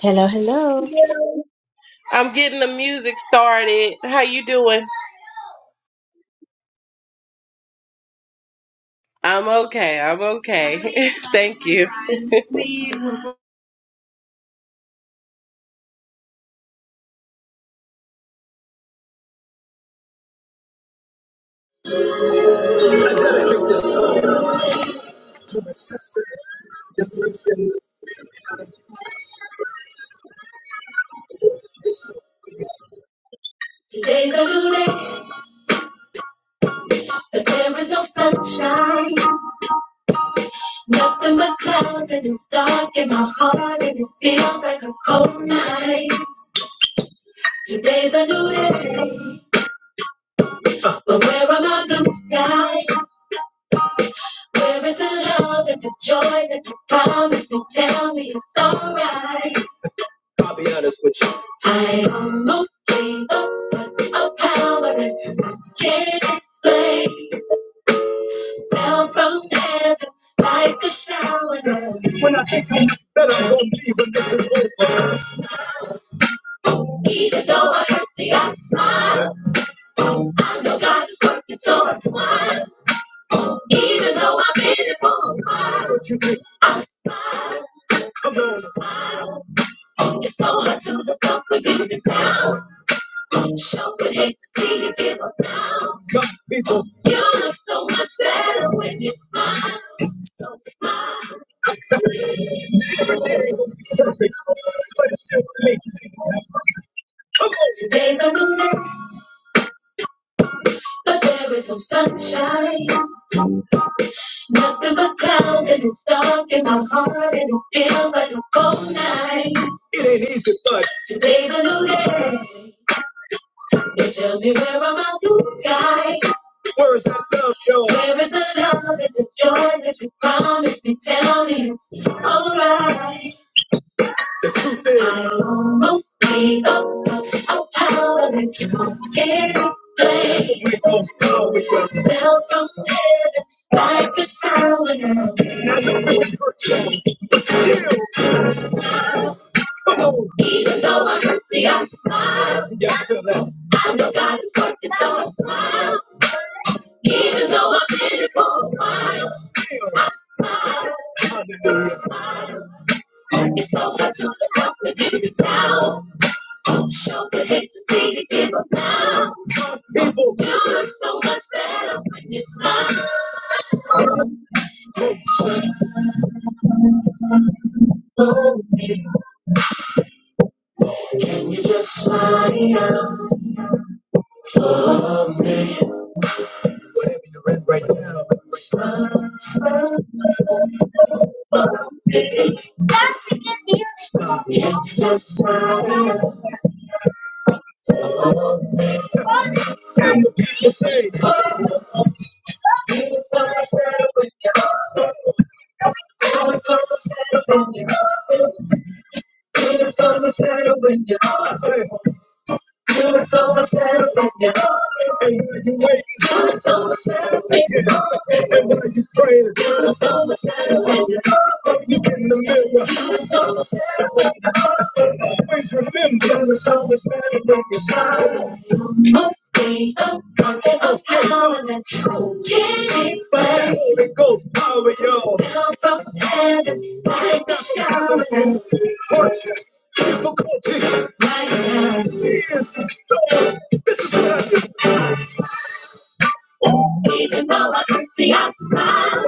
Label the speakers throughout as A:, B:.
A: Hello, hello.
B: I'm getting the music started. How you doing? I'm okay. I'm okay. Thank you. Today's a new day, but there is no sunshine. Nothing but clouds, and it's dark in my heart, and it feels like a cold night. Today's a new day, but where are my blue skies? Where is the love and the joy that you promised me? Tell me it's alright. I'll be honest with you. I almost gave up, but a power that I can't explain fell from heaven like a shower of grace. Even though I hurt, see, I smile. Oh, I know God is working, so I smile. Oh, Even though I've been here for a while, I smile. Come on. Smile. It's so hard to look up, but you down. Show could hate to see you give up now. Come, people. You look so much better when you smile. So smile. Everything will be perfect, but it's still making Come on. Today's a new day, but there is no sunshine. Nothing but clouds, and it's dark in my heart, and it feels like a cold night. It ain't easy, but today's a new day. You tell me where are my blue skies? Where is that love, yo? Where is the love and the joy that you promised me? Tell me it's alright. I almost gave up, but a power that I can't explain. we both go with them. Fell from heaven like a shower. And I know it hurts, but still. Even though I hurt, see, I smile. Yeah, I feel that. I know God is working, so I smile. Even though I've been it for a while, I smile. I Smile. It's so hard to look up and give it down. Show the hate to see you give up now. You look so much better when you smile. Oh, baby, Just smile. Whatever you're in right now. Smile. smile. It's just so you say, so much better when you're so much better when you're so much better when you're You Doing so much better than you are. And when you wait, you doing so much better than you are. And when you pray, you doing so much better than you are. Look in the mirror, you doing so much better than you are. Always remember, you doing so much better than you are. You must be a bucket of power that you can't explain. It goes power, y'all. Down from heaven, like a shower. Watch it difficulty. My God. This is what I do. Even though I hurt, see, I smile.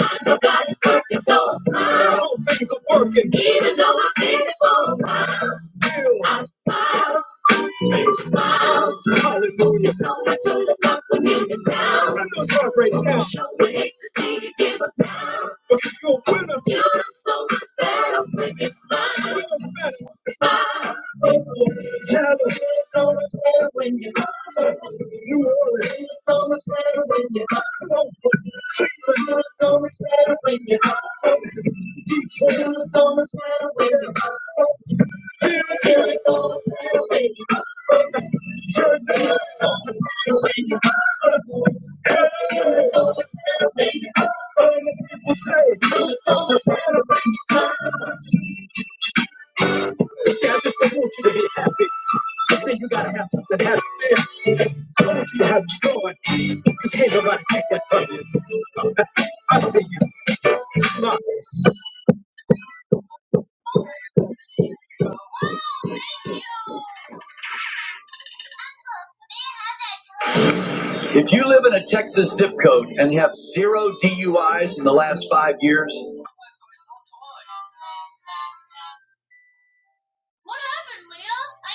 B: I know God is working, so I smile. things are working. Even though I've been it for a while. Still, I smile. I smile. Hallelujah. So I told the up when you get down. I know it's hard right now. Show me hate to see you give up now. Because you're a winner. You look so much better when you smile. Smile. Tabitha, so much better when you're gone. New Orleans, so much better when you're gone. Cleveland, so much better when you're gone. Detroit, so much better when you're gone. Philly, so much better when you're gone. Jersey, so much better when you're gone. California, so much better when you're gone. Other people say, "Philly, so much better when you're gone." See, I just don't want you to be happy. 'cause Then you gotta have something happy. Lord, you have joy. Because can nobody take that from I see you. Smile. If you live in a Texas zip code and have zero DUIs in the last five years, what happened, Leo? I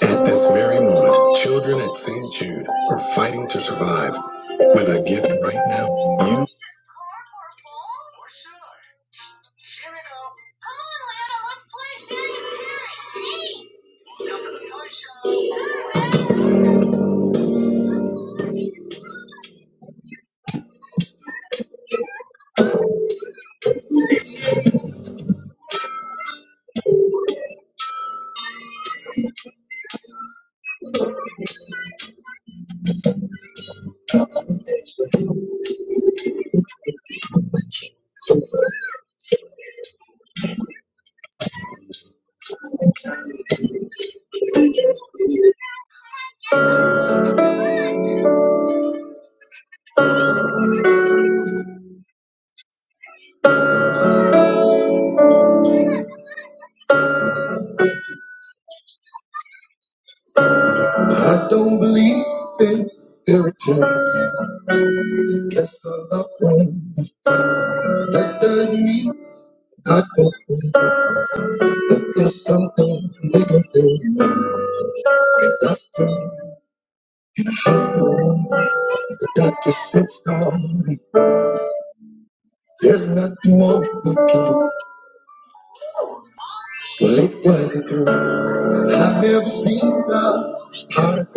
B: was trying to buy a toy, but I couldn't. At this very moment, children at St. Jude are fighting to survive with a gift right now. You. I don't believe in fairy tales. Yes, I love them. That doesn't mean I don't. believe. But There's something bigger than nothing. There's nothing more requires through. I've never seen a harder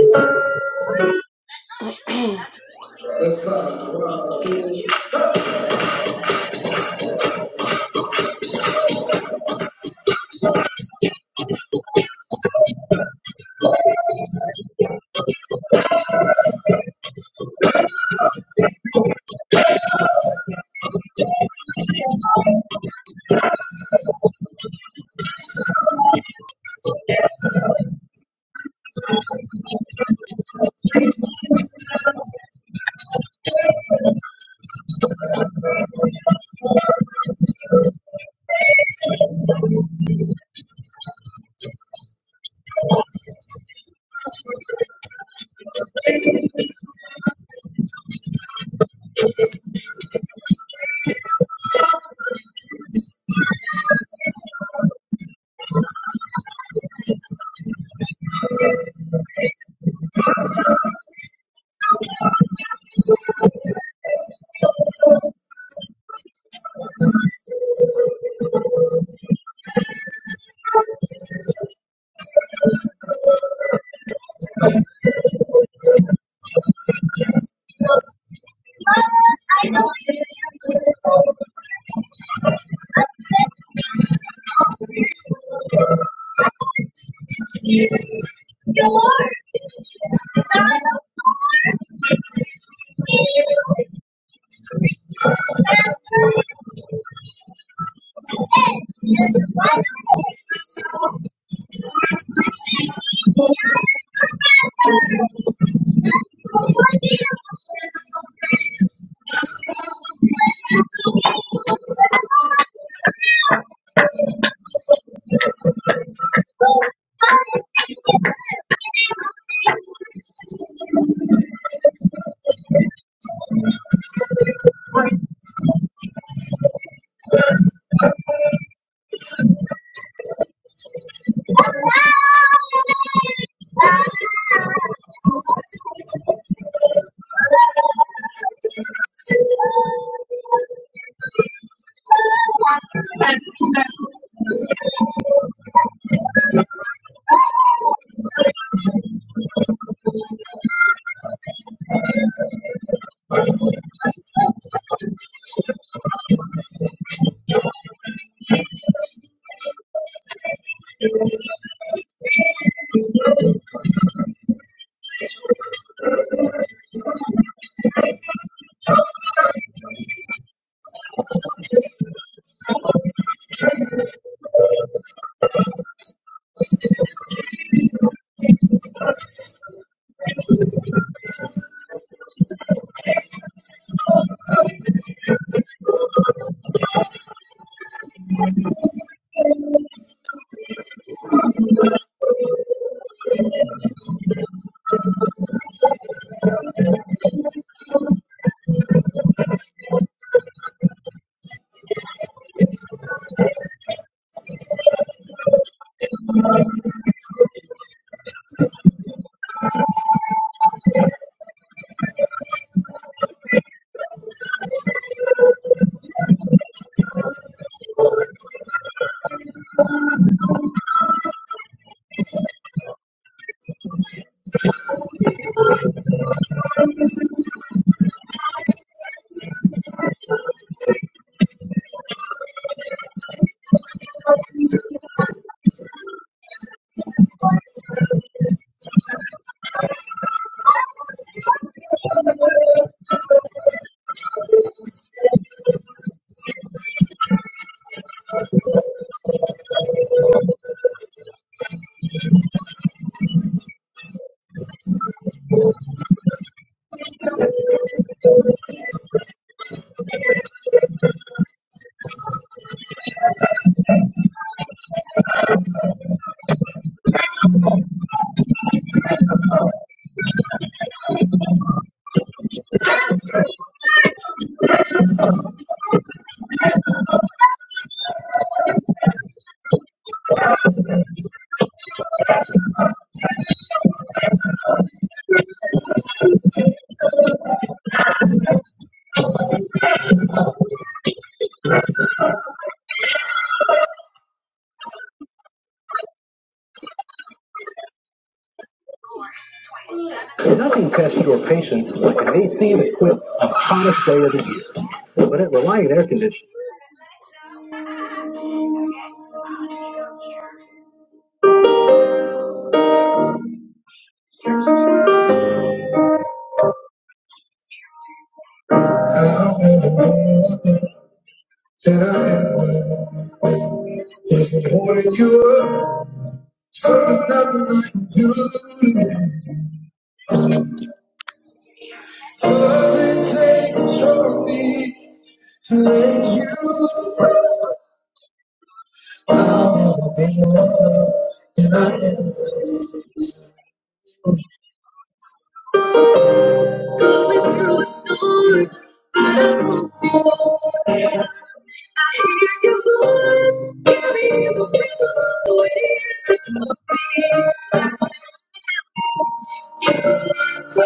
B: condition than I am. Doesn't holding you up. Doesn't take a trophy. i have never been more than I am. Going through a storm, but I won't be worried. I hear your voice, carrying the rhythm of the wind. It must be. But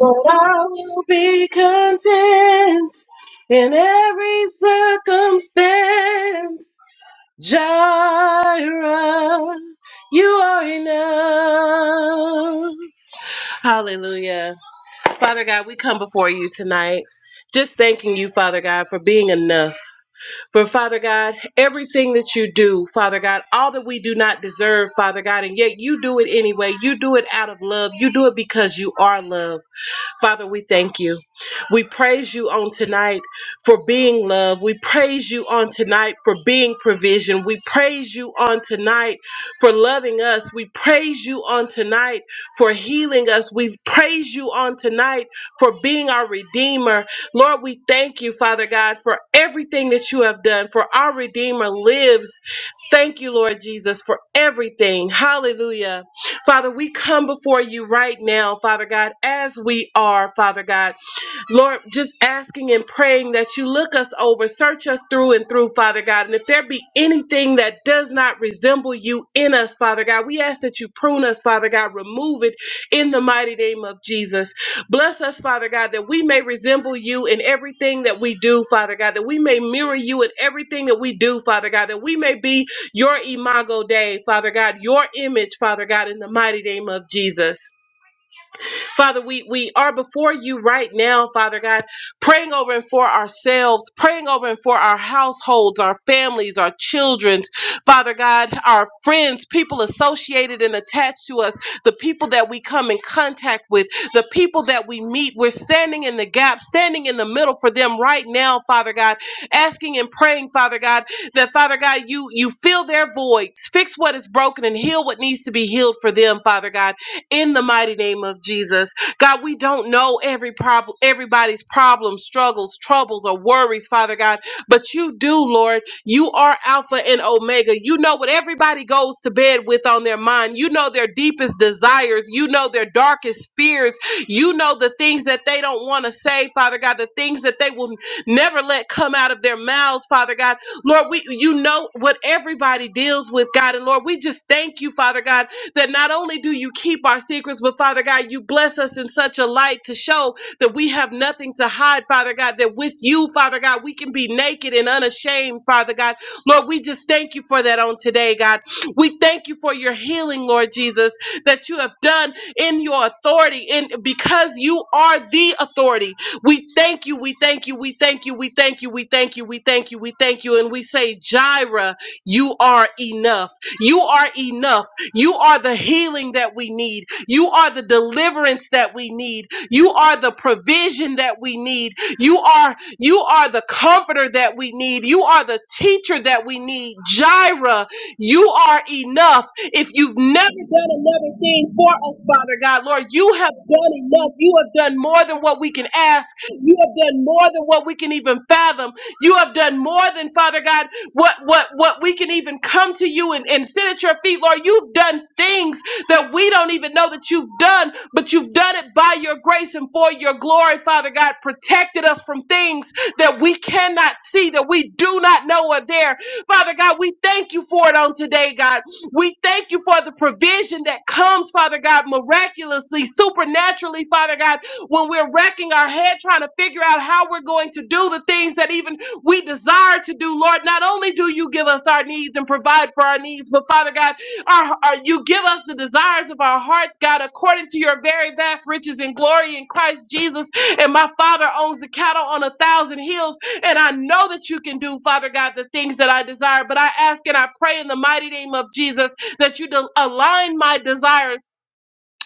B: I will be content in every circumstance. Jireh, you are enough. Hallelujah. Father God, we come before you tonight. Just thanking you, Father God, for being enough. For Father God, everything that you do, Father God, all that we do not deserve, Father God, and yet you do it anyway. You do it out of love. You do it because you are love. Father, we thank you. We praise you on tonight for being love. We praise you on tonight for being provision. We praise you on tonight for loving us. We praise you on tonight for healing us. We praise you on tonight for being our redeemer. Lord, we thank you, Father God, for everything that you have done, for our Redeemer lives. Thank you, Lord Jesus, for everything. Hallelujah. Father, we come before you right now, Father God, as we are, Father God. Lord, just asking and praying that you look us over, search us through and through, Father God. And if there be anything that does not resemble you in us, Father God, we ask that you prune us, Father God, remove it in the mighty name of Jesus. Bless us, Father God, that we may resemble you in everything that we do, Father God, that we may mirror you in everything that we do, Father God, that we may be your imago Dei, Father God, your image, Father God, in the mighty name of Jesus. Father, we, we are before you right now, Father God, praying over and for ourselves, praying over and for our households, our families, our children's, Father God, our friends, people associated and attached to us, the people that we come in contact with, the people that we meet. We're standing in the gap, standing in the middle for them right now, Father God, asking and praying, Father God, that Father God, you you fill their voids, fix what is broken and heal what needs to be healed for them, Father God in the mighty name of Jesus. God, we don't know every problem, everybody's problems, struggles, troubles, or worries, Father God, but you do, Lord. You are Alpha and Omega. You know what everybody goes to bed with on their mind. You know their deepest desires. You know their darkest fears. You know the things that they don't want to say, Father God, the things that they will never let come out of their mouths, Father God. Lord, we you know what everybody deals with, God. And Lord, we just thank you, Father God, that not only do you keep our secrets, but Father God, you bless us in such a light to show that we have nothing to hide, Father God, that with you, Father God, we can be naked and unashamed, Father God. Lord, we just thank you for that on today, God. We thank you for your healing, Lord Jesus, that you have done in your authority, and because you are the authority. We thank you, we thank you, we thank you, we thank you, we thank you, we thank you, we thank you, and we say, Jireh, you are enough. You are enough. You are the healing that we need. You are the deliverance that we need. You are the provision that we need. You are you are the comforter that we need. You are the teacher that we need. Jireh, you are enough. If you've never done another thing for us, Father God, Lord, you have done enough. You have done more than what we can ask. You have done more than what we can even fathom. You have done more than, Father God what what what we can even come to you and, and sit at your feet lord you've done things that we don't even know that you've done but you've done it by your grace and for your glory father god protected us from things that we cannot see that we do not know are there father god we thank you for it on today god we thank you for the provision that comes father god miraculously supernaturally father god when we're wrecking our head trying to figure out how we're going to do the things that even we desire to do, Lord. Not only do you give us our needs and provide for our needs, but Father God, our, our, you give us the desires of our hearts, God, according to your very vast riches and glory in Christ Jesus. And my Father owns the cattle on a thousand hills, and I know that you can do, Father God, the things that I desire. But I ask and I pray in the mighty name of Jesus that you de- align my desires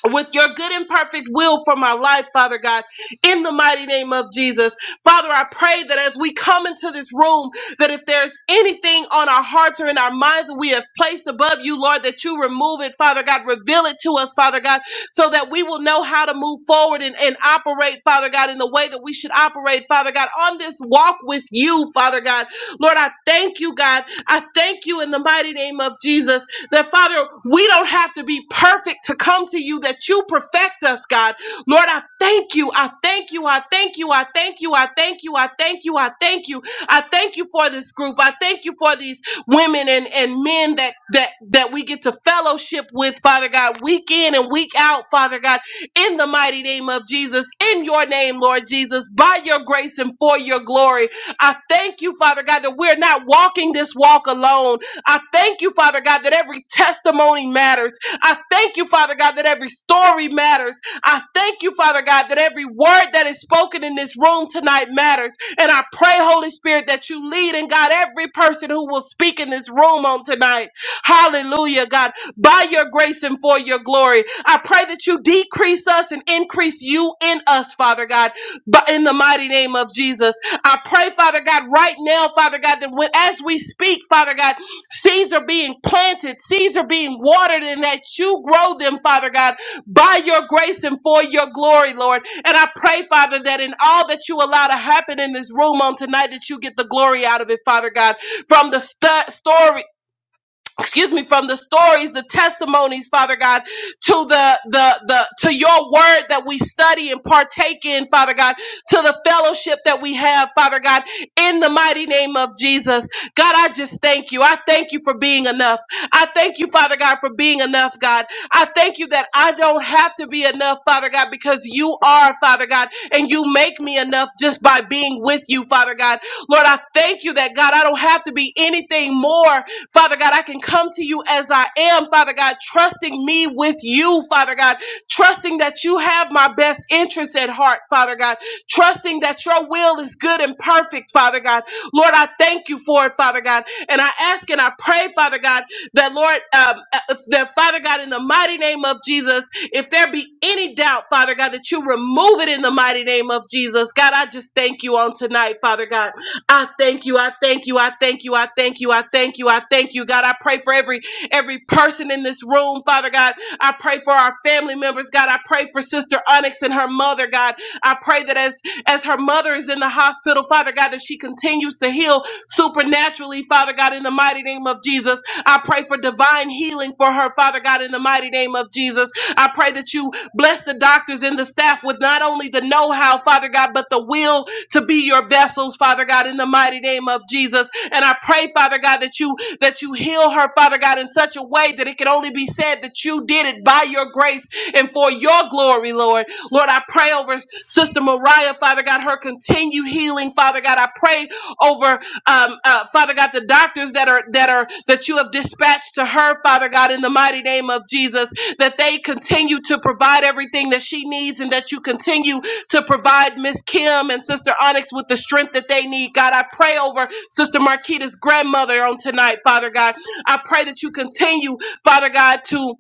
B: with your good and perfect will for my life, Father God, in the mighty name of Jesus. Father, I pray that as we come into this room, that if there's anything on our hearts or in our minds that we have placed above you, Lord, that you remove it, Father God, reveal it to us, Father God, so that we will know how to move forward and, and operate, Father God, in the way that we should operate, Father God, on this walk with you, Father God. Lord, I thank you, God. I thank you in the mighty name of Jesus that Father, we don't have to be perfect to come to you, that you perfect us, God. Lord, I thank you. I thank you. I thank you. I thank you. I thank you. I thank you. I thank you. I thank you for this group. I thank you for these women and, and men that that that we get to fellowship with, Father God, week in and week out, Father God, in the mighty name of Jesus, in your name, Lord Jesus, by your grace and for your glory. I thank you, Father God, that we're not walking this walk alone. I thank you, Father God, that every testimony matters. I thank you, Father God, that every story matters. I thank you, Father God, that every word that is spoken in this room tonight matters. And I pray, Holy Spirit, that you lead and guide every person who will speak in this room on tonight. Hallelujah, God, by your grace and for your glory. I pray that you decrease us and increase you in us, Father God, but in the mighty name of Jesus. I pray, Father God, right now, Father God, that when, as we speak, Father God, Seeds are being planted, seeds are being watered, and that you grow them, Father God, by your grace and for your glory, Lord. And I pray, Father, that in all that you allow to happen in this room on tonight, that you get the glory out of it, Father God, from the stu- stories excuse me from the stories the testimonies father god to the the the to your word that we study and partake in father god to the fellowship that we have father god in the mighty name of jesus god i just thank you i thank you for being enough i thank you father god for being enough god i thank you that i don't have to be enough father god because you are father god and you make me enough just by being with you father god lord i thank you that god i don't have to be anything more Father God, I can come to you as I am, Father God, trusting me with you, Father God, trusting that you have my best interests at heart, Father God, trusting that your will is good and perfect, Father God. Lord, I thank you for it, Father God. And I ask and I pray, Father God, that Lord, um, uh, that Father God, in the mighty name of Jesus, if there be any doubt, Father God, that you remove it in the mighty name of Jesus. God, I just thank you on tonight, Father God. I thank you. I thank you. I thank you. I thank you. I thank you. I thank you, God. I pray for every every person in this room, Father God. I pray for our family members, God. I pray for Sister Onyx and her mother, God. I pray that as as her mother is in the hospital, Father God, that she continues to heal supernaturally, Father God, in the mighty name of Jesus. I pray for divine healing for her, Father God, in the mighty name of Jesus. I pray that you bless the doctors and the staff with not only the know-how, Father God, but the will to be your vessels, Father God, in the mighty name of Jesus. And I pray, Father God, that you that you heal her, Father God, in such a way that it can only be said that you did it by your grace and for your glory, Lord. Lord, I pray over Sister Mariah, Father God, her continued healing, Father God. I pray over um, uh, Father God, the doctors that are that are that you have dispatched to her, Father God, in the mighty name of Jesus, that they continue to provide everything that she needs, and that you continue to provide Miss Kim and Sister Onyx with the strength that they need. God, I pray over Sister Marquita's grandmother on tonight, Father God. I pray that you continue, Father God, to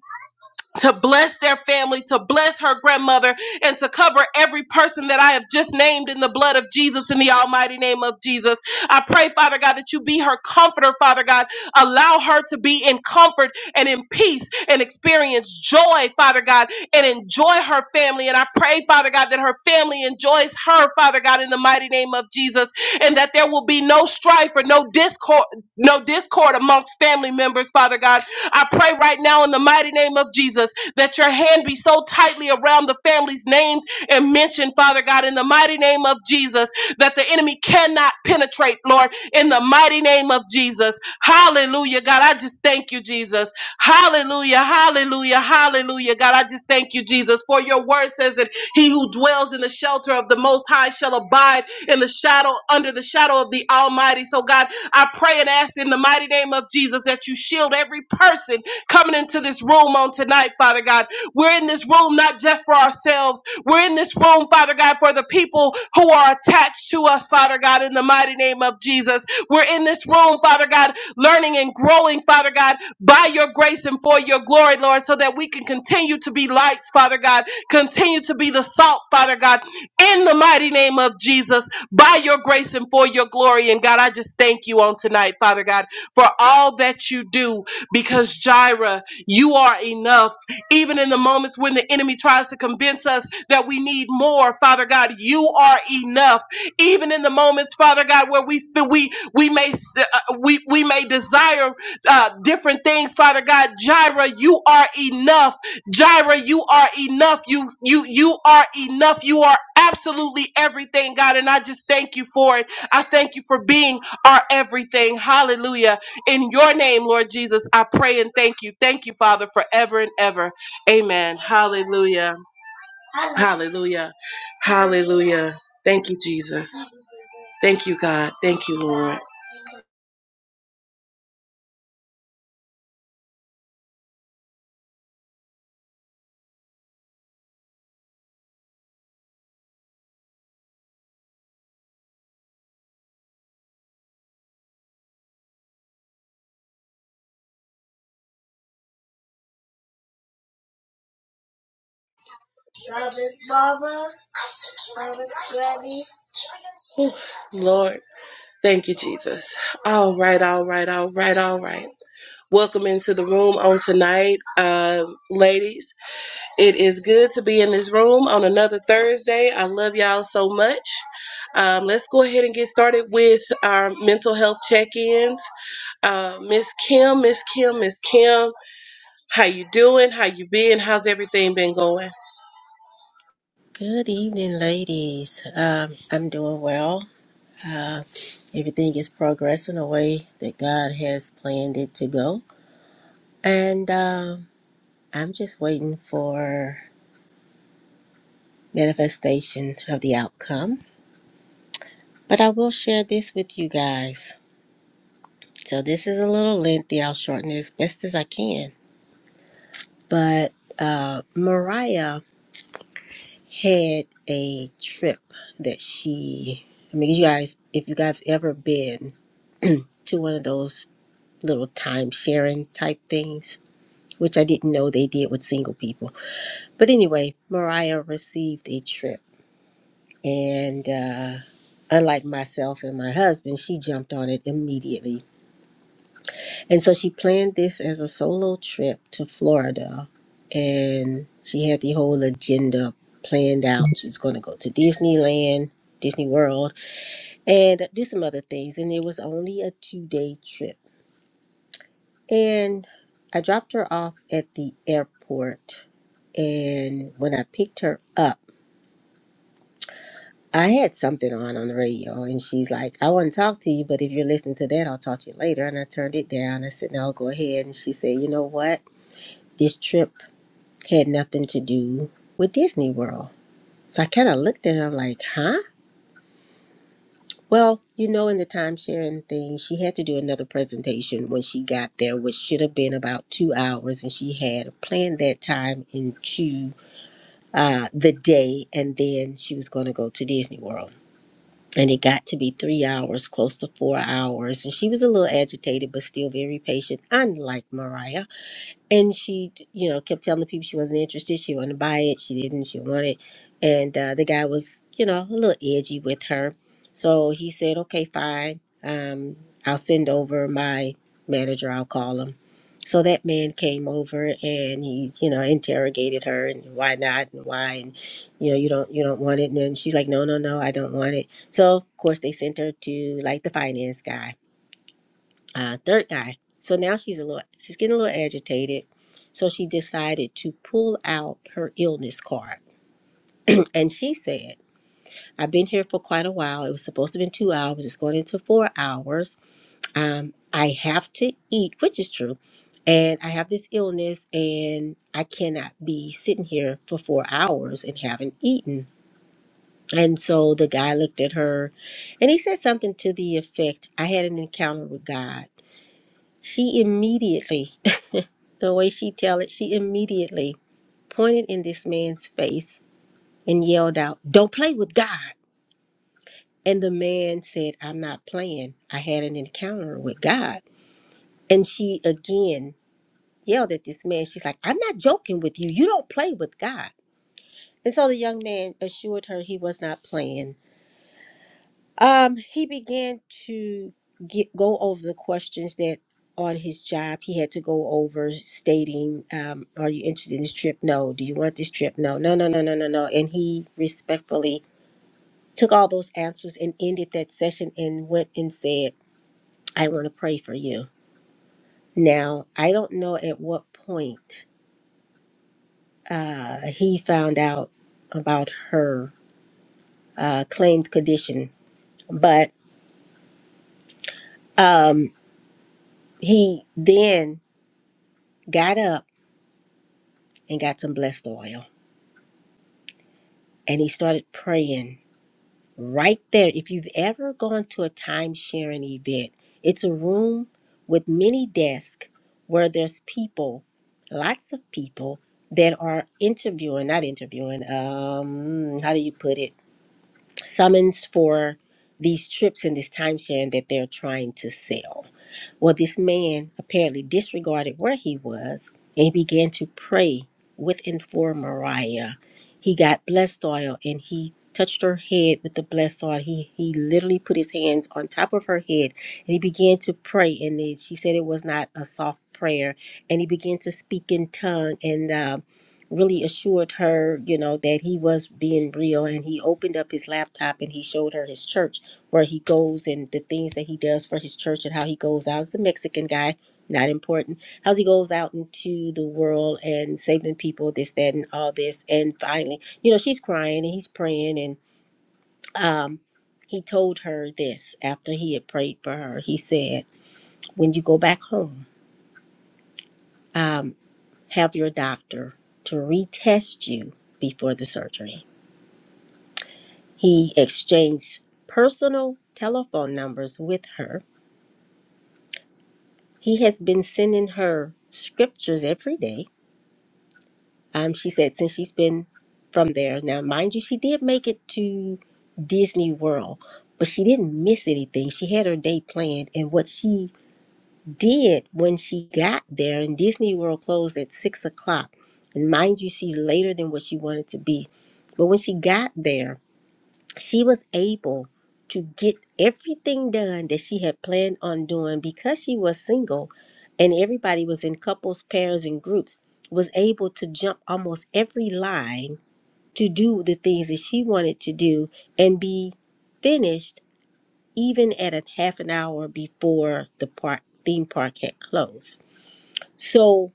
B: to bless their family, to bless her grandmother, and to cover every person that I have just named in the blood of Jesus, in the almighty name of Jesus. I pray, Father God, that you be her comforter, Father God. Allow her to be in comfort and in peace and experience joy, Father God, and enjoy her family. And I pray, Father God, that her family enjoys her, Father God, in the mighty name of Jesus, and that there will be no strife or no discord, no discord amongst family members, Father God I pray right now in the mighty name of Jesus that your hand be so tightly around the families named and mentioned, Father God, in the mighty name of Jesus, that the enemy cannot penetrate, Lord, in the mighty name of Jesus. Hallelujah, God. I just thank you, Jesus. Hallelujah, hallelujah, hallelujah, God. I just thank you, Jesus, for your word says that he who dwells in the shelter of the Most High shall abide in the shadow, under the shadow of the Almighty. So, God, I pray and ask in the mighty name of Jesus that you shield every person coming into this room on tonight, Father God. We're in this room not just for ourselves, we're in this room, Father God, for the people who are attached to us, Father God, in the mighty name of Jesus. We're in this room, Father God, learning and growing, Father God, by your grace and for your glory, Lord, so that we can continue to be lights, Father God, continue to be the salt, Father God, in the mighty name of Jesus by your grace and for your glory. And God, I just thank you on tonight, Father God, for all that you do because Jireh, you are enough. Even in the moments when the enemy tries to convince us that we need more, Father God, you are enough. Even in the moments, Father God, where we feel we we may uh, we we may desire uh, different things, Father God, Jireh, you are enough. Jireh, you are enough. You you you are enough. You are absolutely everything, God, and I just thank you for it. I thank you for being our everything. Hallelujah. In your name, Lord Jesus, I pray and thank you. Thank you, Father, forever and ever. Amen. Hallelujah. Hallelujah. Hallelujah. Thank you, Jesus. Thank you, God. Thank you, Lord. Lord, thank you, Jesus. All right, all right, all right, all right. Welcome into the room on tonight, uh, ladies. It is good to be in this room on another Thursday. I love y'all so much. Um, let's go ahead and get started with our mental health check-ins. Uh, Miss Kim, Miss Kim, Miss Kim, how you doing? How you been? How's everything been going?
A: Good evening, ladies. Um, I'm doing well. Uh, everything is progressing the way that God has planned it to go. And um, I'm just waiting for manifestation of the outcome. But I will share this with you guys. So this is a little lengthy. I'll shorten it as best as I can. But uh, Mariah had a trip that she. I mean, you guys, if you guys ever been to one of those little time sharing type things, which I didn't know they did with single people. But anyway, Mariah received a trip. And uh, unlike myself and my husband, she jumped on it immediately. And so she planned this as a solo trip to Florida. And she had the whole agenda planned out. She was going to go to Disneyland, Disney World, and do some other things. And it was only a two day trip And I dropped her off at the airport. And when I picked her up, I had something on on the radio. And she's like, I want to talk to you, but if you're listening to that, I'll talk to you later. And I turned it down. I said, No, go ahead. And she said, You know what? This trip had nothing to do with Disney World. So I kind of looked at her, I'm like, Huh? Well, you know, in the time sharing thing, she had to do another presentation when she got there, which should have been about two hours, and she had planned that time into uh, the day, and then she was going to go to Disney World. And it got to be three hours, close to four hours. And she was a little agitated, but still very patient, unlike Mariah and she you know kept telling the people she wasn't interested she wanted to buy it she didn't she wanted and uh, the guy was you know a little edgy with her so he said okay fine um, i'll send over my manager i'll call him so that man came over and he you know interrogated her and why not and why and you know you don't you don't want it and then she's like no no no i don't want it so of course they sent her to like the finance guy uh, third guy. So now she's a little, she's getting a little agitated. So she decided to pull out her illness card. And she said, I've been here for quite a while. It was supposed to have been two hours. It's going into four hours. Um, I have to eat, which is true. And I have this illness and I cannot be sitting here for four hours and haven't eaten. And so the guy looked at her and he said something to the effect, I had an encounter with God. She immediately The way she tell it, she immediately pointed in this man's face and yelled out, "Don't play with God." And the man said, "I'm not playing. I had an encounter with God." And she again yelled at this man. She's like, "I'm not joking with you. You don't play with God." And so the young man assured her he was not playing Um, he began to get go over the questions that on his job he had to go over, stating, um, "Are you interested in this trip? No. Do you want this trip? No. No. No. No. No. No. No." And he respectfully took all those answers and ended that session and went and said, "I want to pray for you." Now I don't know at what point uh, he found out about her uh, claimed condition, but um, he then got up and got some blessed oil. And he started praying right there. If you've ever gone to a time sharing event, it's a room with many desks where there's people, lots of people that are interviewing, not interviewing, um, how do you put it? Summons for these trips and this time sharing that they're trying to sell. Well, this man apparently disregarded where he was and began to pray within for Mariah. He got blessed oil and he touched her head with the blessed oil. He he literally put his hands on top of her head and he began to pray. And then she said it was not a soft prayer. And he began to speak in tongue and um really assured her, you know, that he was being real. And he opened up his laptop and he showed her his church where he goes and the things that he does for his church and how he goes out. It's a Mexican guy, not important. How he goes out into the world and saving people, this, that, and all this. And finally, you know, she's crying and he's praying. And um, he told her this after he had prayed for her. He said, When you go back home, um, have your doctor to retest you before the surgery. He exchanged personal telephone numbers with her He has been sending her scriptures every day. Um, she said since she's been from there. Now, mind you, she did make it to Disney World, but she didn't miss anything. She had her day planned, and what she did when she got there, and Disney World closed at six o'clock. And mind you, she's later than what she wanted to be. But when she got there, she was able to get everything done that she had planned on doing because she was single and everybody was in couples pairs and groups was able to jump almost every line to do the things that she wanted to do and be finished even at a half an hour before the park theme park had closed so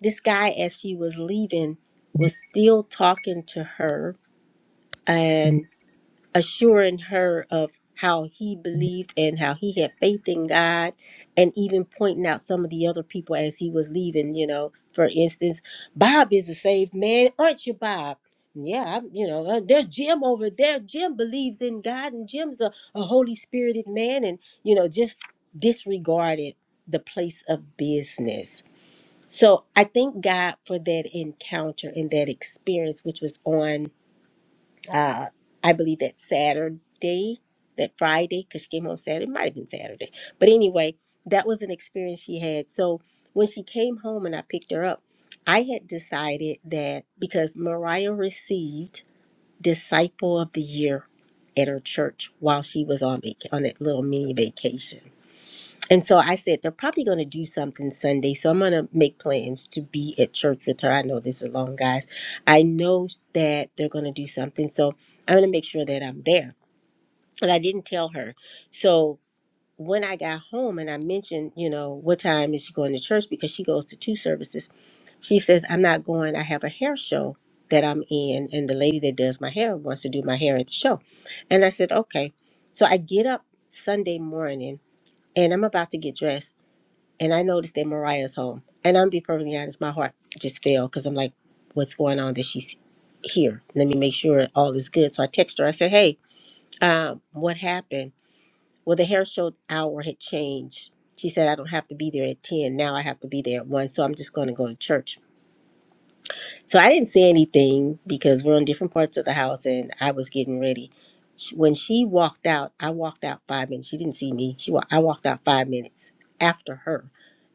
A: this guy as she was leaving was still talking to her and assuring her of how he believed and how he had faith in God, and even pointing out some of the other people as he was leaving. You know, for instance, Bob is a saved man, aren't you, Bob? Yeah, I'm, you know, uh, there's Jim over there. Jim believes in God, and Jim's a, a Holy Spirited man, and you know, just disregarded the place of business. So I thank God for that encounter and that experience, which was on uh, I believe that Saturday, that Friday, because she came home Saturday, it might have been Saturday. But anyway, that was an experience she had. So when she came home and I picked her up, I had decided that because Mariah received Disciple of the Year at her church while she was on vac- on that little mini vacation. And so I said, they're probably going to do something Sunday. So I'm going to make plans to be at church with her. I know this is long, guys. I know that they're going to do something. So I'm going to make sure that I'm there. And I didn't tell her. So when I got home and I mentioned, you know, what time is she going to church because she goes to two services, she says, I'm not going. I have a hair show that I'm in. And the lady that does my hair wants to do my hair at the show. And I said, okay. So I get up Sunday morning and I'm about to get dressed and I noticed that Mariah's home. And I'm be perfectly honest, my heart just fell because I'm like, what's going on that she's here? Let me make sure all is good. So I text her. I said, hey, um, what happened? Well, the hair show hour had changed. She said, I don't have to be there at 10. Now I have to be there at 1. So I'm just going to go to church. So I didn't say anything because we're in different parts of the house and I was getting ready. Sh- When she walked out, I walked out five minutes. She didn't see me. She wa- I walked out five minutes after her.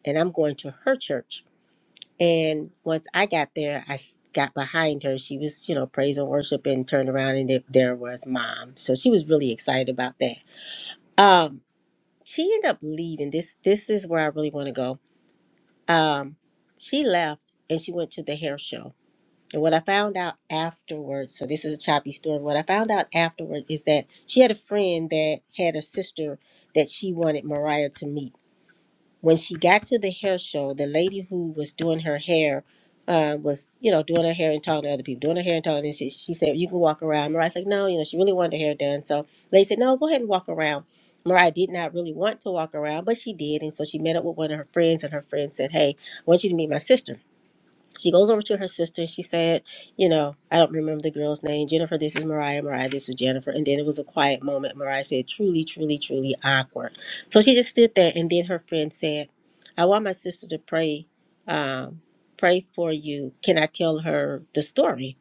A: And I'm going to her church and once I got there, I s- got behind her. She was, you know, praise and worship and turned around and there, there was mom. So she was really excited about that. Um, she ended up leaving. This this is where I really want to go. Um, she left and she went to the hair show. And what I found out afterwards, so this is a choppy story. What I found out afterwards is that she had a friend that had a sister that she wanted Mariah to meet when she got to the hair show, the lady who was doing her hair uh, was, you know, doing her hair and talking to other people, doing her hair and talking. And she, she said, "You can walk around." Mariah's like, "No, you know, she really wanted her hair done." So the lady said, "No, go ahead and walk around." Mariah did not really want to walk around, but she did, and so she met up with one of her friends, and her friend said, "Hey, I want you to meet my sister." She goes over to her sister. She said, You know, I don't remember the girl's name. Jennifer, this is Mariah. Mariah, this is Jennifer. And then it was a quiet moment. Mariah said, Truly, truly, truly awkward. So she just stood there. And then her friend said, I want my sister to pray, um, pray for you. Can I tell her the story?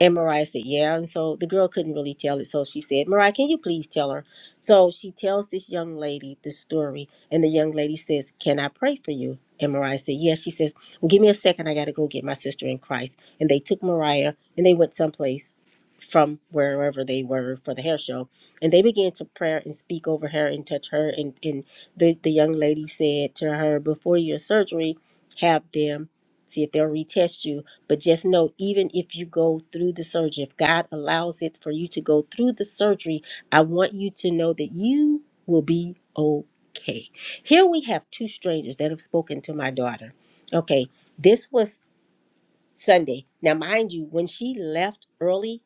A: And Mariah said, Yeah. And so the girl couldn't really tell it. So she said, Mariah, can you please tell her? So she tells this young lady the story. And the young lady says, Can I pray for you? And Mariah said, Yes. She says, Well, give me a second. I got to go get my sister in Christ. And they took Mariah and they went someplace from wherever they were for the hair show. And they began to pray and speak over her and touch her. And, and the, the young lady said to her, Before your surgery, have them see if they'll retest you but just know, even if you go through the surgery, if God allows it for you to go through the surgery, I want you to know that you will be okay. Here we have two strangers that have spoken to my daughter. Okay, this was Sunday. Now, mind you, when she left early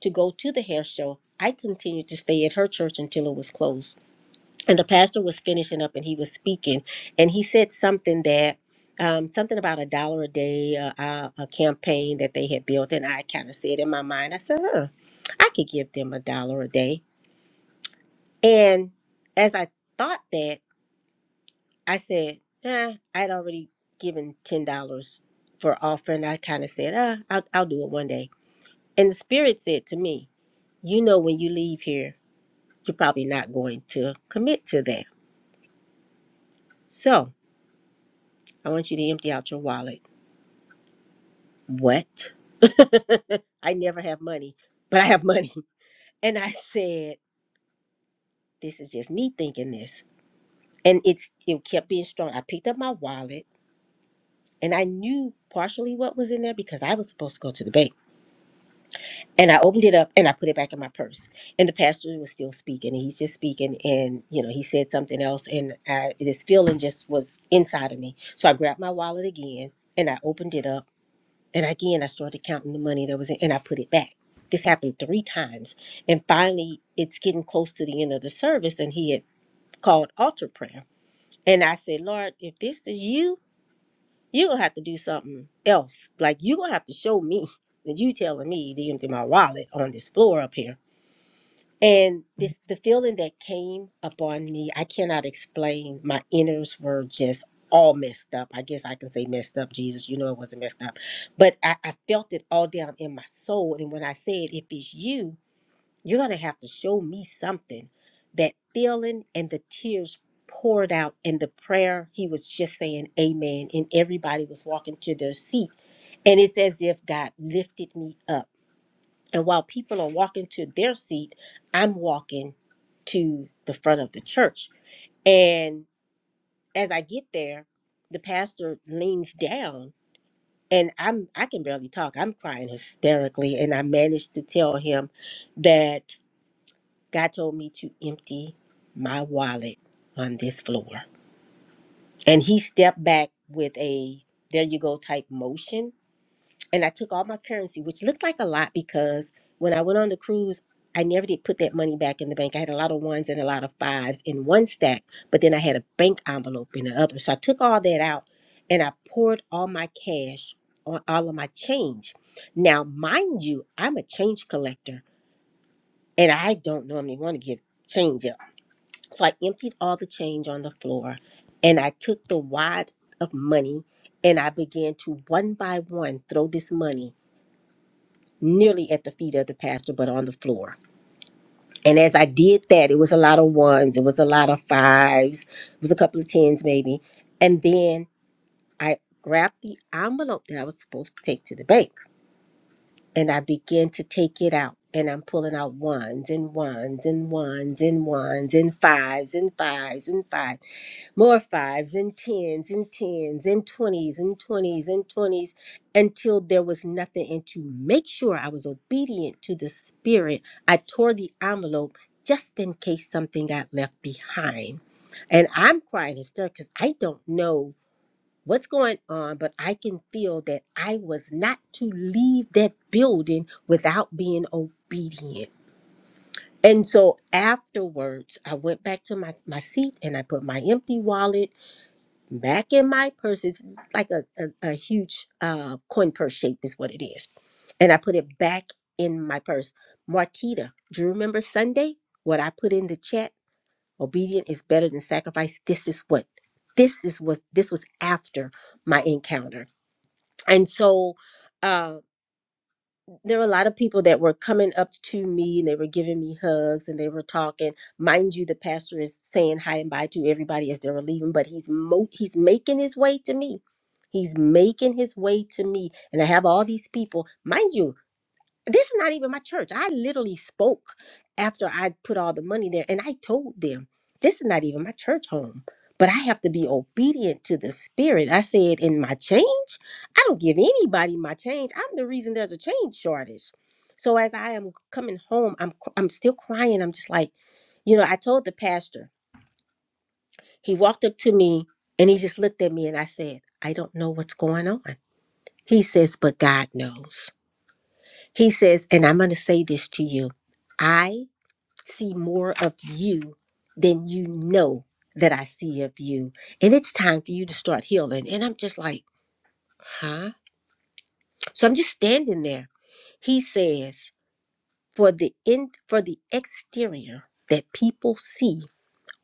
A: to go to the hair show, I continued to stay at her church until it was closed and the pastor was finishing up and he was speaking and he said something that um, something about a dollar a day uh, uh, a campaign that they had built and i kind of said in my mind i said huh, i could give them a dollar a day and as i thought that i said eh, i'd already given ten dollars for offering i kind of said ah, I'll, I'll do it one day and the spirit said to me you know when you leave here you're probably not going to commit to that so i want you to empty out your wallet What? I never have money, but I have money. And I said, This is just me thinking this. And it's it kept being strong. I picked up my wallet and I knew partially what was in there because I was supposed to go to the bank. And I opened it up and I put it back in my purse. And the pastor was still speaking. And he's just speaking. And, you know, he said something else. And I, this feeling just was inside of me. So I grabbed my wallet again and I opened it up And again, I started counting the money that was in, and I put it back. This happened three times. And finally, it's getting close to the end of the service, and he had called altar prayer. And I said, Lord, if this is you, you're going to have to do something else. Like, you're going to have to show me that you telling me to empty my wallet on this floor up here and this the feeling that came upon me, I cannot explain. My innards were just all messed up. I guess I can say messed up, Jesus. You know it wasn't messed up. But I, I felt it all down in my soul. And when I said, if it's you, you're gonna have to show me something. That feeling and the tears poured out and the prayer, he was just saying amen. And everybody was walking to their seat. And it's as if God lifted me up and while people are walking to their seat, I'm walking to the front of the church. And as I get there, the pastor leans down and I'm I can barely talk. I'm crying hysterically and I managed to tell him that God told me to empty my wallet on this floor. And he stepped back with a there you go type motion and I took all my currency, which looked like a lot because when I went on the cruise, I never did put that money back in the bank. I had a lot of ones and a lot of fives in one stack, but then I had a bank envelope in the other. So I took all that out and I poured all my cash on all of my change. Now, mind you, I'm a change collector and I don't normally want to give change up. So I emptied all the change on the floor and I took the wad of money and I began to one by one throw this money nearly at the feet of the pastor, but on the floor. And as I did that, it was a lot of ones, it was a lot of fives, it was a couple of tens maybe. And then I grabbed the envelope that I was supposed to take to the bank and I began to take it out. And I'm pulling out ones and ones and ones and ones and fives and fives and fives. More fives and tens and tens and twenties and twenties and twenties until there was nothing. And to make sure I was obedient to the spirit, I tore the envelope just in case something got left behind. And I'm crying hysterically because I don't know what's going on, but I can feel that I was not to leave that building without being obedient. And so afterwards, I went back to my, my seat and I put my empty wallet back in my purse. It's like a, a, a huge uh, coin purse shape, is what it is. And I put it back in my purse. Marquita, do you remember Sunday? What I put in the chat? Obedient is better than sacrifice. This is what this is what. this was after my encounter. And so um, there were a lot of people that were coming up to me and they were giving me hugs and they were talking. Mind you, the pastor is saying hi and bye to everybody as they were leaving, but he's mo- he's making his way to me. He's making his way to me, and I have all these people. Mind you, this is not even my church. I literally spoke after I put all the money there and I told them, this is not even my church home. But I have to be obedient to the spirit. I said, in my change, I don't give anybody my change. I'm the reason there's a change shortage. So as I am coming home, I'm cr- I'm still crying. I'm just like, you know, I told the pastor. He walked up to me and he just looked at me and I said, I don't know what's going on. He says, but God knows. He says, and I'm going to say this to you I see more of you than you know that I see of you. And it's time for you to start healing. And I'm just like, huh? So I'm just standing there. He says, for the in, for the exterior that people see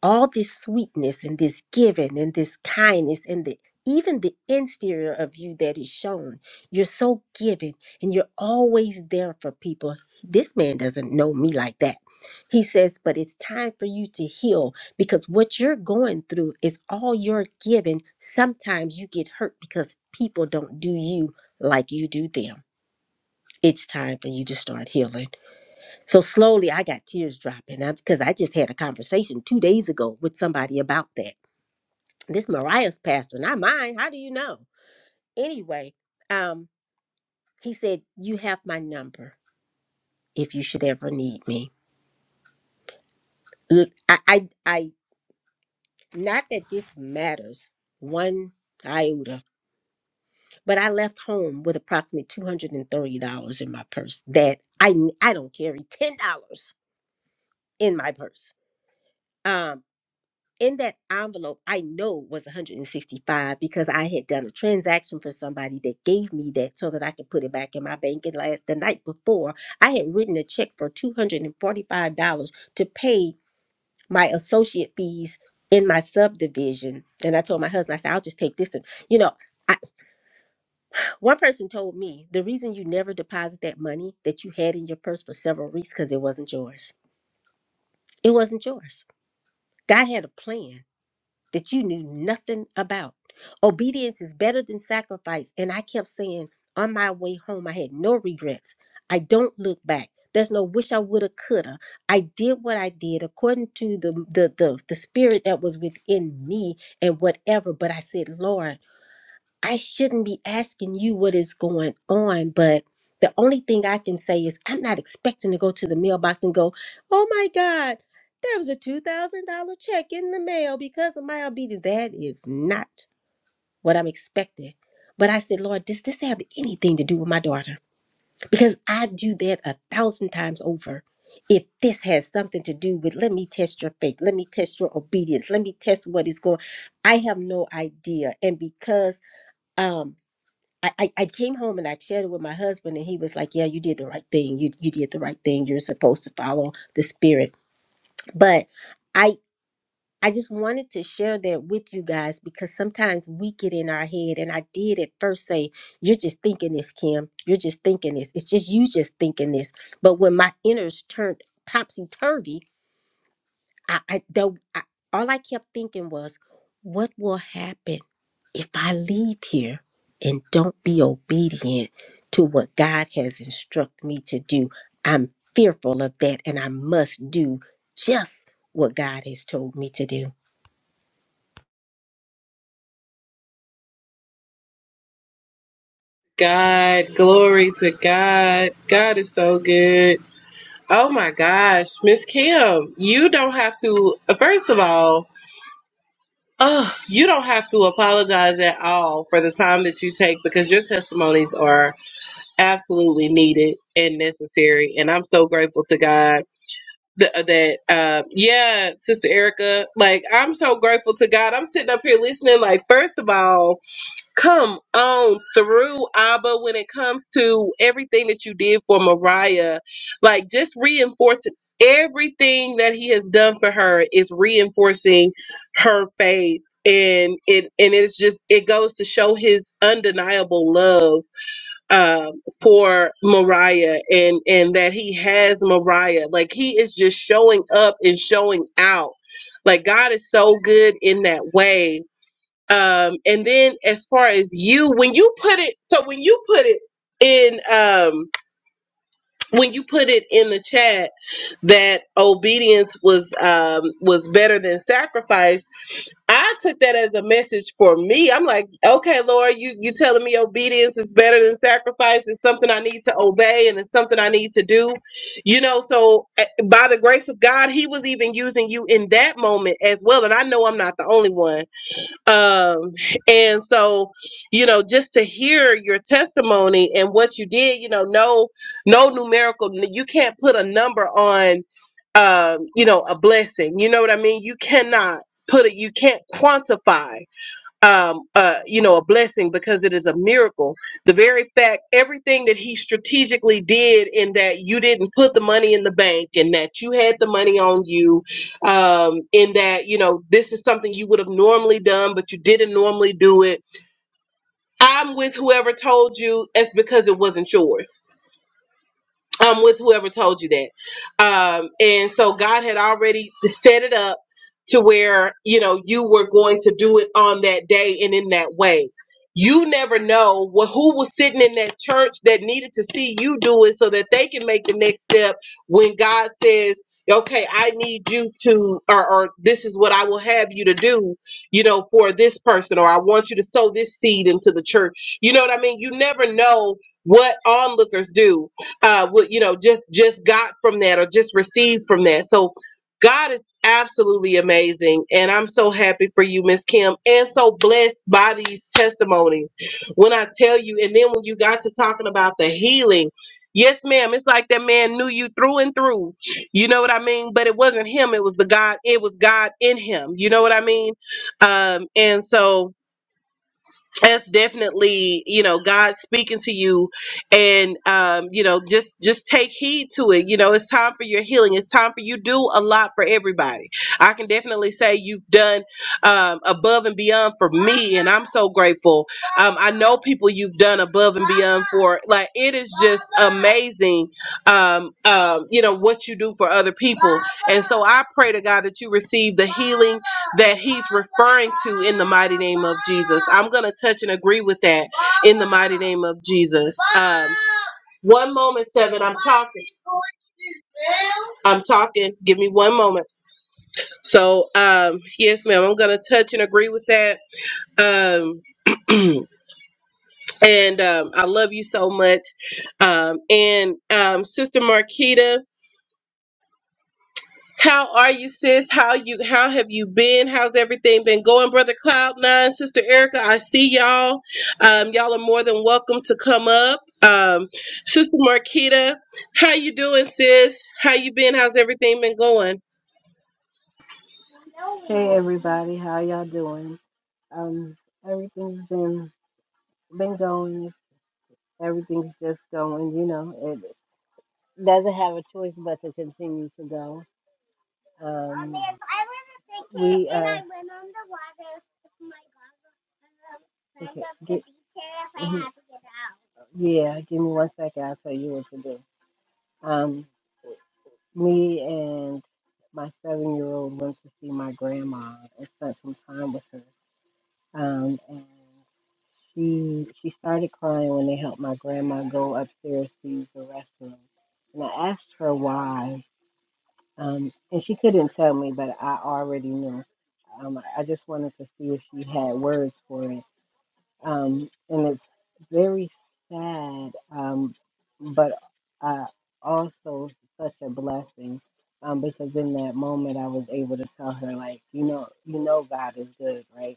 A: all this sweetness and this giving and this kindness and the even the exterior of you that is shown you're so giving and you're always there for people this man doesn't know me like that he says but it's time for you to heal because what you're going through is all you're giving sometimes you get hurt because people don't do you like you do them it's time for you to start healing so slowly I got tears dropping I- because I just had a conversation two days ago with somebody about that. This Mariah's pastor, not mine. How do you know? Anyway, um, he said, You have my number if you should ever need me. Look, I, I, I not that this matters one iota, but I left home with approximately $230 in my purse that I, n- I don't carry $10 in my purse. Um, in that envelope i know was 165 because i had done a transaction for somebody that gave me that so that i could put it back in my bank and last the night before i had written a check for $245 to pay my associate fees in my subdivision and i told my husband i said i'll just take this and you know I, one person told me the reason you never deposit that money that you had in your purse for several weeks because it wasn't yours it wasn't yours god had a plan that you knew nothing about. Obedience is better than sacrifice. And I kept saying on my way home, I had no regrets. I don't look back. There's no wish I woulda, coulda. I did what I did according to the the the, the spirit that was within me and whatever. But I said, Lord. I shouldn't be asking you what is going on, but the only thing I can say is I'm not expecting to go to the mailbox and go, oh my God, there was a $2,000 check in the mail because of my obedience. That is not what I'm expecting. But I said, Lord, does this have anything to do with my daughter? Because I do that a thousand times over. If this has something to do with, let me test your faith, let me test your obedience, let me test what is going. I have no idea. And because um. I, I I came home and I shared it with my husband, and he was like, "Yeah, you did the right thing. You you did the right thing. You're supposed to follow the spirit." But I I just wanted to share that with you guys because sometimes we get in our head, and I did at first say, "You're just thinking this, Kim. You're just thinking this. It's just you just thinking this." But when my innards turned topsy turvy, I, I though I, all I kept thinking was, what will happen if I leave here and don't be obedient to what God has instructed me to do? I'm fearful of that, and I must do just what God has told me to do.
B: God, glory to God. God is so good. Oh my gosh, Miss Kim, you don't have to, first of all, oh, you don't have to apologize at all for the time that you take because your testimonies are absolutely needed and necessary. And I'm so grateful to God th- that, uh, yeah, Sister Erica, like, I'm so grateful to God. I'm sitting up here listening, like, first of all, Come on through, Abba, when it comes to everything that you did for Mariah. Like, just reinforcing everything that he has done for her is reinforcing her faith. And it and it's just it goes to show his undeniable love um, for Mariah and and that he has Mariah like he is just showing up and showing out like God is so good in that way um, and then as far as you, when you put it, so when you put it in, um, when you put it in the chat that obedience was um, was better than sacrifice, I took that as a message for me. I'm like, okay, Lord, you you telling me obedience is better than sacrifice? It's something I need to obey, and it's something I need to do. You know, so eh, by the grace of God, He was even using you in that moment as well. And I know I'm not the only one um and so you know just to hear your testimony and what you did you know no no numerical you can't put a number on um you know a blessing you know what i mean you cannot put it you can't quantify um, uh, you know, a blessing because it is a miracle. The very fact, everything that he strategically did, in that you didn't put the money in the bank, and that you had the money on you, um, in that you know this is something you would have normally done, but you didn't normally do it. I'm with whoever told you. It's because it wasn't yours um, with whoever told you that. Um, and so God had already set it up to where, you know, you were going to do it on that day and in that way. You never know what, who was sitting in that church that needed to see you do it so that they can make the next step when God says, okay, I need you to, or, or this is what I will have you to do, you know, for this person, or I want you to sow this seed into the church. You know what I mean? You never know what onlookers do uh what you know just just got from that or just received from that so god is absolutely amazing and i'm so happy for you miss kim and so blessed by these testimonies when i tell you and then when you got to talking about the healing yes ma'am it's like that man knew you through and through you know what i mean but it wasn't him it was the god it was god in him you know what i mean um and so that's definitely you know god speaking to you and um you know just just take heed to it you know it's time for your healing it's time for you to do a lot for everybody i can definitely say you've done um above and beyond for me and i'm so grateful um i know people you've done above and for like it is amazing um um you know what you do for other people and so i pray to god that you receive the that in the mighty name i'm gonna touch and agree with that in the mighty name of jesus One moment, seven. I'm talking. I'm talking. Give me one moment. So, um, yes, ma'am. I'm gonna touch and agree with that. Um, and um, I love you so much. Um, and um, Sister Marquita. How are you, sis? How you how have you been? How's everything been going, brother Cloud Nine, sister Erica? I see y'all. Um, y'all are more than welcome to come up. Um, sister Marquita, how you doing, sis? How you been? How's everything been going?
C: Hey everybody, how y'all doing? Um, everything's been been going. Everything's just going. You know, it doesn't have a choice but to continue to go. Um, we uh, okay, gi- mhm, Yeah, give me one second. I'll tell you what to do. Um, me and my seven year old went to see my grandma and spent some time with her. Um, and She she started crying when they helped my grandma go upstairs to use the restroom, and I asked her why, um, and she couldn't tell me, but I already knew. Um, I just wanted to see if she had words for it, um, and it's very sad, um, but uh, also such a blessing. Um, because in that moment, I was able to tell her, like, you know, you know, God is good, right?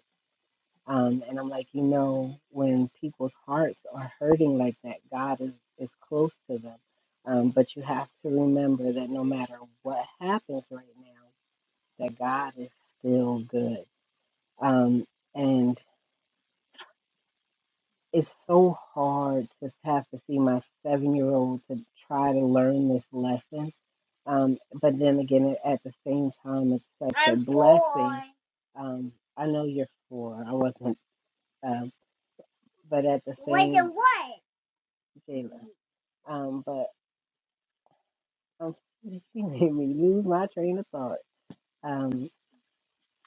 C: Um, and I'm like, you know, when people's hearts are hurting like that, God is, is close to them. Um, but you have to remember that no matter what happens right now, that God is still good. Um, and it's so hard to have to see my seven year old to try to learn this lesson. Um, but then again, at the same time, it's such a I'm blessing. four. Um, I know you're four. I wasn't, um, but at the same. Wasn't what? Jayla. Um, but um, she made me lose my train of thought. Um,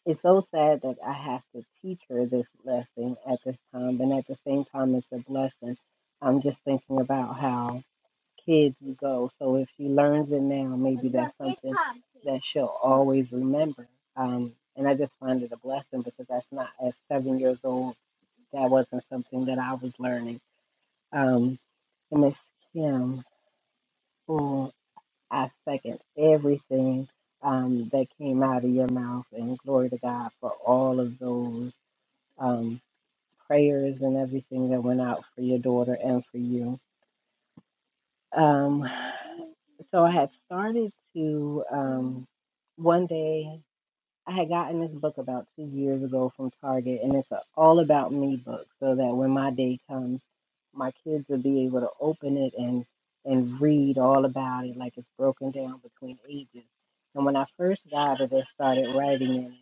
C: it's so sad that I have to teach her this lesson at this time, But at the same time, it's a blessing. I'm just thinking about how kids would go. So if she learns it now, maybe that's something that she'll always remember. Um, and I just find it a blessing because that's not at seven years old. That wasn't something that I was learning. Um, and Miss Kim. who I second everything um, that came out of your mouth, and glory to God for all of those um, prayers and everything that went out for your daughter and for you. Um, so I had started to um, one day. I had gotten this book about two years ago from Target, and it's an all about me book, so that when my day comes, my kids will be able to open it and and read all about it, like it's broken down between ages. And when I first got it, they started writing in it.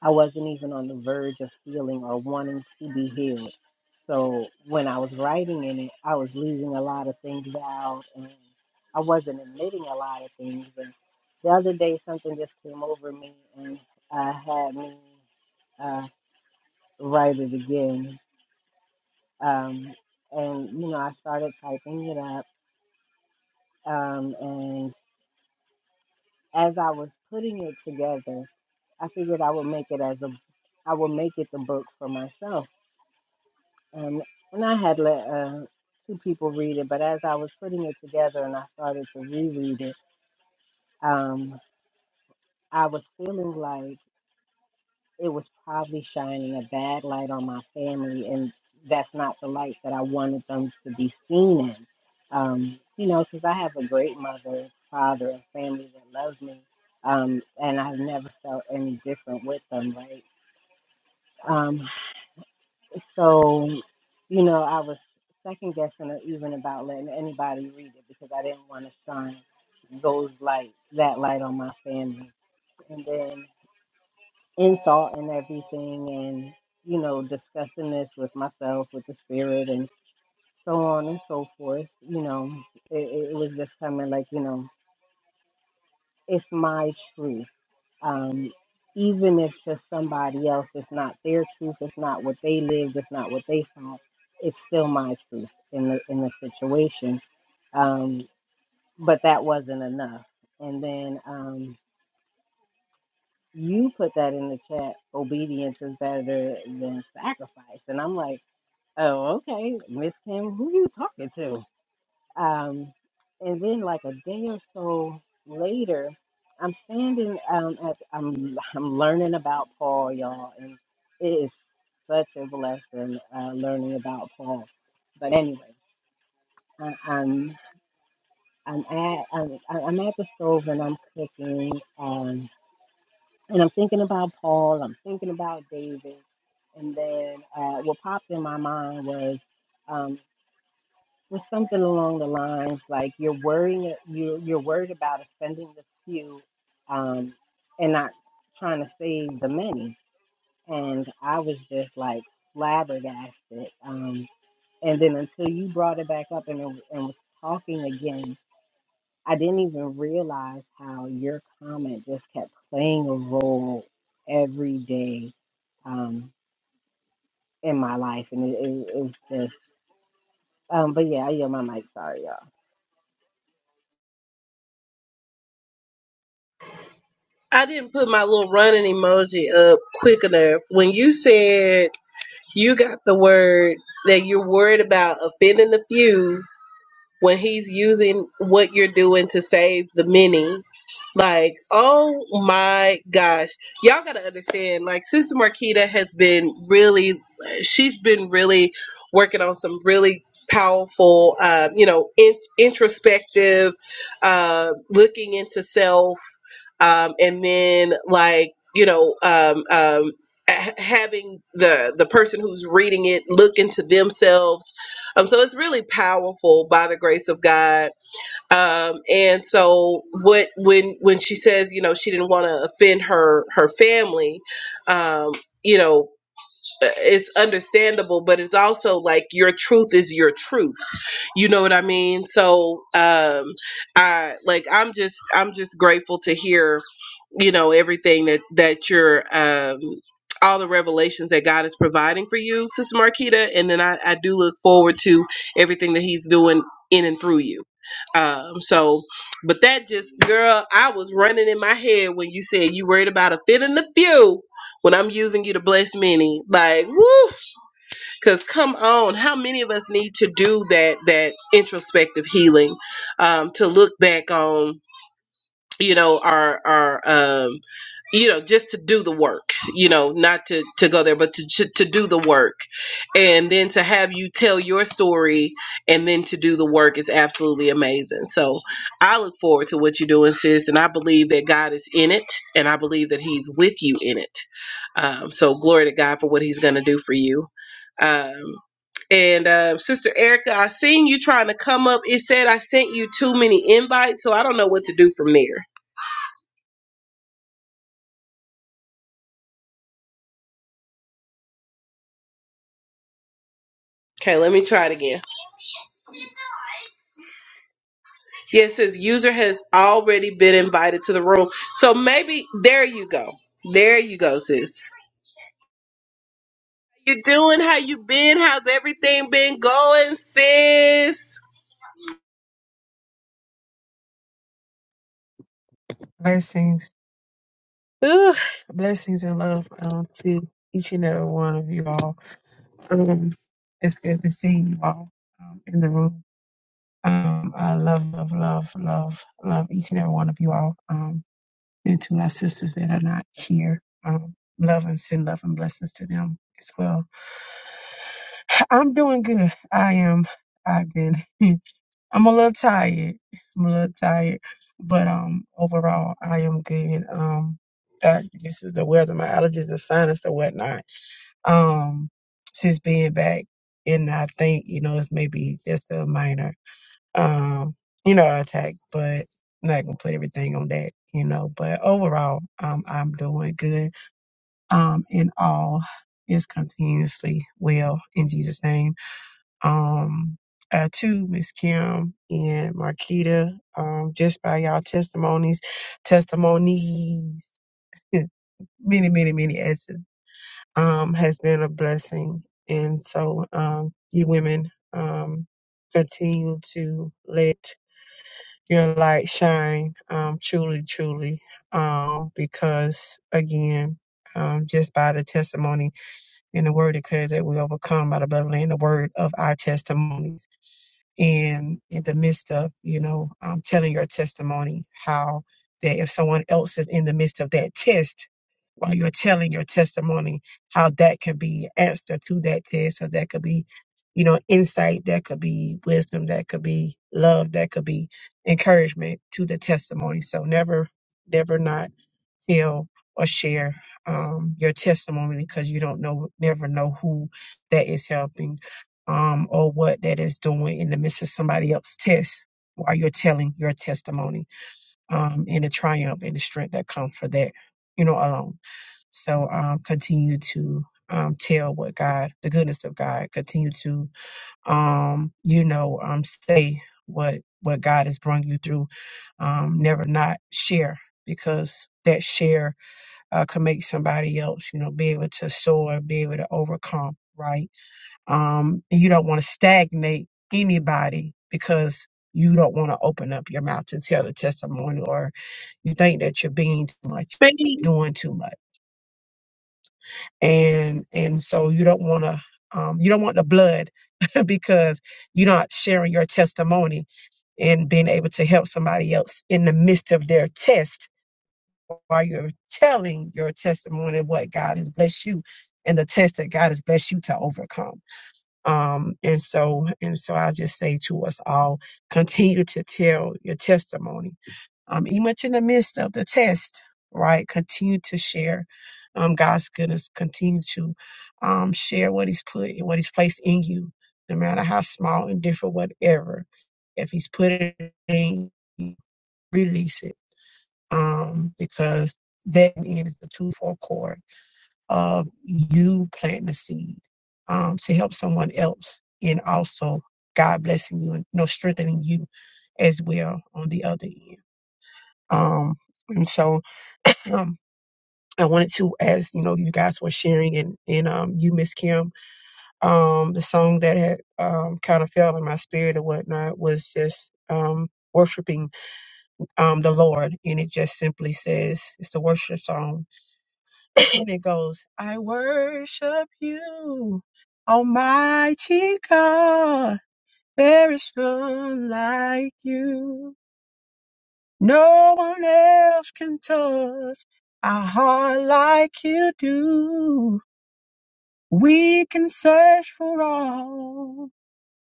C: I wasn't even on the verge of healing or wanting to be healed. So when I was writing in it, I was leaving a lot of things out and I wasn't admitting a lot of things. And the other day, something just came over me and uh, had me uh, write it again. Um, and, you know, I started typing it up. Um, and as I was putting it together, I figured I would make it as a I would make it the book for myself And when I had let uh, two people read it, but as I was putting it together and I started to reread it, um, I was feeling like it was probably shining a bad light on my family, and that's not the light that I wanted them to be seen in. Um, you know, because I have a great mother, father, and family that loves me, um, and I've never felt any different with them, right? Um, So, you know, I was second guessing her even about letting anybody read it because I didn't want to shine those light that light on my family. And then insult and everything and, you know, discussing this with myself, with the spirit and so on and so forth, you know, it, it was just coming like, you know, it's my truth. Um, even if it's somebody else, it's not their truth, it's not what they lived, it's not what they saw, it's still my truth in the in the situation. Um, but that wasn't enough. And then um, you put that in the chat, obedience is better than sacrifice. And I'm like, oh, okay, Miss Kim, who you talking to? Um, and then like a day or so later, I'm standing um, at I'm I'm learning about Paul, y'all, and it is such a blessing uh, learning about Paul. But anyway, I, I'm I'm at I'm, I'm at the stove and I'm cooking, um, and I'm thinking about Paul. I'm thinking about David, and then uh, what popped in my mind was. Um, was something along the lines like you're worrying you you're worried about offending the few um and not trying to save the many and i was just like flabbergasted um and then until you brought it back up and, and was talking again i didn't even realize how your comment just kept playing a role every day um in my life and it, it, it's just um but yeah i yield my mic sorry y'all
B: I didn't put my little running emoji up quick enough. When you said you got the word that you're worried about offending the few, when he's using what you're doing to save the many. Like, oh my gosh. Y'all gotta understand, like Sister Marquita has been really she's been really working on some really powerful uh, you know, in, introspective, uh looking into self, um, and then like, you know, um um ha- having the the person who's reading it look into themselves um, so it's really powerful by the grace of God. Um, and so what when when she says, you know, she didn't want to offend her her family, um, you know uh, it's understandable but it's also like your truth is your truth you know what i mean so um i like i'm just i'm just grateful to hear you know everything that that you're um all the revelations that God is providing for you, Sister Marquita, and then I, I do look forward to everything that He's doing in and through you. Um, so, but that just, girl, I was running in my head when you said you worried about offending the few when I'm using you to bless many, like woo, because come on, how many of us need to do that that introspective healing um, to look back on you know are are um you know just to do the work you know not to to go there but to to, to do the work and then to have you tell your story and then to do the work is absolutely amazing so i look forward to what you're doing sis and i believe that god is in it and i believe that he's with you in it um, so glory to god for what he's going to do for you um, and uh, Sister Erica, I seen you trying to come up. It said I sent you too many invites, so I don't know what to do from there. Okay, let me try it again. Yes, it says user has already been invited to the room. So maybe there you go. There you go, sis. You doing? How you been? How's everything been going, sis?
D: Blessings. Ugh, blessings and love um, to each and every one of you all. Um, it's good to see you all um, in the room. Um, I love, love, love, love, love each and every one of you all. Um, and to my sisters that are not here, um, love and send love and blessings to them as well. I'm doing good. I am. I've been. I'm a little tired. I'm a little tired, but um, overall, I am good. Um, that this is the weather, my allergies, the sinus, and whatnot. Um, since being back, and I think you know it's maybe just a minor, um, you know, attack, but not gonna put everything on that, you know. But overall, um, I'm doing good. Um, and all is continuously well in Jesus' name um, uh, to Miss Kim and Marquita, um, just by y'all testimonies, testimonies, many, many, many S's, um, has been a blessing. And so, um, you women, um, continue to let your light shine, um, truly, truly, um, because again, um, just by the testimony and the word declares that we overcome by the blood of the Lamb, the word of our testimonies and in the midst of you know um, telling your testimony how that if someone else is in the midst of that test while you're telling your testimony how that can be answer to that test or that could be you know insight that could be wisdom that could be love that could be encouragement to the testimony so never never not tell or share um, your testimony because you don't know, never know who that is helping um, or what that is doing in the midst of somebody else's test while you're telling your testimony um, and the triumph and the strength that come for that, you know, alone. So um, continue to um, tell what God, the goodness of God, continue to, um, you know, um, say what what God has brought you through. Um, never not share because that share uh, could make somebody else, you know, be able to soar, be able to overcome, right? Um, and you don't want to stagnate anybody because you don't want to open up your mouth to tell the testimony or you think that you're being too much,
B: Baby.
D: doing too much. And and so you don't want to um, you don't want the blood because you're not sharing your testimony and being able to help somebody else in the midst of their test while you're telling your testimony of what God has blessed you and the test that God has blessed you to overcome. Um, and so, and so I'll just say to us all, continue to tell your testimony. Um, even in the midst of the test, right? Continue to share, um, God's goodness. Continue to, um, share what he's put and what he's placed in you, no matter how small and different, whatever. If he's put it in, you, release it um, because that is the twofold cord of you planting the seed um, to help someone else, and also God blessing you and you know, strengthening you as well on the other end. Um, and so um, I wanted to, as you know, you guys were sharing, and and um, you, Miss Kim, um, the song that had um, kind of fell in my spirit or whatnot was just um, worshiping um, the Lord, and it just simply says it's a worship song and it goes, I worship you, Almighty God. There is none like you. No one else can touch our heart like you do. We can search for all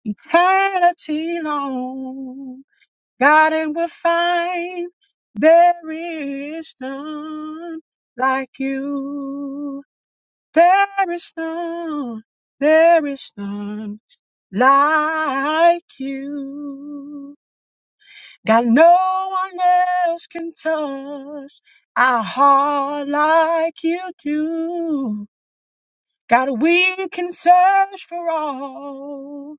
D: eternity long. God, and we'll find there is none like you. There is none, there is none like you. God, no one else can touch our heart like you do. God, we can search for all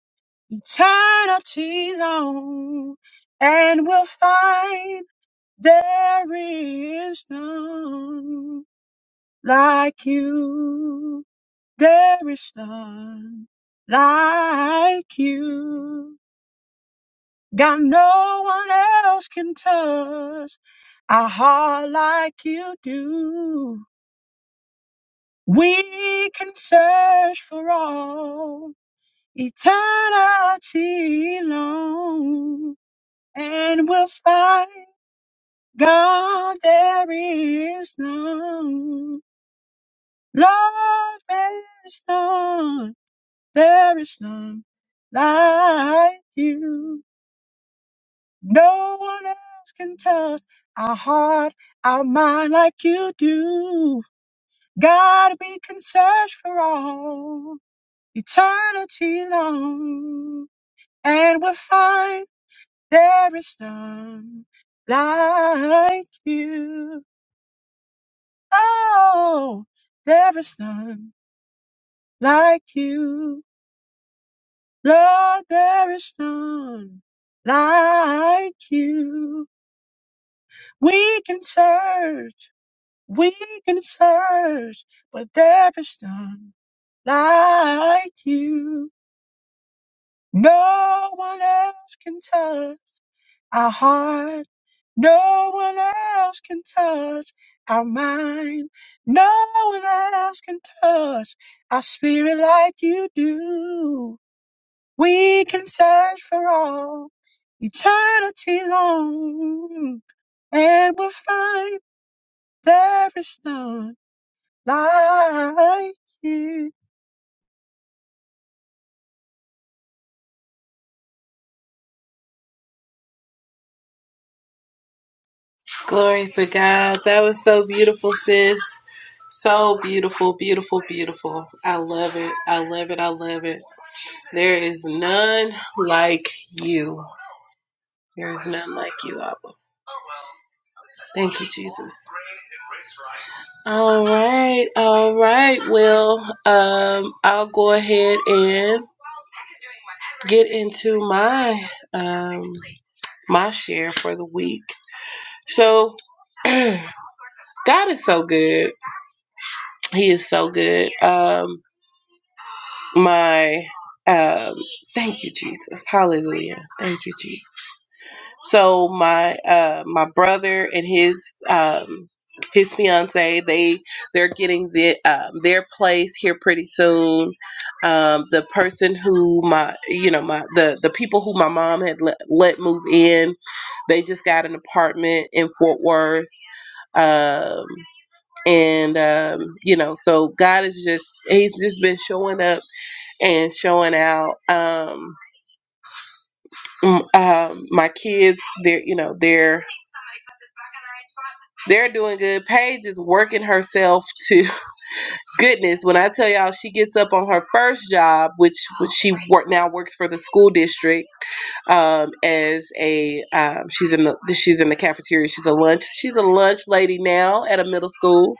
D: eternity long and we'll find there is none like you. There is none like you. God, no one else can touch a heart like you do. We can search for all eternity long and we'll find God, there is none. Lord, there is none. There is none like you. No one else can touch our heart, our mind like you do. God, we can search for all eternity long, and we'll find there is none like you. Oh, there is none like you. Lord, there is none like you. We can search, we can search, but there is none like you. No one else can touch our heart. No one else can touch our mind. No one else can touch our spirit like you do. We can search for all eternity long, and we'll find there is none like you.
B: Glory to God. That was so beautiful, sis. So beautiful, beautiful, beautiful. I love it. I love it. I love it. There is none like you. There is none like you, Abba. Thank you, Jesus. All right, all right. Well, um, I'll go ahead and get into my um my share for the week. So, God is so good. He is so good. Um, my um, thank you, Jesus. Hallelujah. Thank you, Jesus. So my uh, my brother and his um, his fiance they they're getting the, um, their place here pretty soon. Um, the person who my you know my the the people who my mom had let, let move in, they just got an apartment in Fort Worth. Um, and um, you know, so God is just He's just been showing up and showing out. Um, m- um, my kids, they're you know they're They're doing good. Paige is working herself to goodness. When I tell y'all, she gets up on her first job, which which she work now works for the school district um, as a um, she's in the she's in the cafeteria. She's a lunch she's a lunch lady now at a middle school,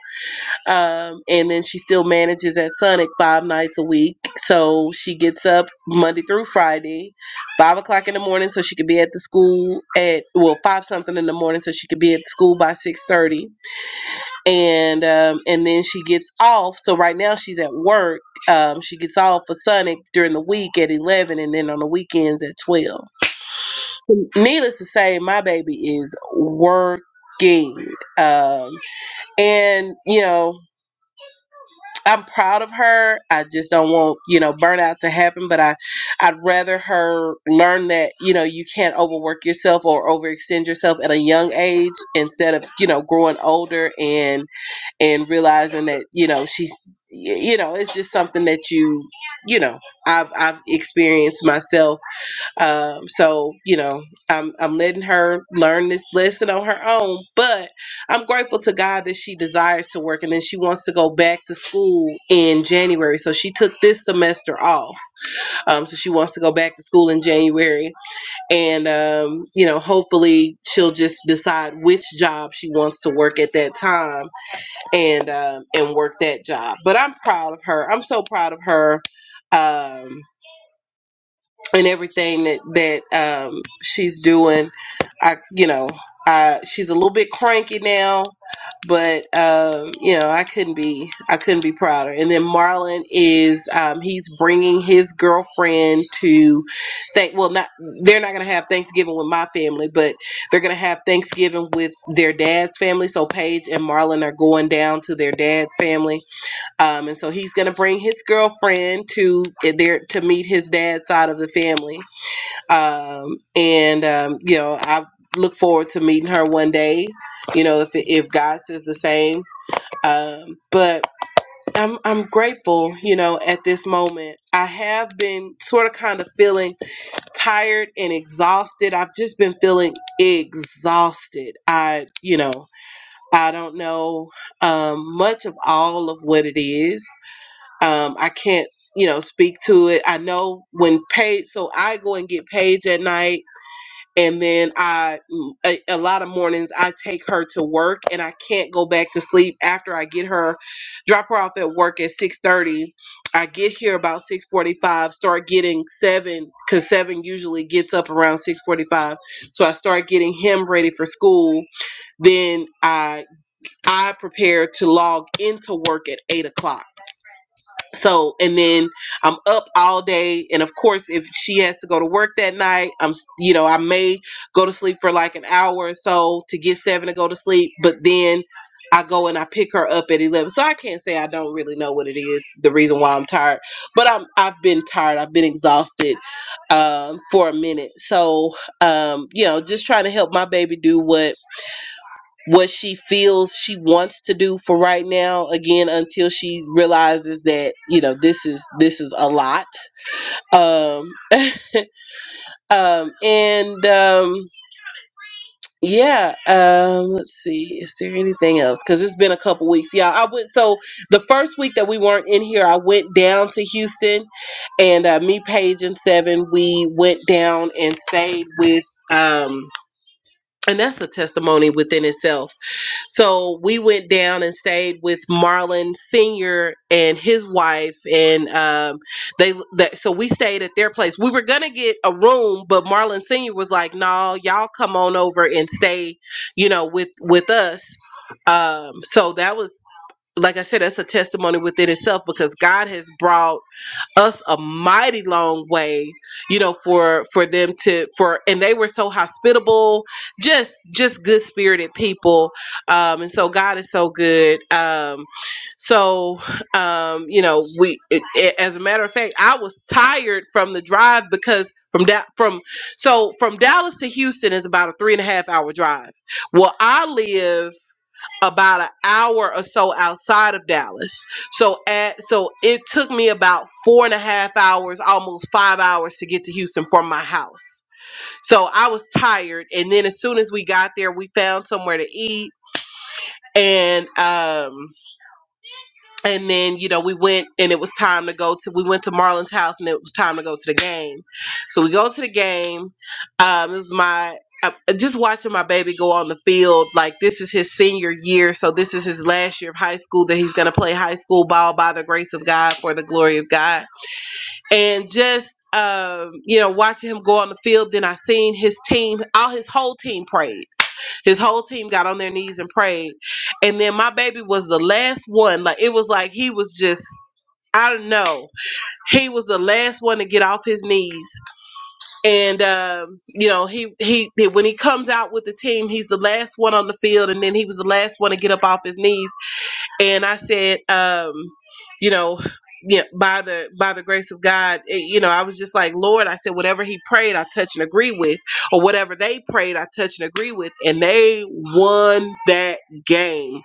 B: um, and then she still manages at Sonic five nights a week. So she gets up Monday through Friday, five o'clock in the morning, so she could be at the school at well five something in the morning, so she could be at school by six thirty and um, and then she gets off. So right now she's at work. Um, she gets off for Sonic during the week at eleven, and then on the weekends at twelve. Needless to say, my baby is working, um, and you know I'm proud of her. I just don't want you know burnout to happen, but I I'd rather her learn that you know you can't overwork yourself or overextend yourself at a young age instead of you know growing older and and realizing that you know she's you know it's just something that you you know i've i've experienced myself um so you know i'm i'm letting her learn this lesson on her own but i'm grateful to god that she desires to work and then she wants to go back to school in january so she took this semester off um so she wants to go back to school in january and um you know hopefully she'll just decide which job she wants to work at that time and um, and work that job. But I'm proud of her. I'm so proud of her. Um, and everything that that um, she's doing. I, you know, I, she's a little bit cranky now, but um, you know, I couldn't be I couldn't be prouder. And then Marlon is um, he's bringing his girlfriend to thank. Well, not they're not gonna have Thanksgiving with my family, but they're gonna have Thanksgiving with their dad's family. So Paige and Marlon are going down to their dad's family um, and so he's going to bring his girlfriend to eh, there to meet his dad's side of the family. Um, and um, you know, I look forward to meeting her one day. You know, if if God says the same. Um, but I'm I'm grateful. You know, at this moment, I have been sort of kind of feeling tired and exhausted. I've just been feeling exhausted. I you know. I don't know um, much of all of what it is, um, I can't, you know, speak to it. I know when Paige, so I go and get Paige at night, and then I, mm, a, a lot of mornings, I take her to work, and I can't go back to sleep after I get her, drop her off at work at six thirty. I get here about six forty-five, start getting seven, cause seven usually gets up around six forty-five. So I start getting him ready for school. Then I, I prepare to log into work at eight o'clock so and then i'm up all day and of course if she has to go to work that night i'm you know i may go to sleep for like an hour or so to get seven to go to sleep but then i go and i pick her up at 11 so i can't say i don't really know what it is the reason why i'm tired but i'm i've been tired i've been exhausted um, for a minute so um, you know just trying to help my baby do what what she feels she wants to do for right now again until she realizes that you know this is this is a lot um um and um yeah um let's see is there anything else because it's been a couple weeks yeah i went so the first week that we weren't in here i went down to houston and uh, me paige and seven we went down and stayed with um and that's a testimony within itself So we went down and stayed with Marlon Senior and his wife, and um, they, that so we stayed at their place. We were gonna get a room, but Marlon Senior was like, "No, y'all come on over and stay, you know, with with us." Um, so that was, like I said, that's a testimony within itself because God has brought us a mighty long way you know for for them to for and they were so hospitable just just good spirited people um and so god is so good um so um you know we it, it- as a matter of fact i was tired from the drive because from that from so from dallas to houston is about a three and a half hour drive well i live about an hour or so outside of Dallas. So at so it took me about four and a half hours, almost five hours to get to Houston from my house. So I was tired. And then as soon as we got there, we found somewhere to eat. And um and then you know we went and it was time to go to we went to marlon's house and it was time to go to the game so we go to the game um it was my uh, just watching my baby go on the field like this is his senior year so this is his last year of high school that he's going to play high school ball by the grace of god for the glory of god and just um you know watching him go on the field then i seen his team all his whole team prayed his whole team got on their knees and prayed. And then my baby was the last one. Like it was like he was just I don't know. He was the last one to get off his knees. And um, you know, he he when he comes out with the team, he's the last one on the field and then he was the last one to get up off his knees and I said, um, you know, yeah, by the by the grace of God, eh, you know, I was just like, Lord, I said, whatever he prayed, I touch and agree with, or whatever they prayed, I touch and agree with, and they won that game,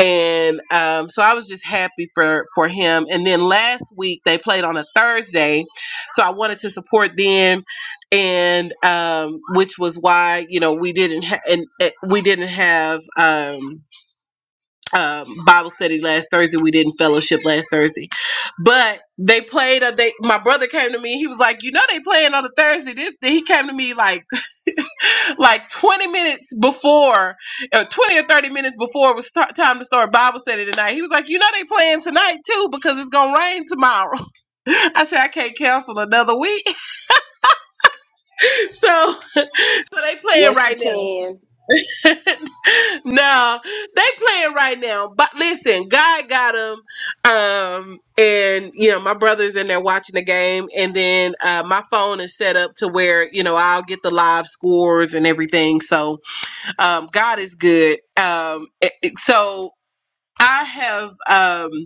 B: and um, so I was just happy for for him. And then last week they played on a Thursday, so I wanted to support them, and um, which was why you know we didn't ha- and eh, we didn't have. Um, um, Bible study last Thursday. We didn't fellowship last Thursday, but they played. A, they my brother came to me. He was like, you know, they playing on a Thursday. This he came to me like like twenty minutes before, uh, twenty or thirty minutes before it was start, time to start Bible study tonight. He was like, you know, they playing tonight too because it's gonna rain tomorrow. I said I can't cancel another week, so so they playing
A: Yes, you
B: right now.
A: can.
B: no, they playing right now. But listen, God got them. Um, and you know, my brother's in there watching the game, and then uh, my phone is set up to where you know I'll get the live scores and everything. So um, God is good. Um, it- it- so I have. Um,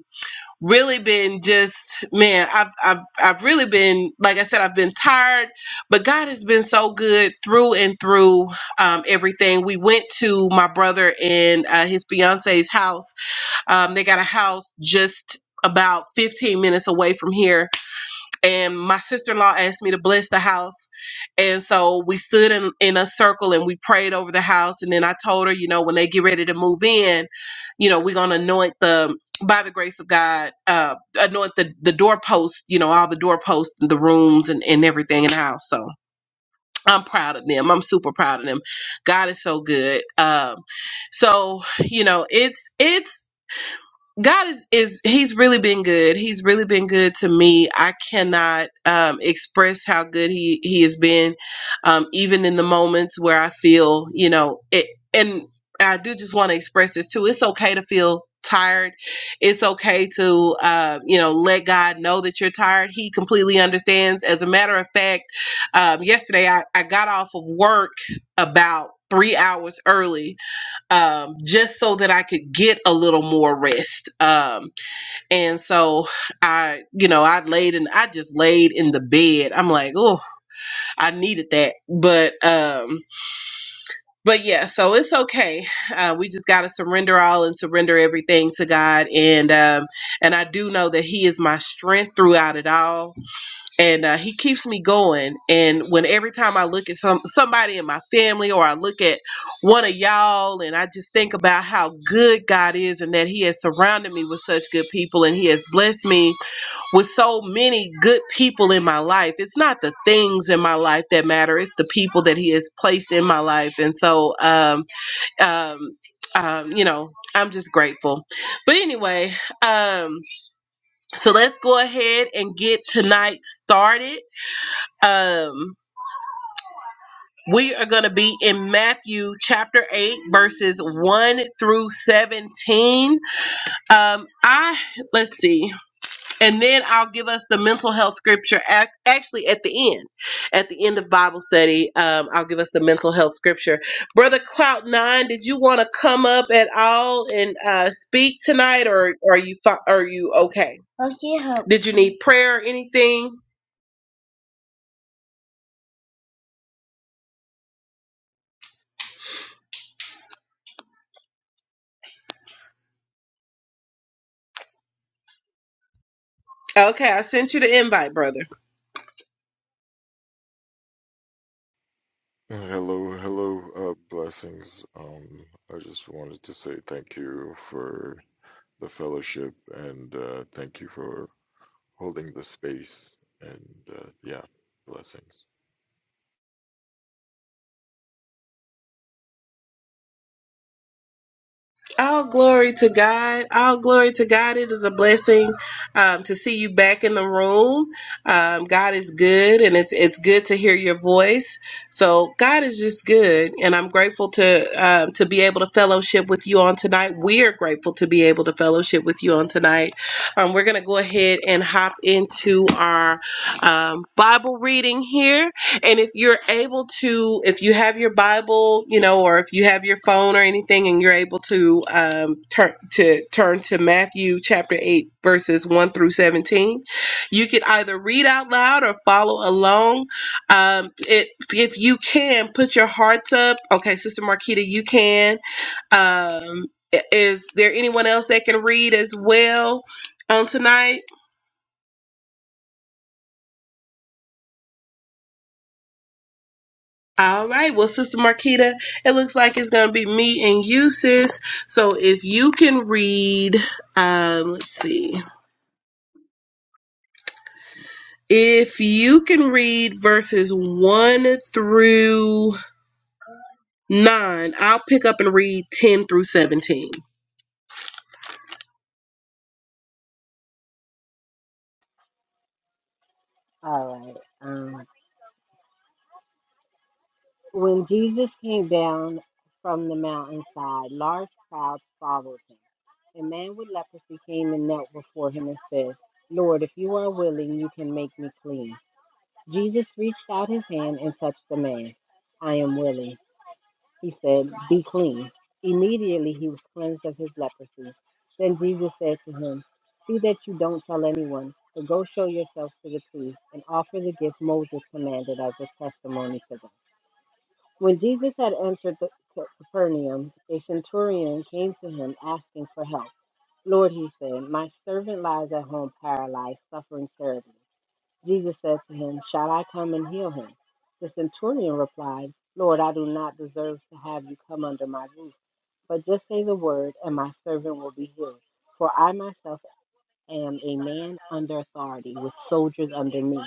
B: really been just man I've, I've i've really been like i said i've been tired but god has been so good through and through um, everything we went to my brother and uh, his fiance's house um, they got a house just about 15 minutes away from here and my sister-in-law asked me to bless the house and so we stood in, in a circle and we prayed over the house and then i told her you know when they get ready to move in you know we're going to anoint the by the grace of god uh anoint the the doorposts, you know all the doorposts the rooms and, and everything in the house so i'm proud of them i'm super proud of them god is so good um so you know it's it's God is is he's really been good. He's really been good to me. I cannot um, express how good he he has been, um, even in the moments where I feel you know it. And I do just want to express this too. It's okay to feel tired. It's okay to uh, you know let God know that you're tired. He completely understands. As a matter of fact, um, yesterday I I got off of work about three hours early um, just so that I could get a little more rest. Um, and so I, you know, I laid and I just laid in the bed. I'm like, oh, I needed that. But, um, but yeah, so it's okay. Uh, we just got to surrender all and surrender everything to God. And, um, and I do know that He is my strength throughout it all and uh, he keeps me going. And when every time I look at some somebody in my family, or I look at one of y'all, and I just think about how good God is, and that He has surrounded me with such good people, and He has blessed me with so many good people in my life. It's not the things in my life that matter; it's the people that He has placed in my life. And so, um, um, um, you know, I'm just grateful. But anyway, um, so let's go ahead and get tonight started. Um, we are going to be in Matthew chapter 8, verses 1 through 17. Um, I, let's see. And then I'll give us the mental health scripture ac actually at the end. At the end of Bible study, um, I'll give us the mental health scripture. Brother Clout Nine, did you want to come up at all and uh, speak tonight, or, are you fi- are you okay? Did you need prayer or anything? Okay, I sent you the invite, brother.
E: Hello, hello, uh, blessings. Um, I just wanted to say thank you for the fellowship and uh, thank you for holding the space and uh, yeah, blessings.
B: All glory to God. All glory to God. It is a blessing um, to see you back in the room. Um, God is good, and it's it's good to hear your voice. So God is just good, and I'm grateful to um, to be able to fellowship with you on tonight. We are grateful to be able to fellowship with you on tonight. Um, we're gonna go ahead and hop into our um, Bible reading here. And if you're able to, if you have your Bible, you know, or if you have your phone or anything, and you're able to um, turn to turn to Matthew chapter eight, verses one through seventeen, you could either read out loud or follow along. Um, it, if you can, put your hearts up. Okay, Sister Marquita, you can. Um, i- is there anyone else that can read as well on tonight? All right, well, Sister Marquita, it looks like it's going to be me and you, sis. So if you can read, um, let's see, if you can read verses 1 through 9, I'll pick up and read 10 through 17.
C: all right When Jesus came down from the mountainside, large crowds followed him. A man with leprosy came and knelt before him and said, Lord, if you are willing, you can make me clean. Jesus reached out his hand and touched the man. I am willing, he said, be clean. Immediately he was cleansed of his leprosy. Then Jesus said to him, See that you don't tell anyone, but go show yourself to the priest and offer the gift Moses commanded as a testimony to them. When Jesus had entered the Capernaum, a centurion came to him asking for help. Lord, he said, my servant lies at home paralyzed, suffering terribly. Jesus said to him, Shall I come and heal him? The centurion replied, Lord, I do not deserve to have you come under my roof, but just say the word, and my servant will be healed. For I myself am a man under authority, with soldiers under me.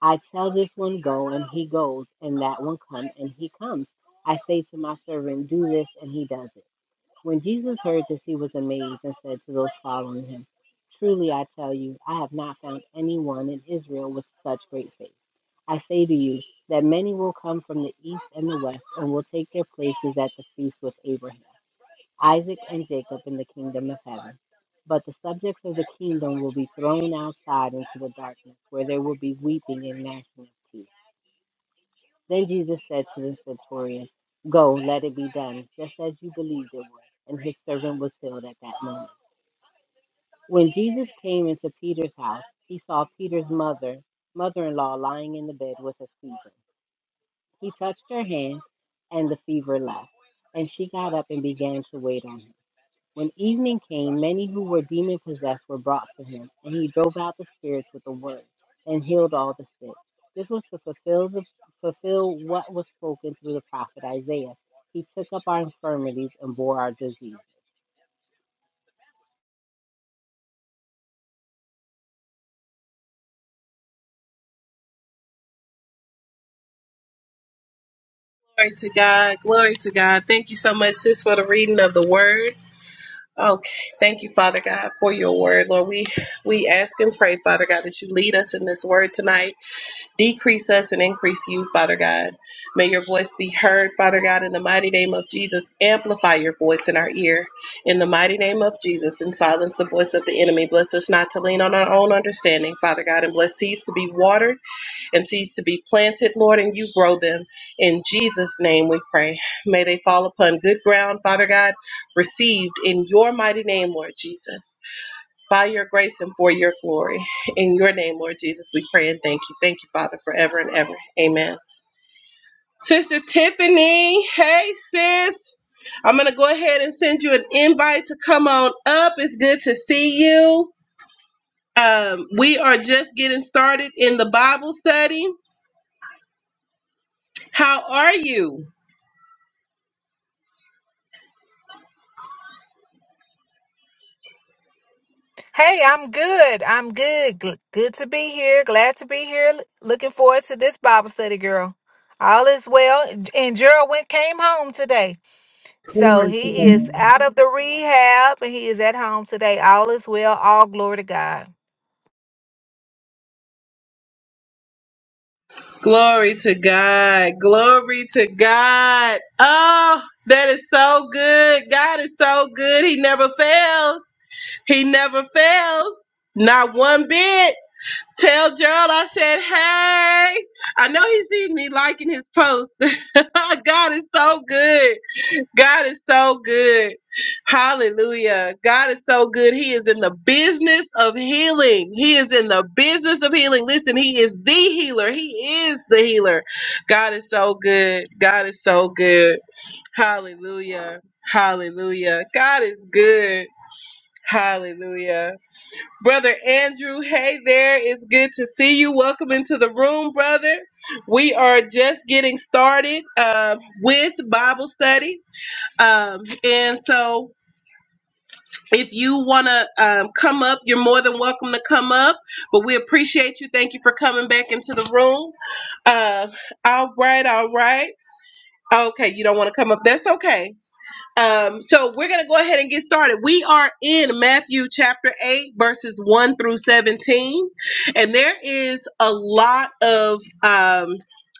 C: I tell this one go and he goes, and that one come and he comes. I say to my servant, do this, and he does it. When Jesus heard this, he was amazed and said to those following him, Truly I tell you, I have not found anyone in Israel with such great faith. I say to you that many will come from the east and the west and will take their places at the feast with Abraham, Isaac, and Jacob in the kingdom of heaven. But the subjects of the kingdom will be thrown outside into the darkness, where there will be weeping and gnashing of teeth. Then Jesus said to the centurion, Go, let it be done, just as you believed it would. And his servant was healed at that moment. When Jesus came into Peter's house, he saw Peter's mother, mother in law, lying in the bed with a fever. He touched her hand, and the fever left, and she got up and began to wait on him. When evening came, many who were demon possessed were brought to him, and he drove out the spirits with the word and healed all the sick. This was to fulfill the, fulfill what was spoken through the prophet Isaiah. He took up our infirmities and bore our disease.
B: Glory to God. Glory to God. Thank you so much, sis, for the reading of the word. Okay, thank you, Father God, for your word, Lord. We we ask and pray, Father God, that you lead us in this word tonight. Decrease us and increase you, Father God. May your voice be heard, Father God, in the mighty name of Jesus. Amplify your voice in our ear, in the mighty name of Jesus, and silence the voice of the enemy. Bless us not to lean on our own understanding, Father God, and bless seeds to be watered and seeds to be planted, Lord, and you grow them. In Jesus' name we pray. May they fall upon good ground, Father God, received in your mighty name, Lord Jesus, by your grace and for your glory. In your name, Lord Jesus, we pray and thank you. Thank you, Father, forever and ever. Amen. Sister Tiffany, hey, sis. I'm going to go ahead and send you an invite to come on up. It's good to see you. Um, we are just getting started in the Bible study How are you?
F: Hey, I'm good. I'm good. Gl- Good to be here. Glad to be here. L- Looking forward to this Bible study, girl. All is well. And and Gerald went came home today. So
B: Glory to
F: he
B: God.
F: is out of the rehab and he is at home today. All is well. All glory to God.
B: Glory to God. Glory to God. Oh, that is so good. God is so good. He never fails. He never fails. Not one bit. Tell Gerald I said, hey. I know he sees me liking his post. God is so good. God is so good. Hallelujah. God is so good. He is in the business of healing. He is in the business of healing. Listen, He is the healer. He is the healer. God is so good. God is so good. Hallelujah. Hallelujah. God is good. Hallelujah. Brother Andrew, hey there. It's good to see you. Welcome into the room, brother. We are just getting started uh, with Bible study. Um, and so if you want to um, come up, you're more than welcome to come up. But we appreciate you. Thank you for coming back into the room. Uh, all right, all right. Okay, you don't want to come up. That's okay. Um, so we're going to go ahead and get started. We are in Matthew chapter 8, verses 1 through 17. And there is a lot of. Um,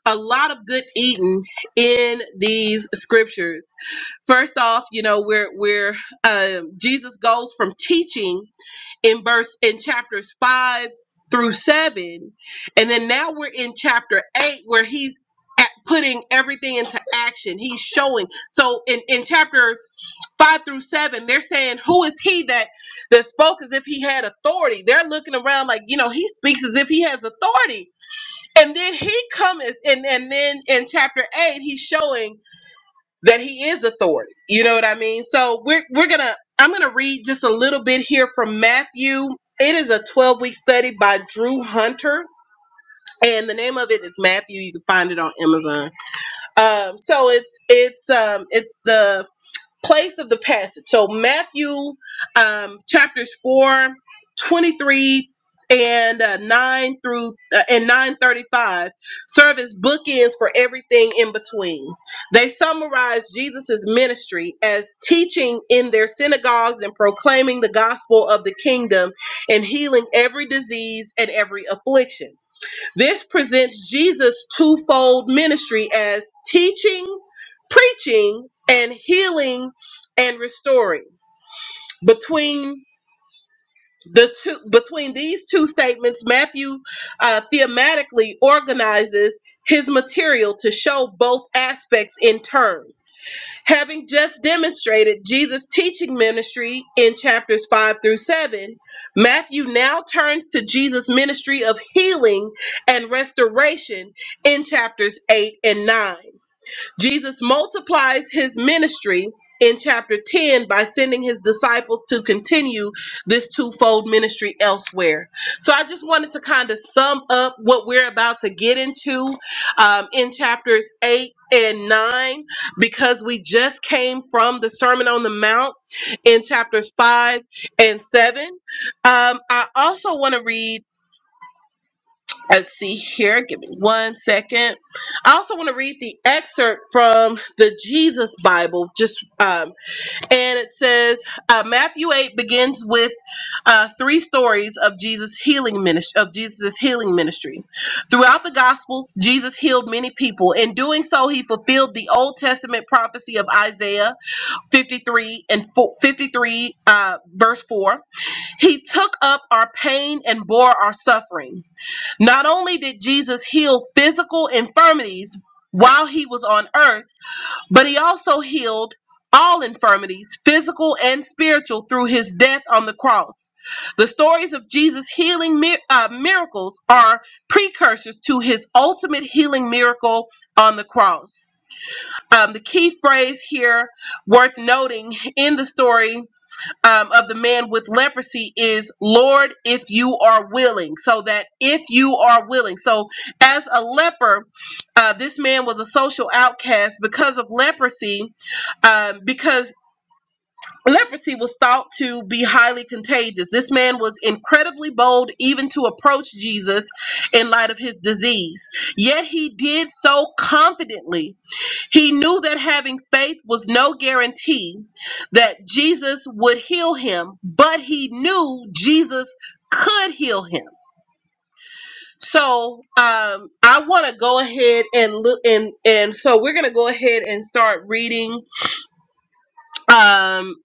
B: a lot of good eating in these scriptures. First off, you know, we're we're um, Jesus goes from teaching in verse in chapters five through seven, and then now we're in chapter eight where he's at putting everything into action. He's showing. So in in chapters five through seven, they're saying, "Who is he that that spoke as if he had authority?" They're looking around like, you know, he speaks as if he has authority. And then he comes, and and then in chapter eight, he's showing that he is authority. You know what I mean? So we're we're gonna I'm gonna read just a little bit here from Matthew. It is a 12 week study by Drew Hunter, and the name of it is Matthew. You can find it on Amazon. Um, so it's it's um it's the place of the passage. So Matthew um, chapters 4, 23, and uh, 9 through uh, and 935 serve as bookends for everything in between. They summarize Jesus's ministry as teaching in their synagogues and proclaiming the gospel of the kingdom and healing every disease and every affliction. This presents Jesus' twofold ministry as teaching, preaching, and healing and restoring. Between the two, between these two statements, Matthew uh, thematically organizes his material to show both aspects in turn. Having just demonstrated Jesus' teaching ministry in chapters 5 through 7, Matthew now turns to Jesus' ministry of healing and restoration in chapters 8 and 9. Jesus multiplies his ministry in chapter 10 by sending his disciples to continue this twofold ministry elsewhere. So I just wanted to kind of sum up what we're about to get into um, in chapters 8 and 9 because we just came from the Sermon on the Mount in chapters 5 and 7. Um, I also want to read. Let's see here. Give me one second. I also want to read the excerpt from the Jesus Bible. Just um, and it says uh, Matthew eight begins with uh, three stories of Jesus healing ministry of Jesus' healing ministry. Throughout the Gospels, Jesus healed many people. In doing so, he fulfilled the Old Testament prophecy of Isaiah fifty three and fo- fifty three uh, verse four. He took up our pain and bore our suffering. Not only did Jesus heal physical infirmities while he was on earth, but he also healed all infirmities, physical and spiritual, through his death on the cross. The stories of Jesus' healing mi- uh, miracles are precursors to his ultimate healing miracle on the cross. Um, the key phrase here worth noting in the story um, of the man with leprosy is, Lord, if you are willing. So that if you are willing. So as a leper, uh, this man was a social outcast because of leprosy, um, because leprosy was thought to be highly contagious. This man was incredibly bold even to approach Jesus in light of his disease. Yet he did so confidently he knew that having faith was no guarantee that Jesus would heal him, but he knew Jesus could heal him. So um, I want to go ahead and look and and so we're gonna go ahead and start reading um,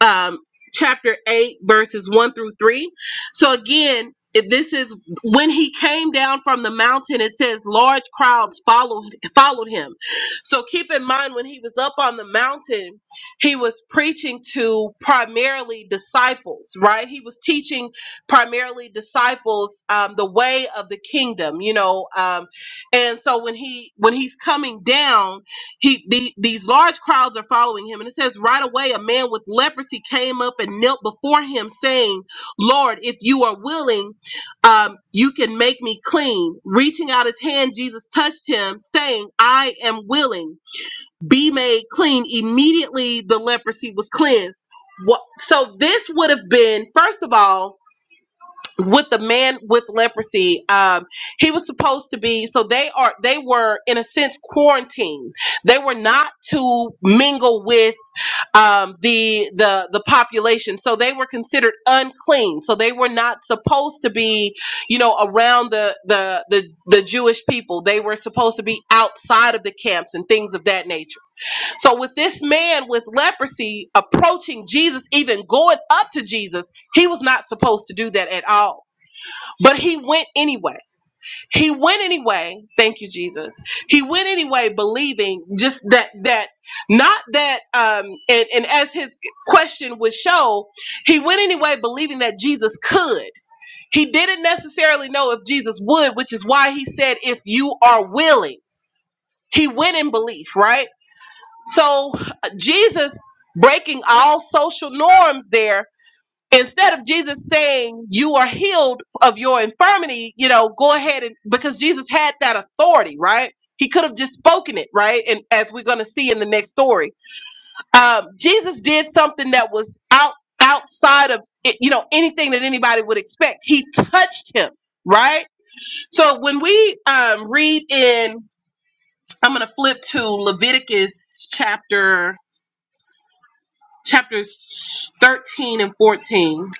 B: um, chapter 8, verses 1 through 3. So again, if this is when he came down from the mountain, it says large crowds followed followed him. So keep in mind when he was up on the mountain, he was preaching to primarily disciples, right? He was teaching primarily disciples um, the way of the kingdom, you know. Um, and so when he when he's coming down, he the, these large crowds are following him and it says right away a man with leprosy came up and knelt before him saying lord if you are willing um, you can make me clean reaching out his hand jesus touched him saying i am willing be made clean immediately the leprosy was cleansed what, so this would have been first of all with the man with leprosy um he was supposed to be so they are they were in a sense quarantined they were not to mingle with um the the the population so they were considered unclean so they were not supposed to be you know around the the the, the jewish people they were supposed to be outside of the camps and things of that nature so with this man with leprosy approaching jesus even going up to jesus he was not supposed to do that at all but he went anyway. He went anyway. Thank you, Jesus. He went anyway, believing just that that not that um and, and as his question would show, he went anyway believing that Jesus could. He didn't necessarily know if Jesus would, which is why he said, if you are willing. He went in belief, right? So uh, Jesus breaking all social norms there instead of Jesus saying you are healed of your infirmity, you know, go ahead and because Jesus had that authority, right? He could have just spoken it, right? And as we're going to see in the next story, um, Jesus did something that was out outside of it, you know anything that anybody would expect. He touched him, right? So when we um, read in, I'm going to flip to Leviticus chapter chapters 13 and 14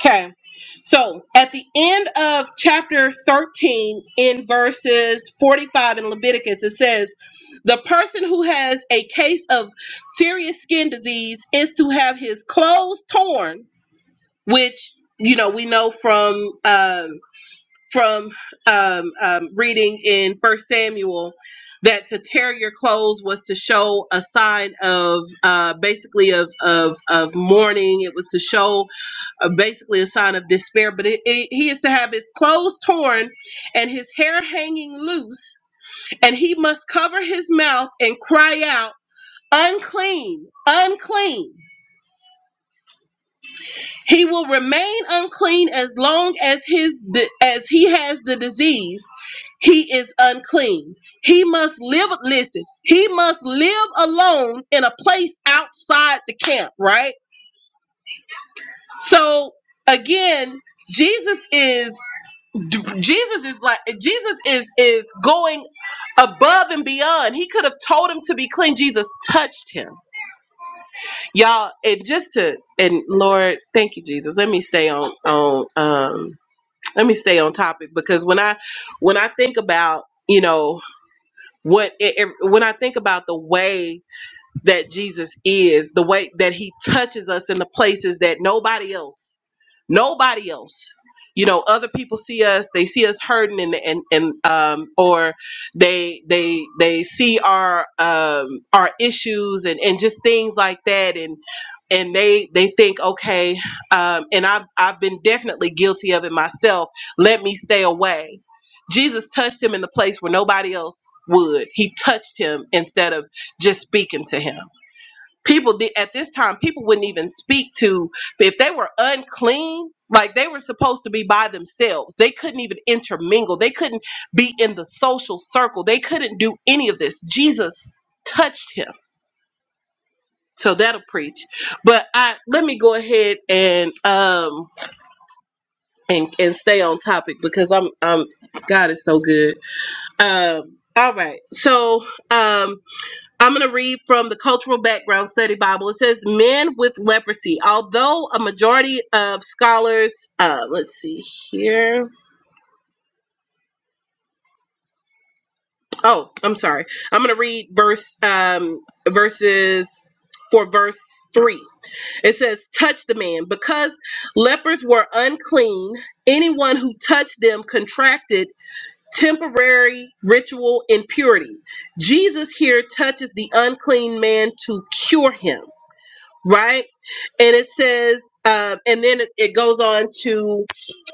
B: Okay. So at the end of chapter 13, in verses 45 in Leviticus, it says, The person who has a case of serious skin disease is to have his clothes torn, which you know we know from um, from um, um, reading in First Samuel that to tear your clothes was to show a sign of uh, basically of, of of mourning. It was to show uh, basically a sign of despair. But it, it, he is to have his clothes torn and his hair hanging loose, and he must cover his mouth and cry out, "Unclean, unclean." He will remain unclean as long as his as he has the disease. He is unclean. He must live. Listen, he must live alone in a place outside the camp. Right. So again, Jesus is Jesus is like Jesus is is going above and beyond. He could have told him to be clean. Jesus touched him, y'all. And just to and Lord, thank you, Jesus. Let me stay on on um let me stay on topic because when I when I think about you know what it, it- when I think about the way that Jesus is, the way that he touches us in the places that nobody else, nobody else. You know, other people see us, they see us hurting and and, and um or they they they see our um our issues and, and just things like that and and they they think okay um and I've I've been definitely guilty of it myself. Let me stay away. Jesus touched him in the place where nobody else would. He touched him instead of just speaking to him. People did at this time, people wouldn't even speak to if they were unclean, like they were supposed to be by themselves. They couldn't even intermingle. They couldn't be in the social circle. They couldn't do any of this. Jesus touched him. So that'll preach. But I let me go ahead and um and, and stay on topic because I'm I'm God is so good. Um all right. So um I'm going to read from the Cultural Background Study Bible. It says, Men with leprosy. Although a majority of scholars, uh, let's see here. Oh, I'm sorry. I'm going to read verse, um, verses for verse three. It says, Touch the man. Because lepers were unclean, anyone who touched them contracted temporary ritual impurity. Jesus here touches the unclean man to cure him. right? And it says, um, and then it, it goes on to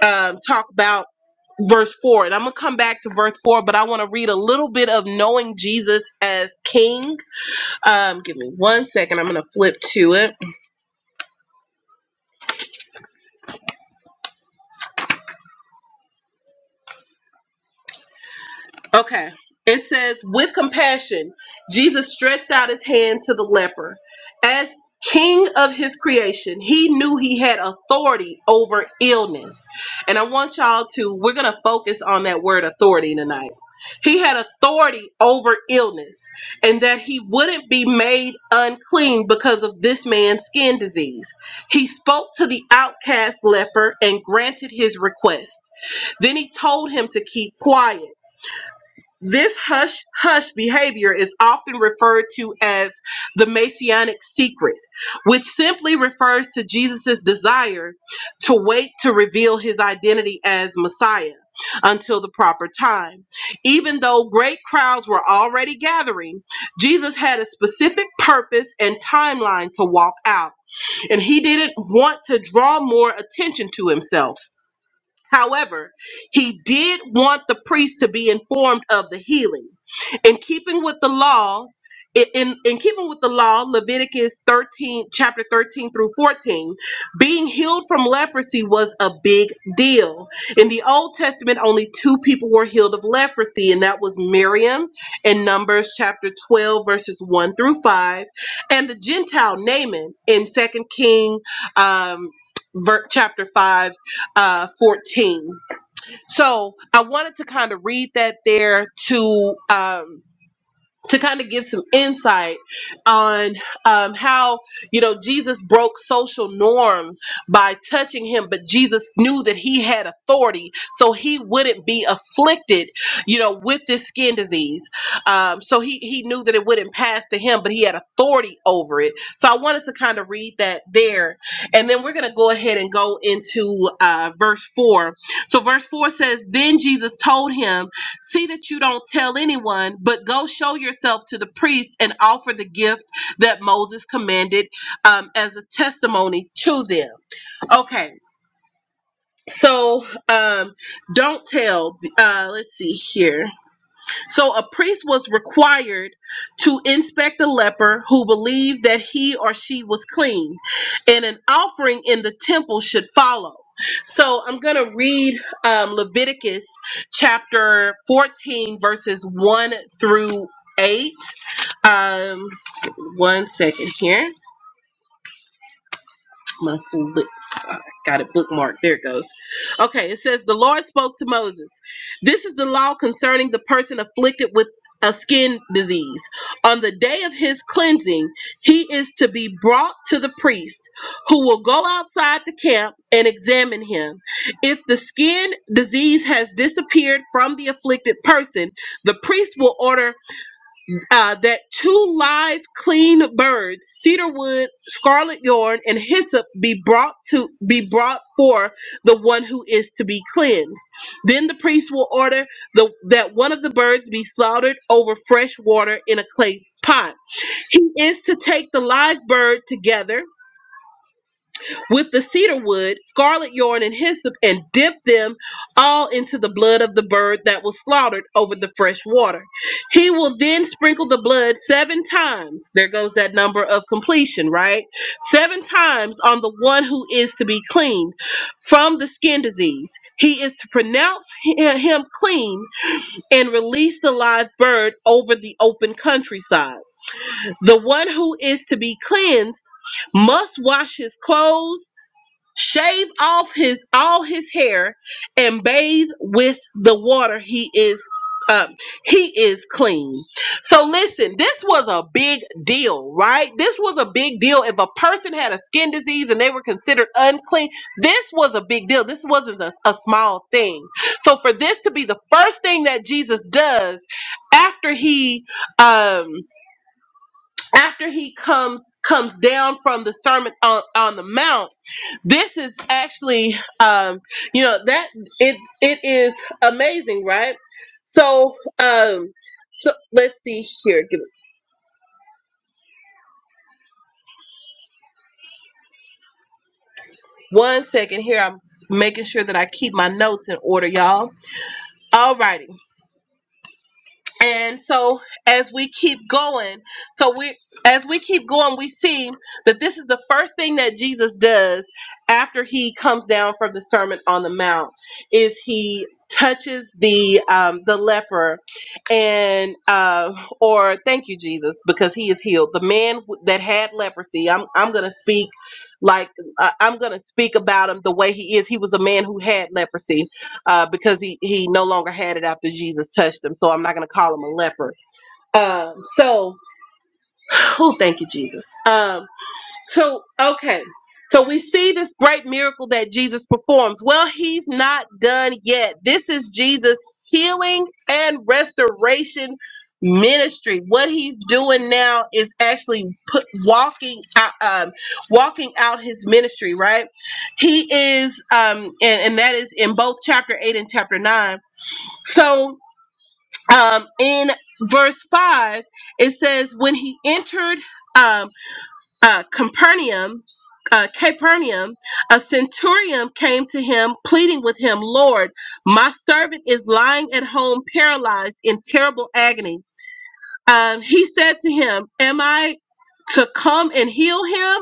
B: um, talk about verse 4. And I'm going to come back to verse 4, but I want to read a little bit of knowing Jesus as King. Um, give me one second. I'm going to flip to it. Okay. It says, with compassion, Jesus stretched out his hand to the leper. As king of his creation, he knew he had authority over illness. And I want y'all to, we're going to focus on that word authority tonight. He had authority over illness and that he wouldn't be made unclean because of this man's skin disease. He spoke to the outcast leper and granted his request. Then he told him to keep quiet this hush hush behavior is often referred to as the Messianic secret, which simply refers to Jesus' desire to wait to reveal his identity as Messiah until the proper time. Even though great crowds were already gathering, Jesus had a specific purpose and timeline to walk out, and he didn't want to draw more attention to himself. However, he did want the priest to be informed of the healing. In keeping with the laws, in, in in keeping with the law, Leviticus 13, chapter 13 through 14, being healed from leprosy was a big deal. In the Old Testament, only two people were healed of leprosy, and that was Miriam in Numbers chapter 12, verses 1 through 5, and the Gentile Naaman in Second King um, ver- chapter 5 uh, 14. So I wanted to kind of read that there to um, to kind of give some insight on um, how you know jesus broke social norm by touching him but jesus knew that he had authority so he wouldn't be afflicted you know with this skin disease um, so he, he knew that it wouldn't pass to him but he had authority over it so i wanted to kind of read that there and then we're going to go ahead and go into uh, verse 4 so verse 4 says then jesus told him See that you don't tell anyone, but go show yourself to the priest and offer the gift that Moses commanded um, as a testimony to them. Okay, so um, don't tell. Uh, let's see here. So a priest was required to inspect a leper who believed that he or she was clean, and an offering in the temple should follow. So I'm going to read um, Leviticus chapter 14, verses 1 through 8. Um, one second here my fl- I got it bookmarked. There it goes. Okay, it says the Lord spoke to Moses. This is the law concerning the person afflicted with a skin disease. On the day of his cleansing, he is to be brought to the priest, who will go outside the camp and examine him. If the skin disease has disappeared from the afflicted person, the priest will order uh, that two live clean birds, cedar wood, scarlet yarn, and hyssop be brought to be brought for the one who is to be cleansed. Then the priest will order the that one of the birds be slaughtered over fresh water in a clay pot. He is to take the live bird together with the cedar wood, scarlet yarn, and hyssop, and dip them all into the blood of the bird that was slaughtered over the fresh water. He will then sprinkle the blood seven times. There goes that number of completion, right? Seven times on the one who is to be cleaned from the skin disease. He is to pronounce hi- him clean and release the live bird over the open countryside. The one who is to be cleansed must wash his clothes shave off his all his hair and bathe with the water he is um he is clean so listen this was a big deal right this was a big deal if a person had a skin disease and they were considered unclean this was a big deal this wasn't a, a small thing so for this to be the first thing that jesus does after he um after he comes comes down from the sermon on, on the mount this is actually um you know that it it is amazing right so um so let's see here give me one second here i'm making sure that i keep my notes in order y'all Alrighty. and so as we keep going so we as we keep going we see that this is the first thing that jesus does after he comes down from the sermon on the mount is he touches the um, the leper and uh, or thank you jesus because he is healed the man w- that had leprosy i'm, I'm gonna speak like I- i'm gonna speak about him the way he is he was a man who had leprosy uh, because he, he no longer had it after Jesus touched him. So I'm not going to call him a leper. Um, so, oh, thank you, Jesus. Um, so, okay. So we see this great miracle that Jesus performs. Well, he's not done yet. This is Jesus' healing and restoration ministry. What he's doing now is actually put, walking out, um, walking out his ministry, right? He is, um, and, and that is in both chapter 8 and chapter 9 so um, in verse 5, it says, When he entered um, uh, Capernaum, uh, Capernaum, a centurion came to him, pleading with him, Lord, my servant is lying at home, paralyzed in terrible agony. Um, he said to him, Am I to come and heal him?